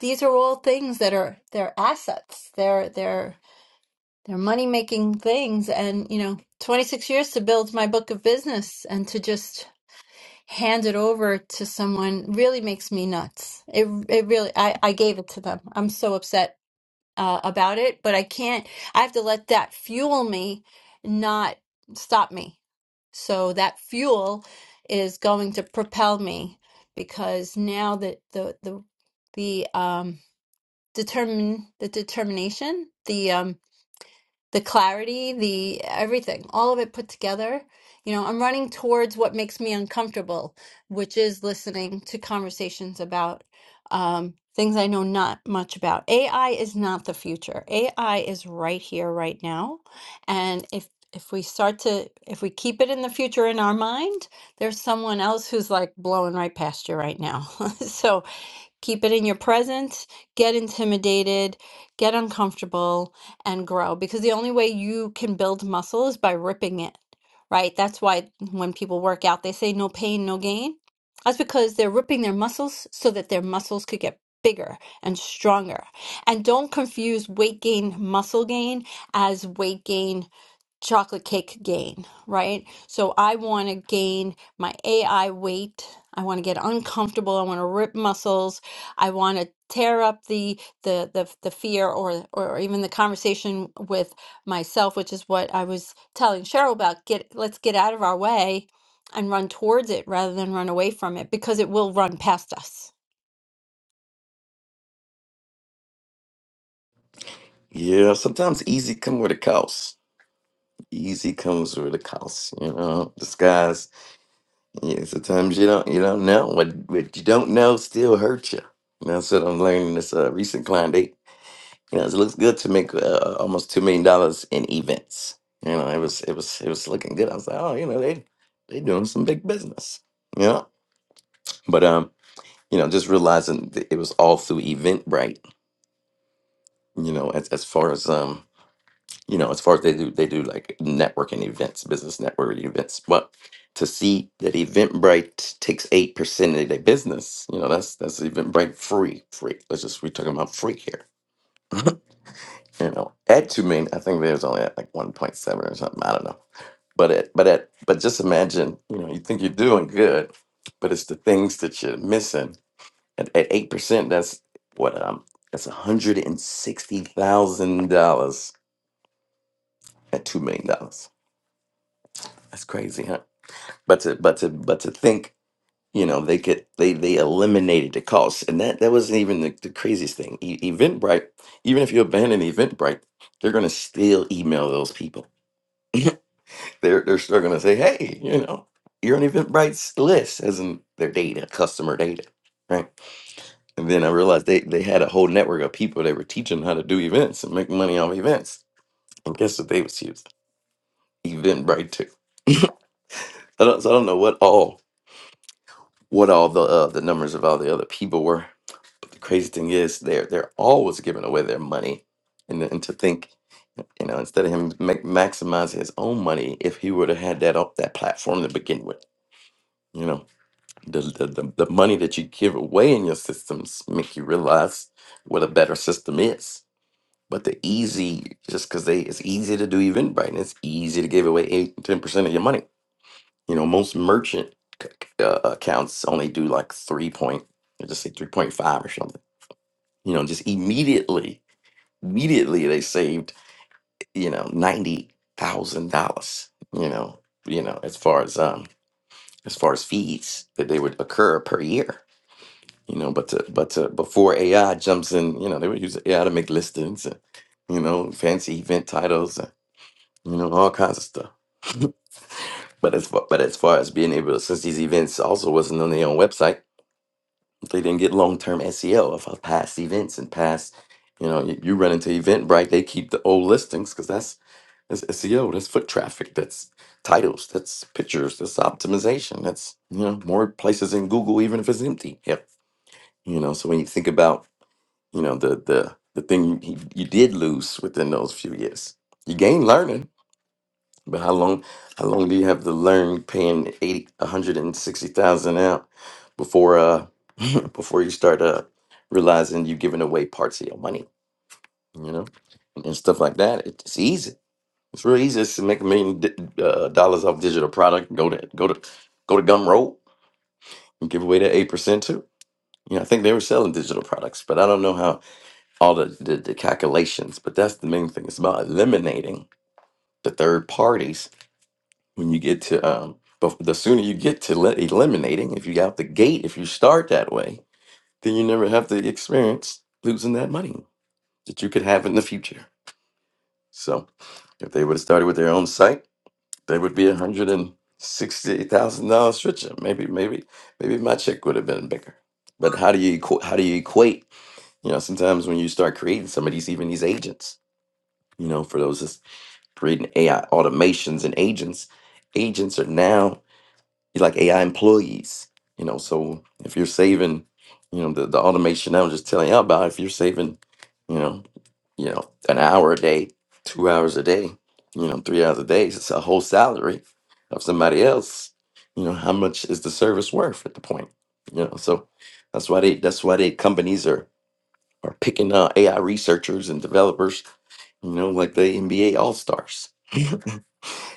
Speaker 2: these are all things that are they're assets. They're they're they're money making things and, you know, 26 years to build my book of business and to just hand it over to someone really makes me nuts. It it really I I gave it to them. I'm so upset uh, about it, but I can't. I have to let that fuel me, not stop me. So that fuel is going to propel me because now that the the the um determine the determination, the um the clarity, the everything, all of it put together. You know, I'm running towards what makes me uncomfortable, which is listening to conversations about um, things I know not much about. AI is not the future. AI is right here, right now. And if if we start to if we keep it in the future in our mind, there's someone else who's like blowing right past you right now. so Keep it in your present, get intimidated, get uncomfortable, and grow. Because the only way you can build muscle is by ripping it, right? That's why when people work out, they say no pain, no gain. That's because they're ripping their muscles so that their muscles could get bigger and stronger. And don't confuse weight gain, muscle gain as weight gain chocolate cake gain, right? So I want to gain my AI weight. I want to get uncomfortable. I want to rip muscles. I want to tear up the the the the fear or or even the conversation with myself, which is what I was telling Cheryl about. Get let's get out of our way and run towards it rather than run away from it because it will run past us.
Speaker 1: Yeah, sometimes easy come with a cost. easy comes with a cost, you know. Disguise. Yeah, sometimes you don't you don't know what what you don't know still hurts you. And that's what I'm learning. This uh, recent client, they you know it looks good to make uh, almost two million dollars in events. You know, it was it was it was looking good. I was like, oh, you know, they they doing some big business. You know, but um, you know, just realizing that it was all through Eventbrite. You know, as as far as um you know, as far as they do, they do like networking events, business networking events. But to see that Eventbrite takes eight percent of their business, you know, that's that's Eventbrite free, free. Let's just we're talking about free here. You know, at two million, I think there's only at like one point seven or something. I don't know. But at but at but just imagine, you know, you think you're doing good, but it's the things that you're missing. At at eight percent, that's what um that's one hundred and sixty thousand dollars at two million dollars. That's crazy, huh? but to but to but to think you know they could they they eliminated the cost and that that wasn't even the, the craziest thing e- eventbrite even if you abandon eventbrite they're going to still email those people they're they're still going to say hey you know you're on eventbrite's list as in their data customer data right and then i realized they they had a whole network of people that were teaching how to do events and make money off events and guess what they was using eventbrite too i don't so i don't know what all what all the uh, the numbers of all the other people were The crazy thing is, they're they're always giving away their money, and and to think, you know, instead of him ma- maximizing his own money, if he would have had that up that platform to begin with, you know, the, the the the money that you give away in your systems make you realize what a better system is. But the easy, just because they, it's easy to do Eventbrite, and it's easy to give away eight, ten percent of your money. You know, most merchant c- c- uh, accounts only do like three point, I just say three point five or something. You know, just immediately immediately they saved you know ninety thousand dollars you know you know as far as um as far as fees that they would occur per year you know but to, but to, before AI jumps in you know they would use AI to make listings and you know fancy event titles and you know all kinds of stuff but as far, but as far as being able to since these events also wasn't on their own website they didn't get long-term SEO of our past events and past, you know, you, you run into Eventbrite, they keep the old listings because that's that's SEO, that's foot traffic, that's titles, that's pictures, that's optimization, that's you know more places in Google even if it's empty. Yep. You know, so when you think about you know the the the thing you, you you did lose within those few years, you gain learning but how long how long do you have to learn paying 80 160,000 out before uh before you start uh realizing you're giving away parts of your money, you know? And stuff like that. It's easy. It's real easy just to make a million di- uh, dollars off digital product. Go to go to go to Gumroad and give away that 8% too. You know, I think they were selling digital products, but I don't know how all the, the, the calculations, but that's the main thing. It's about eliminating the third parties when you get to um but the sooner you get to le- eliminating if you out the gate if you start that way then you never have to experience losing that money that you could have in the future so if they would have started with their own site they would be a hundred and sixty thousand dollars richer maybe maybe maybe my check would have been bigger but how do you equa- how do you equate you know sometimes when you start creating some of these even these agents you know for those that's creating ai automations and agents agents are now like AI employees, you know. So if you're saving, you know, the, the automation I was just telling you about, if you're saving, you know, you know, an hour a day, two hours a day, you know, three hours a day, it's a whole salary of somebody else. You know, how much is the service worth at the point? You know, so that's why they that's why they companies are are picking uh, AI researchers and developers, you know, like the NBA All Stars.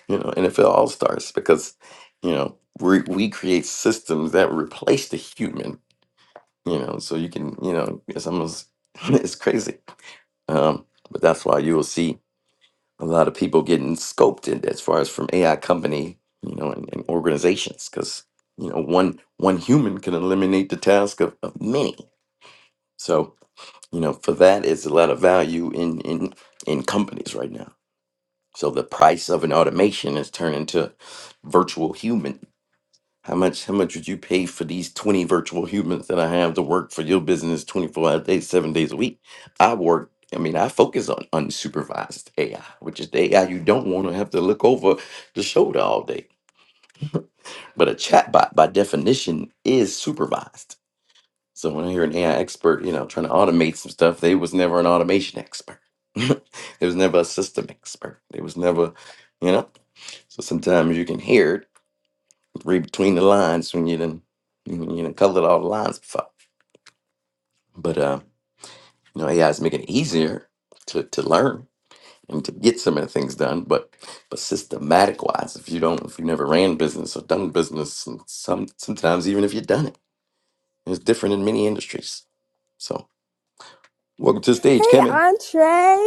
Speaker 1: you know, NFL All Stars because, you know, we we create systems that replace the human, you know, so you can, you know, it's almost it's crazy. Um, but that's why you will see a lot of people getting scoped in as far as from AI company, you know, and, and organizations because you know one one human can eliminate the task of, of many. So you know, for that is a lot of value in in in companies right now. So the price of an automation is turned into virtual human. How much how much would you pay for these 20 virtual humans that I have to work for your business 24 hours a day, seven days a week? I work, I mean, I focus on unsupervised AI, which is the AI you don't want to have to look over the shoulder all day. But a chatbot by definition is supervised. So when I hear an AI expert, you know, trying to automate some stuff, they was never an automation expert. there was never a system expert. There was never, you know. So sometimes you can hear it read between the lines when you done you know you done colored all the lines before. But uh, you know, AI is making it easier to to learn and to get some of the things done. But but systematic wise, if you don't, if you never ran business or done business, and some sometimes even if you've done it, it's different in many industries. So welcome to the stage,
Speaker 6: Hey,
Speaker 1: Kimmy.
Speaker 6: Andrea.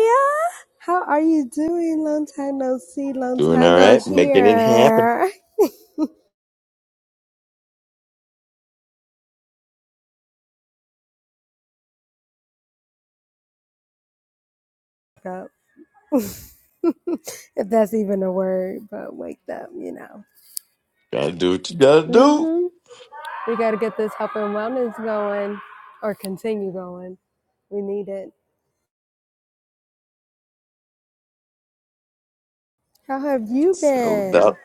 Speaker 6: How are you doing? Long time no see, long
Speaker 1: Doing
Speaker 6: time
Speaker 1: all
Speaker 6: no
Speaker 1: right, making it happen.
Speaker 6: hear. Wake Up. if that's even a word, but wake up, you know.
Speaker 1: Gotta do what you gotta do.
Speaker 6: hmm We got to get this health and wellness going or continue going. We need it. How have you
Speaker 1: So about
Speaker 6: been?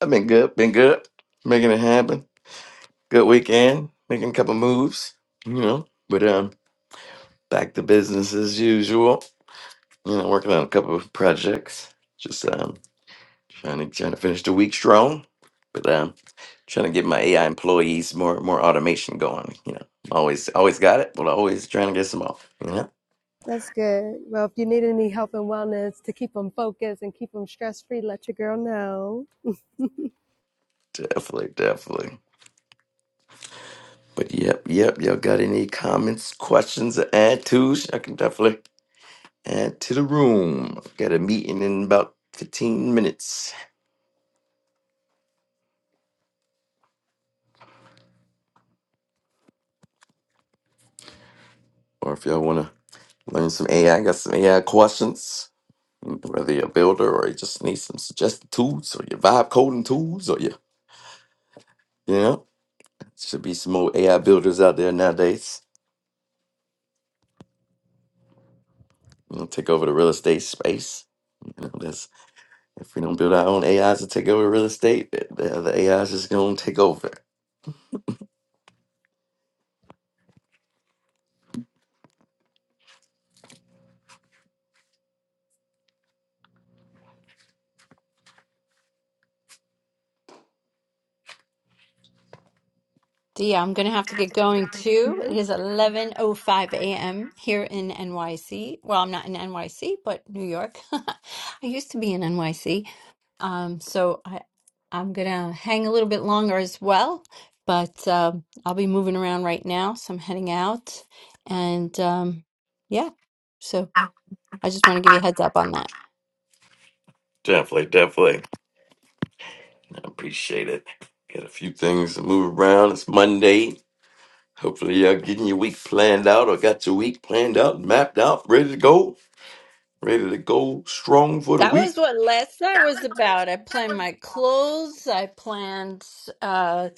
Speaker 1: I've been good, been good, making it happen. Good weekend, making a couple moves. You know, but um back to business as usual. You know, working on a couple of projects. Just um, trying to trying to finish the week strong, but um, trying to get my AI employees more more automation going. You know, always always got it, but always trying to get some off. You know,
Speaker 6: That's good. Well, if you need any help in wellness to keep them focused and keep them stress free, let your girl know.
Speaker 1: definitely, definitely. But yep, yep. Y'all got any comments, questions, or add tos? I can definitely add to the room. Got a meeting in about fifteen minutes, or if y'all want to learn some AI, got some AI questions Whether you're a builder or you just need some suggested tools or your vibe coding tools or your, you know, should be some more AI builders out there nowadays. You know, take over the real estate space. You know, that's if we don't build our own AIs to take over real estate, the, the, the AIs is is going to take over.
Speaker 2: Dia, I'm going to have to get going too. It is 11:05 a.m. here in NYC. Well, I'm not in NYC, but New York. I used to be in NYC. Um, so I I'm going to hang a little bit longer as well, but um, I'll be moving around right now, so I'm heading out and um yeah. So I just want to give you a heads up on that.
Speaker 1: Definitely, definitely. I appreciate it. Got a few things to move around. It's Monday. Hopefully, y'all getting your week planned out or got your week planned out, mapped out, ready to go, ready to go strong for the
Speaker 2: That was
Speaker 1: week.
Speaker 2: what last night was about. I planned my clothes. I planned. Uh,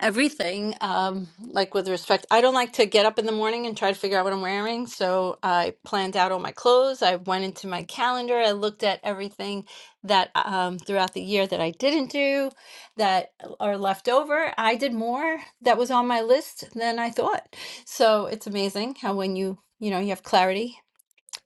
Speaker 2: everything um like with respect i don't like to get up in the morning and try to figure out what i'm wearing so i planned out all my clothes i went into my calendar i looked at everything that um throughout the year that i didn't do that are left over i did more that was on my list than i thought so it's amazing how when you you know you have clarity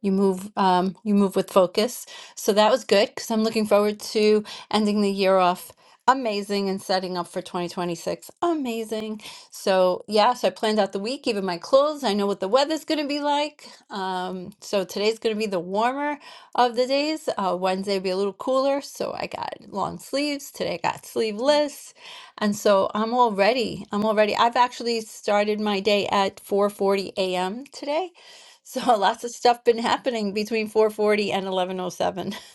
Speaker 2: you move um, you move with focus so that was good because i'm looking forward to ending the year off amazing and setting up for 2026 amazing so yeah so i planned out the week even my clothes i know what the weather's going to be like um, so today's going to be the warmer of the days uh, wednesday will be a little cooler so i got long sleeves today i got sleeveless and so i'm all ready i'm all ready i've actually started my day at 4.40 a.m today so lots of stuff been happening between 440 and 1107.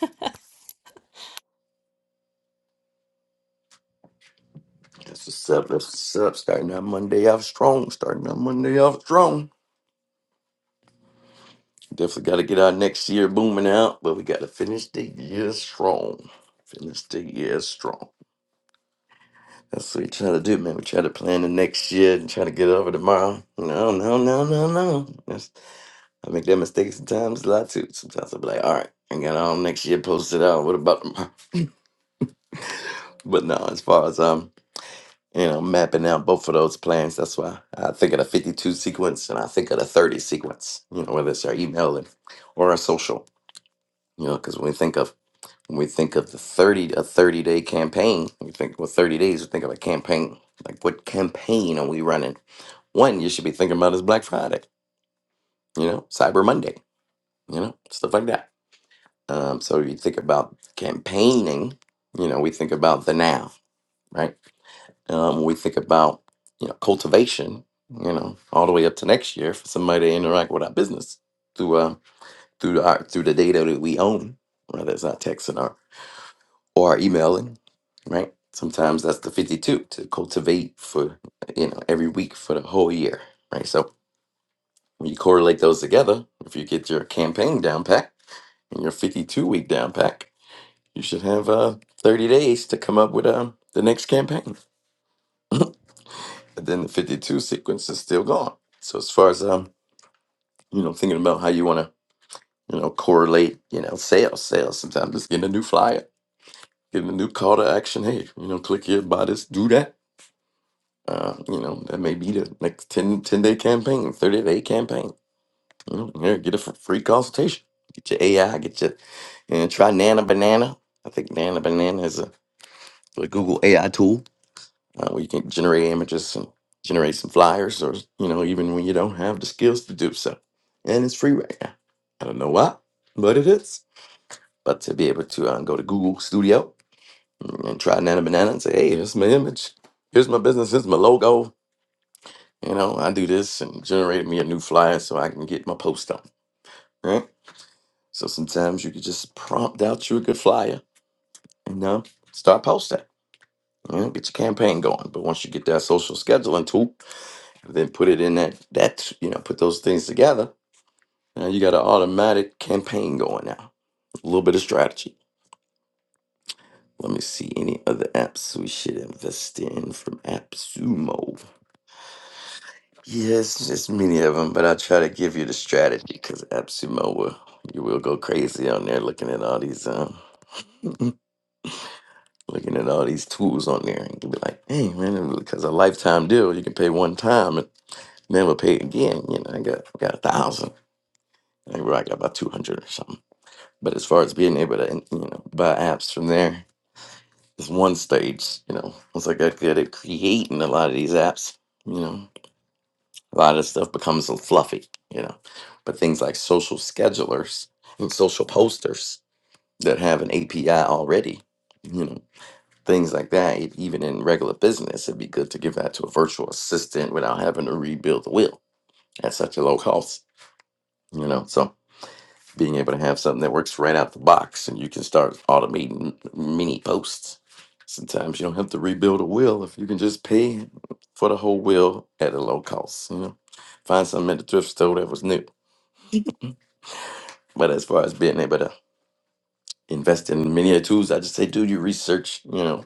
Speaker 1: That's what's up. That's what's up. Starting our Monday off strong. Starting our Monday off strong. Definitely got to get our next year booming out, but we got to finish the year strong. Finish the year strong. That's what we try to do, man. We try to plan the next year and try to get over tomorrow. No, no, no, no, no. That's, I make that mistake sometimes a lot too. Sometimes I'll be like, all right, I got all next year posted out. What about tomorrow? But no, as far as um. you know, mapping out both of those plans. That's why I think of the 52 sequence and I think of the 30 sequence, you know, whether it's our email and, or our social, you know, because when we think of, when we think of the 30, a 30 day campaign, we think, well, 30 days, we think of a campaign. Like what campaign are we running? One you should be thinking about is Black Friday, you know, Cyber Monday, you know, stuff like that. Um, so you think about campaigning, you know, we think about the now, right? um, when we think about you know cultivation, you know, all the way up to next year for somebody to interact with our business through um through our through the data that we own, whether it's our text and our or our emailing, right? Sometimes that's the fifty-two to cultivate for you know every week for the whole year, right? So when you correlate those together, if you get your campaign down pack and your fifty-two week down pack, you should have uh thirty days to come up with um the next campaign. And then the 52 sequence is still gone. So as far as um, you know, thinking about how you want to, you know, correlate, you know, sales, sales. Sometimes just getting a new flyer, getting a new call to action. Hey, you know, click here, buy this, do that. Uh, you know, that may be the next ten, ten day campaign, 30 day campaign. You know, here, get a f- free consultation. Get your AI, get your, and try Nana Banana. I think Nana Banana is a, a Google AI tool uh, where you can generate images and generate some flyers, or you know, even when you don't have the skills to do so. And it's free right now. I don't know why, but it is. But to be able to uh, go to Google Studio and try Nana Banana and say, "Hey, here's my image, here's my business, here's my logo." You know, I do this and generate me a new flyer so I can get my post on. Right. So sometimes you can just prompt out you a good flyer and uh, start posting. You know, get your campaign going. But once you get that social scheduling tool then put it in that that's you know put those things together now you got an automatic campaign going now a little bit of strategy let me see any other apps we should invest in from appsumo yes there's many of them but i'll try to give you the strategy because appsumo will you will go crazy on there looking at all these um looking at all these tools on there and you'll be like hey man because a lifetime deal you can pay one time and never pay again you know i got I got a thousand I think i got about 200 or something But as far as being able to, you know, buy apps from there is one stage. You know, once I got good at creating a lot of these apps, you know, a lot of stuff becomes a fluffy. You know, but things like social schedulers and social posters that have an API already, you know, things like that. e- Even in regular business, it'd be good to give that to a virtual assistant without having to rebuild the wheel at such a low cost. You know, so being able to have something that works right out the box and you can start automating mini posts. Sometimes you don't have to rebuild a wheel if you can just pay for the whole wheel at a low cost, you know. Find something at the thrift store that was new. But as far as being able to invest in many tools, I just say do your research, you know.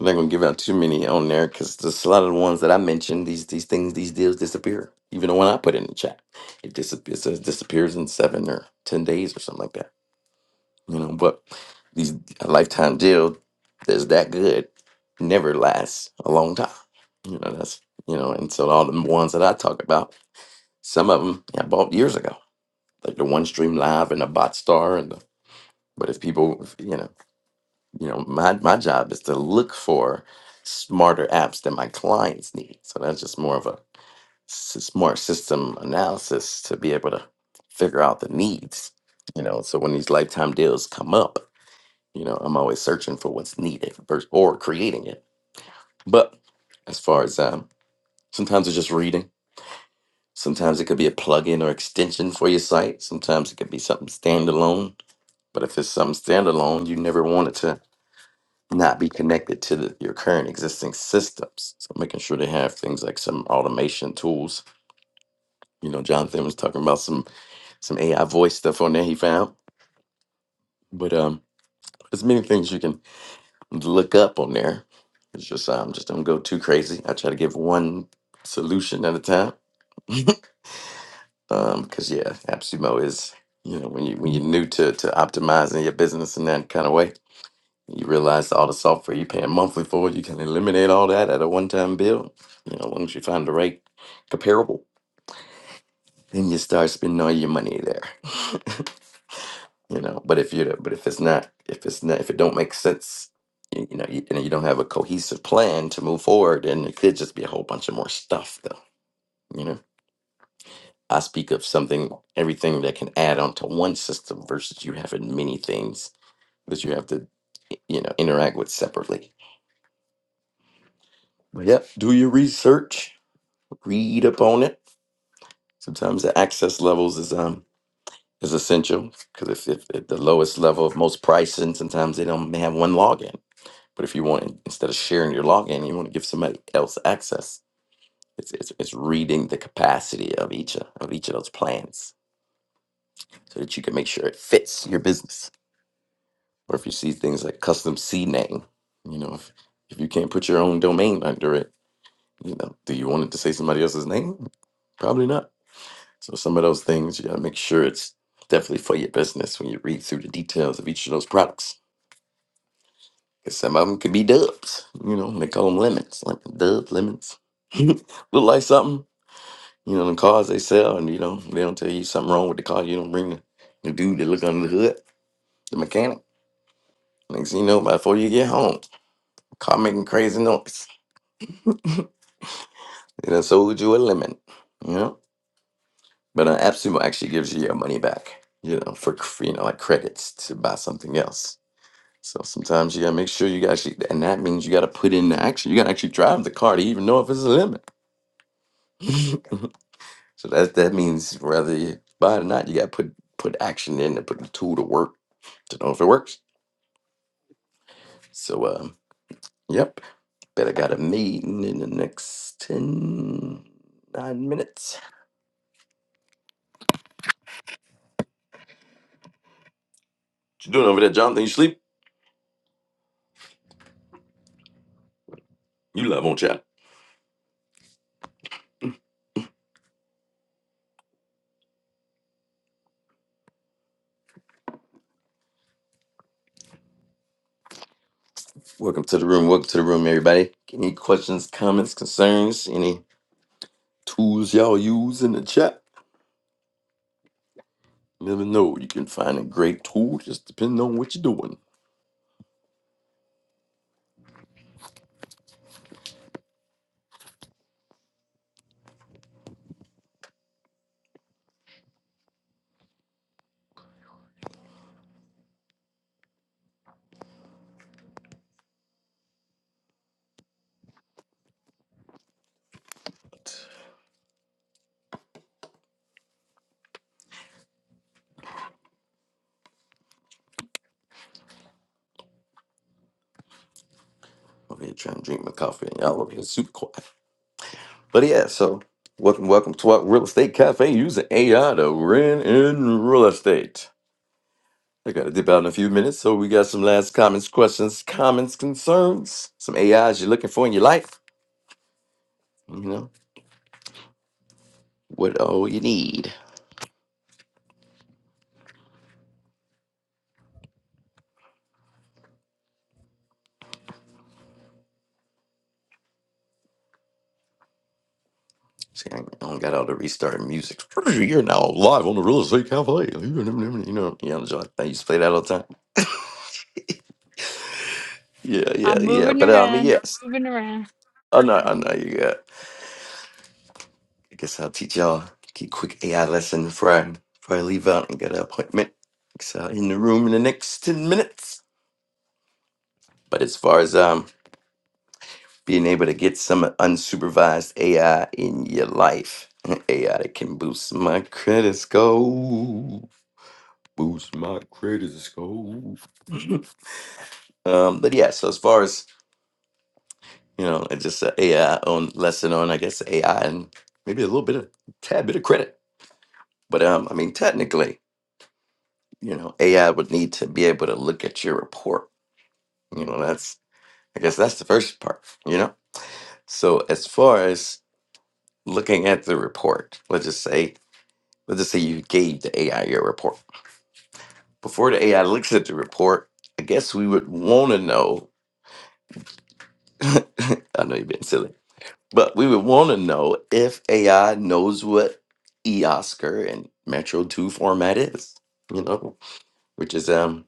Speaker 1: I'm not gonna give out too many on there because there's a lot of the ones that I mentioned, these these things, these deals disappear. Even the one I put in the chat. It, dis- it says disappears in seven or ten days or something like that. You know, but these a lifetime jail that's that good never lasts a long time. You know, that's you know, and so all the ones that I talk about, some of them I bought years ago, like the One Stream Live and the Bot Star and the. But if people, if, you know, you know, my my job is to look for smarter apps that my clients need. So that's just more of a s- smart system analysis to be able to figure out the needs. You know, so when these lifetime deals come up, you know, I'm always searching for what's needed vers- or creating it. But as far as um, sometimes it's just reading. Sometimes it could be a plugin or extension for your site. Sometimes it could be something standalone. But if it's something standalone, you never want it to not be connected to the, your current existing systems. So making sure they have things like some automation tools. You know, Jonathan was talking about some some AI voice stuff on there he found. But um, there's many things you can look up on there. It's just um, just don't go too crazy. I try to give one solution at a time. um, because yeah, AppSumo is you know when you when you're new to to optimizing your business in that kind of way, you realize all the software you're paying monthly for, you can eliminate all that at a one time bill. You know, as long as you find the right comparable, then you start spending all your money there. you know but if you but if it's not if it's not if it don't make sense you, you know you, and you don't have a cohesive plan to move forward then it could just be a whole bunch of more stuff though you know i speak of something everything that can add on to one system versus you having many things that you have to you know interact with separately but yep do your research read up on it sometimes the access levels is um is essential because if, if at the lowest level of most pricing sometimes they don't have one login But if you want, instead of sharing your login, you want to give somebody else access. It's, it's, it's reading the capacity of each of of each of those plans so that you can make sure it fits your business. Or if you see things like custom C name, you know, if, if you can't put your own domain under it, you know, do you want it to say somebody else's name? Probably not. So some of those things you got to make sure it's definitely for your business when you read through the details of each of those products. 'Cause some of them could be dubs, you know, they call them lemons, like dub lemons. Look like something, you know, the cars they sell, and you know, they don't tell you something wrong with the car. You don't bring the, the dude to look under the hood, the mechanic. Next thing you know, by before you get home, car making crazy noise. They done sold you a lemon, you know. But an app Sumo actually gives you your money back, you know, for cr- you know like credits to buy something else. So sometimes you gotta make sure you gotta actually, and that means you gotta put in the action. You gotta actually drive the car to even know if it's a lemon. So that that means whether you buy it or not, you got to put put action in and put the tool to work to know if it works. So um, yep, bet I got a meeting in the next 10 9 minutes. What you doing over there, Jonathan? You sleep? You live on chat. Welcome to the room. Welcome to the room, everybody. Any questions, comments, concerns, any tools y'all use in the chat? Never know. You can find a great tool just depending on what you're doing. Over here trying to drink my coffee and y'all over here super quiet. But yeah, so welcome, welcome to our real estate cafe using AI to rent in real estate. I gotta dip out in a few minutes, so we got some last comments, questions, comments, concerns, some AIs you're looking for in your life. You know what all you need. See, I don't got all the restart music. You're now live on the real estate cafe. You know, yeah, I used to play that all the time. Yeah, yeah,
Speaker 2: I'm
Speaker 1: yeah.
Speaker 2: moving
Speaker 1: But um,
Speaker 2: around,
Speaker 1: yes.
Speaker 2: moving around.
Speaker 1: Oh no, I know you. I guess I'll teach y'all a quick AI lesson before I, before I leave out and get an appointment. So I'll in the room in the next 10 minutes. But as far as um being able to get some unsupervised AI in your life, AI that can boost my credit score. Boost my credit score. um, but yeah, so as far as, you know, it's just an a AI on lesson on, I guess, AI and maybe a little bit of, tad bit of credit. But um, I mean, technically, you know ai would need to be able to look at your report you know that's i guess that's the first part you know so as far as looking at the report let's just say let's just say you gave the ai your report before the ai looks at the report i guess we would want to know i know you've been silly but we would want to know if ai knows what eoscar and metro 2 format is you know which is um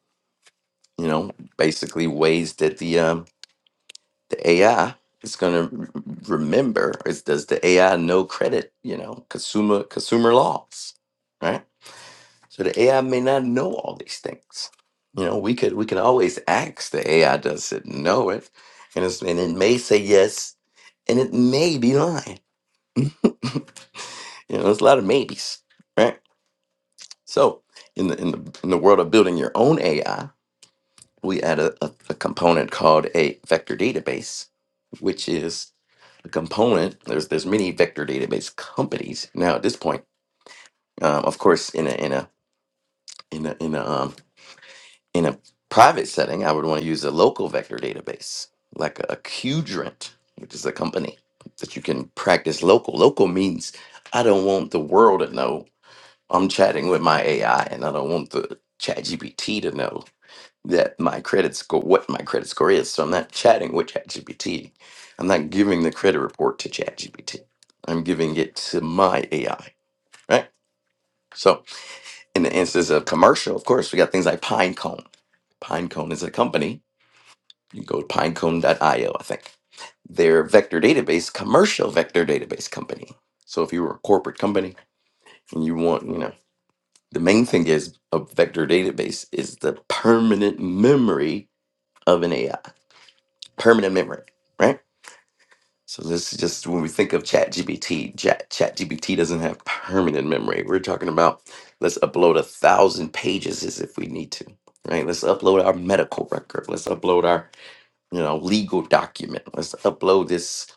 Speaker 1: you know basically ways that the um the AI is going to remember is does the AI know credit? You know, consumer consumer laws, right? So the AI may not know all these things. You know, we could we can always ask the AI does it know it, and it's, and it may say yes, and it may be lying. you know, there's a lot of maybes, right? So in the in the in the world of building your own AI. we add a, a, a component called a vector database, which is a component. There's there's many vector database companies now at this point. Um, of course, in a in a in a in a um, in a private setting, I would want to use a local vector database like a, a Qdrant, which is a company that you can practice local. Local means I don't want the world to know I'm chatting with my AI, and I don't want the ChatGPT to know that my credit score, what my credit score is. So I'm not chatting with ChatGPT. I'm not giving the credit report to ChatGPT. I'm giving it to my AI, right? So in the instance of commercial, of course, we got things like Pinecone. Pinecone is a company. You go to pinecone.io, I think. Their vector database, commercial vector database company. So if you were a corporate company and you want, you know, the main thing is a vector database is the permanent memory of an AI, permanent memory, right? So this is just when we think of ChatGPT, Chat ChatGPT doesn't have permanent memory. We're talking about let's upload a thousand pages as if we need to, right? Let's upload our medical record. Let's upload our you know legal document. Let's upload this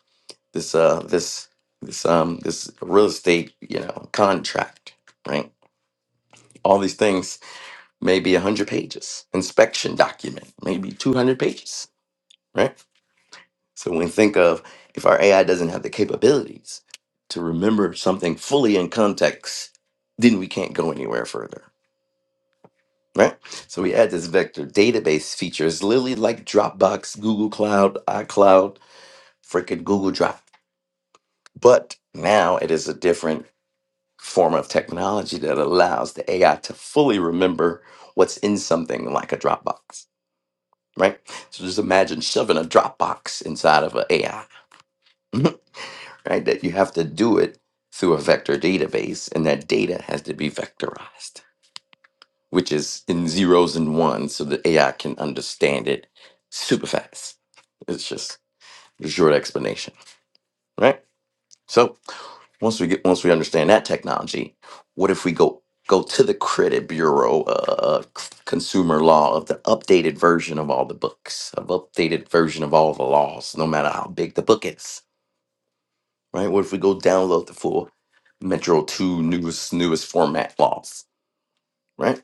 Speaker 1: this uh this this um this real estate you know contract, right? All these things may be a hundred pages. Inspection document maybe two hundred pages, right? So when we think of if our AI doesn't have the capabilities to remember something fully in context, then we can't go anywhere further. Right? So we add this vector database features literally like Dropbox, Google Cloud, iCloud, freaking Google Drive. But now it is a different form of technology that allows the AI to fully remember what's in something like a Dropbox. Right? So just imagine shoving a Dropbox inside of an AI. right? That you have to do it through a vector database, and that data has to be vectorized, which is in zeros and ones, so that AI can understand it super fast. It's just a short explanation, right? So once we get once we understand that technology, what if we go go to the credit bureau uh, c- consumer law of the updated version of all the books, of updated version of all the laws, no matter how big the book is right? What if we go download the full Metro 2 newest newest format laws, right?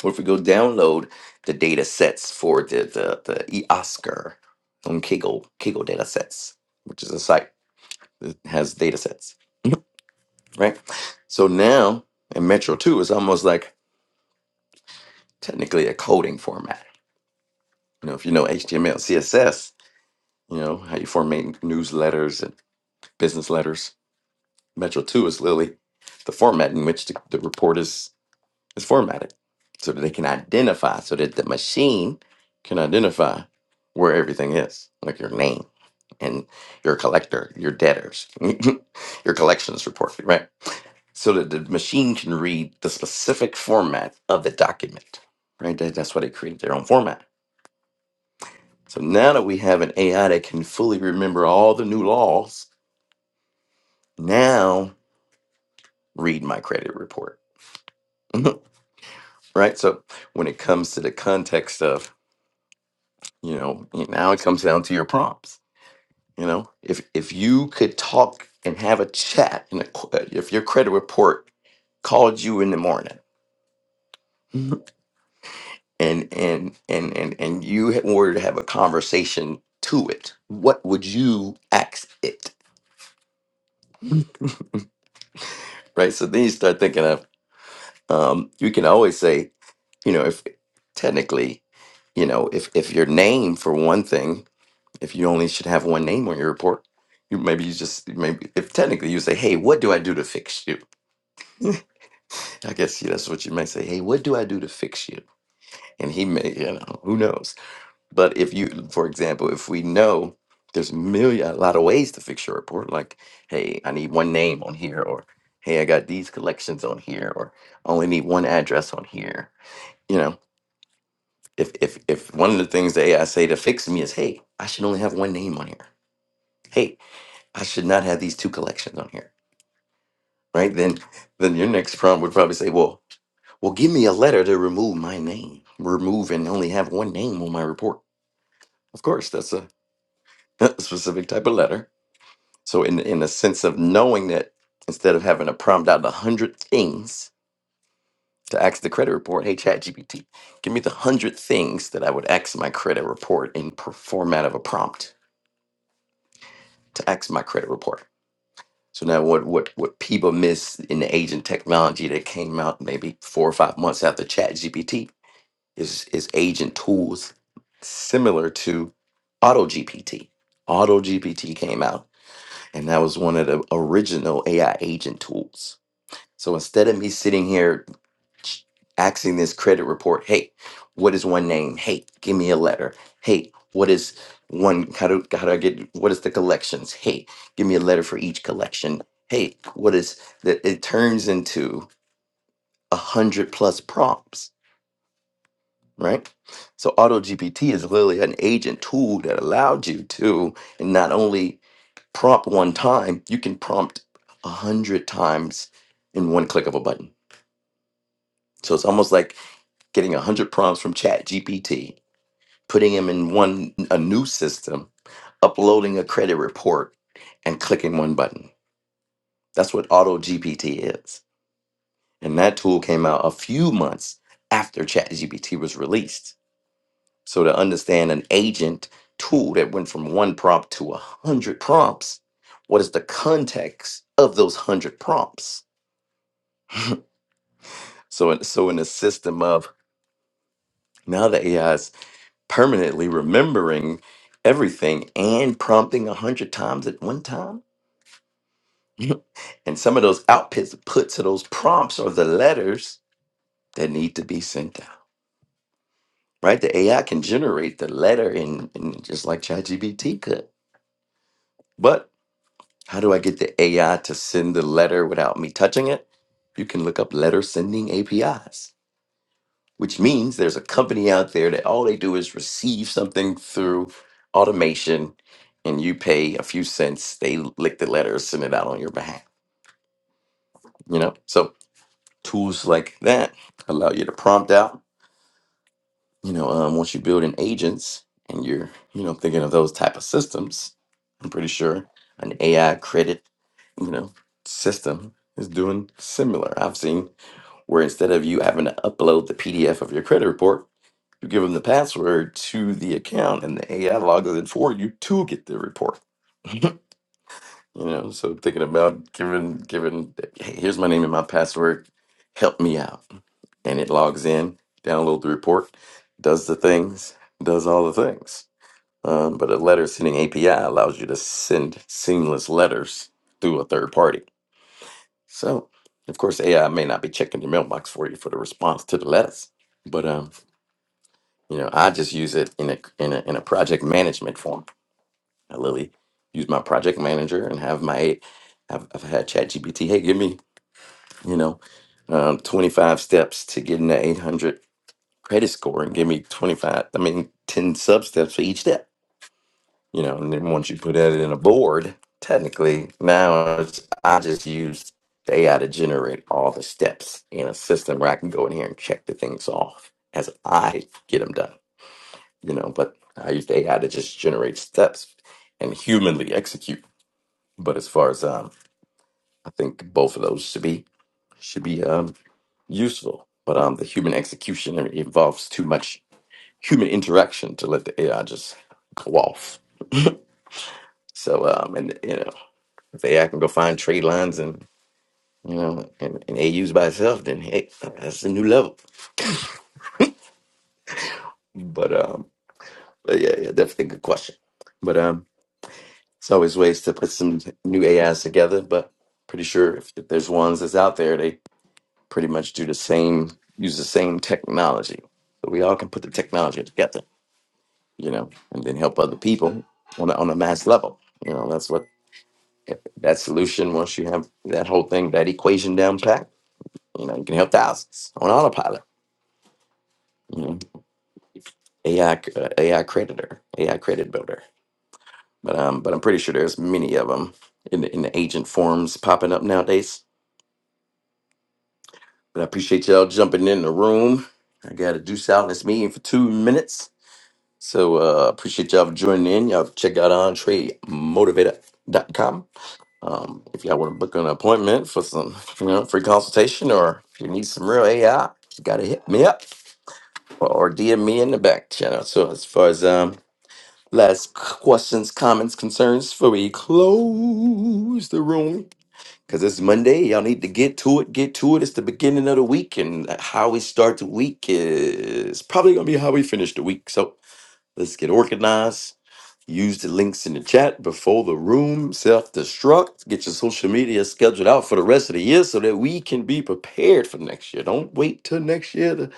Speaker 1: What if we go download the data sets for the the, the eOscar on Kaggle Kaggle data sets, which is a site that has data sets, right? So now in Metro 2 is almost like technically a coding format. You know, if you know HTML, CSS, you know, how you format newsletters and business letters. Metro 2 is literally the format in which the, the report is It's formatted so that they can identify, so that the machine can identify where everything is, like your name and your collector, your debtors, your collections report, right? So that the machine can read the specific format of the document, right? That- That's why they created their own format. So now that we have an AI that can fully remember all the new laws, now read my credit report, right? So when it comes to the context of you know now it comes down to your prompts you know if if you could talk and have a chat and a, qu- uh, if your credit report called you in the morning and and and and and you ha- were to have a conversation to it what would you ask it right so then you start thinking of um you can always say you know if technically you know if if your name for one thing If you only should have one name on your report, you maybe you just maybe if technically you say, "Hey, what do I do to fix you?" I guess yeah, that's what you might say. Hey, what do I do to fix you? And he may, you know, who knows? But if you, for example, if we know there's million a lot of ways to fix your report, like, hey, I need one name on here, or hey, I got these collections on here, or I only need one address on here. You know, if if if one of the things the AI say to fix me is, hey, I should only have one name on here. Hey. I should not have these two collections on here, right? Then, then your next prompt would probably say, "Well, well, give me a letter to remove my name. Remove and only have one name on my report." Of course, that's a, a specific type of letter. So, in in the sense of knowing that, instead of having to prompt out a hundred things to ask the credit report, hey ChatGPT, give me the hundred things that I would ask my credit report in per- format of a prompt to ask my credit report So now what what what people miss in the agent technology that came out maybe four or five months after ChatGPT is is agent tools similar to AutoGPT. AutoGPT came out and that was one of the original AI agent tools. So instead of me sitting here asking this credit report hey what is one name hey give me a letter hey what is one how do, how do i get what is the collections hey give me a letter for each collection hey what is that it turns into a hundred plus prompts right so auto gpt is literally an agent tool that allowed you to not only prompt one time you can prompt a hundred times in one click of a button so it's almost like getting a hundred prompts from chat gpt putting him in one a new system, uploading a credit report, and clicking one button. That's what Auto GPT is. And that tool came out a few months after ChatGPT was released. So to understand an agent tool that went from one prompt to a hundred prompts, what is the context of those hundred prompts? So so in the system of now the AI is permanently remembering everything and prompting a hundred times at one time and some of those outputs puts of those prompts are the letters that need to be sent out. Right? The AI can generate the letter in, in just like ChatGPT could. But how do I get the AI to send the letter without me touching it? You can look up letter sending APIs, which means there's a company out there that all they do is receive something through automation and you pay a few cents, they lick the letter, send it out on your behalf. You know? So Tools like that allow you to prompt out. You know, um, once you build in agents and you're, you know, thinking of those type of systems, I'm pretty sure an AI credit you know, system is doing similar. I've seen where instead of you having to upload the PDF of your credit report, you give them the password to the account and the AI logs it in for you to get the report. You know, so thinking about giving giving hey, here's my name and my password, help me out. And it logs in, downloads the report, does the things, does all the things. Um, but a letter sending API allows you to send seamless letters through a third party. So of course AI may not be checking your mailbox for you for the response to the letters. But um, you know, I just use it in a in a in a project management form I literally use my project manager and have my, I've, I've had ChatGPT, hey, give me, you know, um, 25 steps to getting the 800 credit score and give me 25, I mean, 10 sub steps for each step, you know, and then once you put that in a board, technically now it's, I just use the AI to generate all the steps in a system where I can go in here and check the things off as I get them done, you know, but I use the AI to just generate steps and humanly execute but as far as um, I think both of those should be should be um, useful. But um, the human execution involves too much human interaction to let the AI just go off. So um, and you know, if the AI can go find trade lines and you know and, and AUs by itself, then hey, that's a new level. But um, but yeah, yeah, definitely a good question. But um, it's always ways to put some new AIs together. But pretty sure if, if there's ones that's out there, they. pretty much do the same, use the same technology. So we all can put the technology together, you know, and then help other people on a, on a mass level. You know, that's what that solution. Once you have that whole thing, that equation down pat, you know, you can help thousands on autopilot. You know, AI, uh, AI creditor, AI credit builder. But um, but I'm pretty sure there's many of them in the, in the agent forums popping up nowadays. But I appreciate y'all jumping in the room. I got to deuce out in this meeting for two minutes. So uh appreciate y'all for joining in. Y'all check out entremotivator dot com. Um, if y'all want to book an appointment for some you know, free consultation or if you need some real AI, you gotta hit me up or, or DM me in the back channel. So as far as um last questions, comments, concerns before we close the room. Cause it's Monday, y'all need to get to it, get to it. It's the beginning of the week, and uh, how we start the week is probably gonna be how we finish the week. So let's get organized Use the links in the chat before the room self destruct. Get your social media scheduled out for the rest of the year so that we can be prepared for next year. Don't wait till next year. To,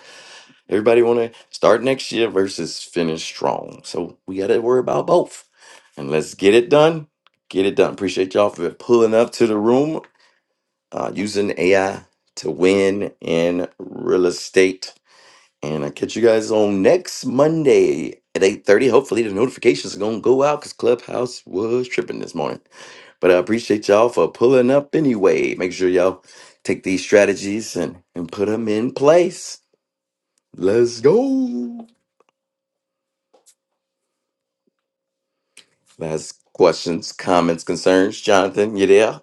Speaker 1: everybody want to start next year versus finish strong. So we got to worry about both. And let's get it done. Get it done. Appreciate y'all for pulling up to the room uh, using AI to win in real estate. And I'll catch you guys on next Monday at 8.30. Hopefully the notifications are going to go out because Clubhouse was tripping this morning. But I appreciate y'all for pulling up anyway. Make sure y'all take these strategies and, and put them in place. Let's go. Last questions, comments, concerns. Jonathan, you there?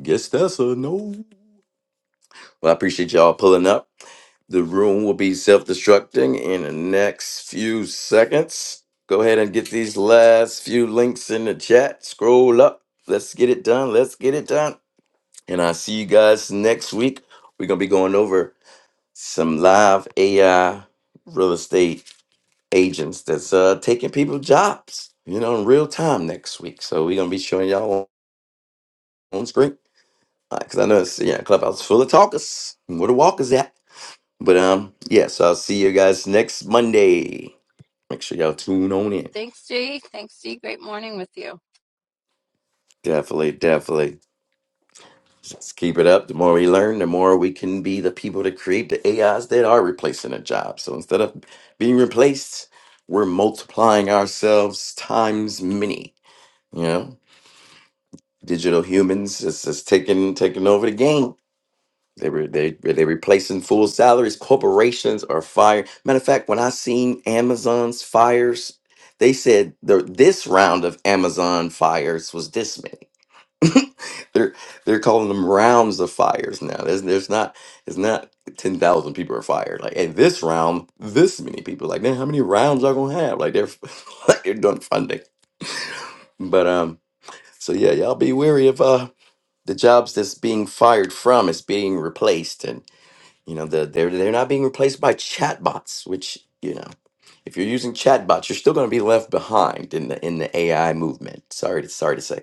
Speaker 1: Guess that's a no. Well, I appreciate y'all pulling up. The room will be self destructing in the next few seconds. Go ahead and get these last few links in the chat. Scroll up. Let's get it done. Let's get it done. And I'll see you guys next week. We're going to be going over some live AI real estate agents that's uh, taking people jobs, you know, in real time next week. So we're going to be showing y'all on, on screen. Because I know it's, yeah, Clubhouse is full of talkers. Where the walkers at? But um, yeah, so I'll see you guys next Monday. Make sure y'all tune on in.
Speaker 2: Thanks, G. Thanks, G. Great morning with you.
Speaker 1: Definitely, definitely. Let's keep it up. The more we learn, the more we can be the people that create the AIs that are replacing a job. So instead of being replaced, we're multiplying ourselves times many. You know, digital humans is just taking taking over the game. They were they they replacing full salaries. Corporations are fired. Matter of fact, when I seen Amazon's fires, they said the this round of Amazon fires was this many. They're they're calling them rounds of fires now. There's there's not it's not ten thousand people are fired. Like in this round, this many people. Like man, how many rounds y'all gonna have? Like they're like they're done funding. But um, so yeah, y'all be wary of uh the jobs that's being fired from is being replaced and You know, the, they're they're not being replaced by chatbots, which you know, if you're using chatbots, you're still going to be left behind in the in the AI movement. Sorry to sorry to say,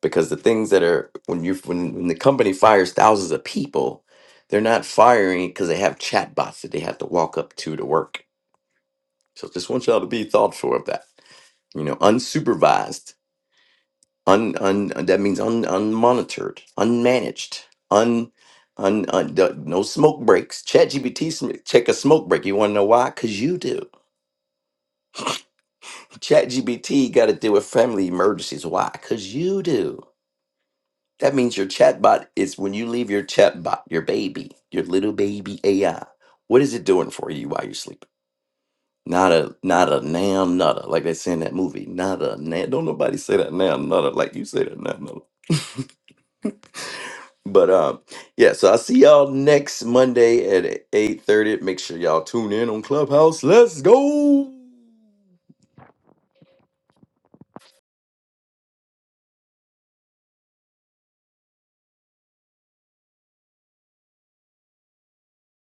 Speaker 1: because the things that are when you when, when the company fires thousands of people, they're not firing because they have chatbots that they have to walk up to to work. So just want y'all to be thoughtful of that. You know, unsupervised un, un that means un, unmonitored, unmanaged, un, un, un d- no smoke breaks. ChatGPT sm- check a smoke break. You want to know why? Cause you do. ChatGPT got to deal with family emergencies. Why? Cause you do. That means your chatbot is when you leave your chatbot, your baby, your little baby AI. What is it doing for you while you're sleeping? Not a not a nam nutter like they say in that movie. Not a nam. Don't nobody say that nam nutter like you say that nam nutter. But um, yeah, so I'll see y'all next Monday at 8:30. Make sure y'all tune in on Clubhouse. Let's go.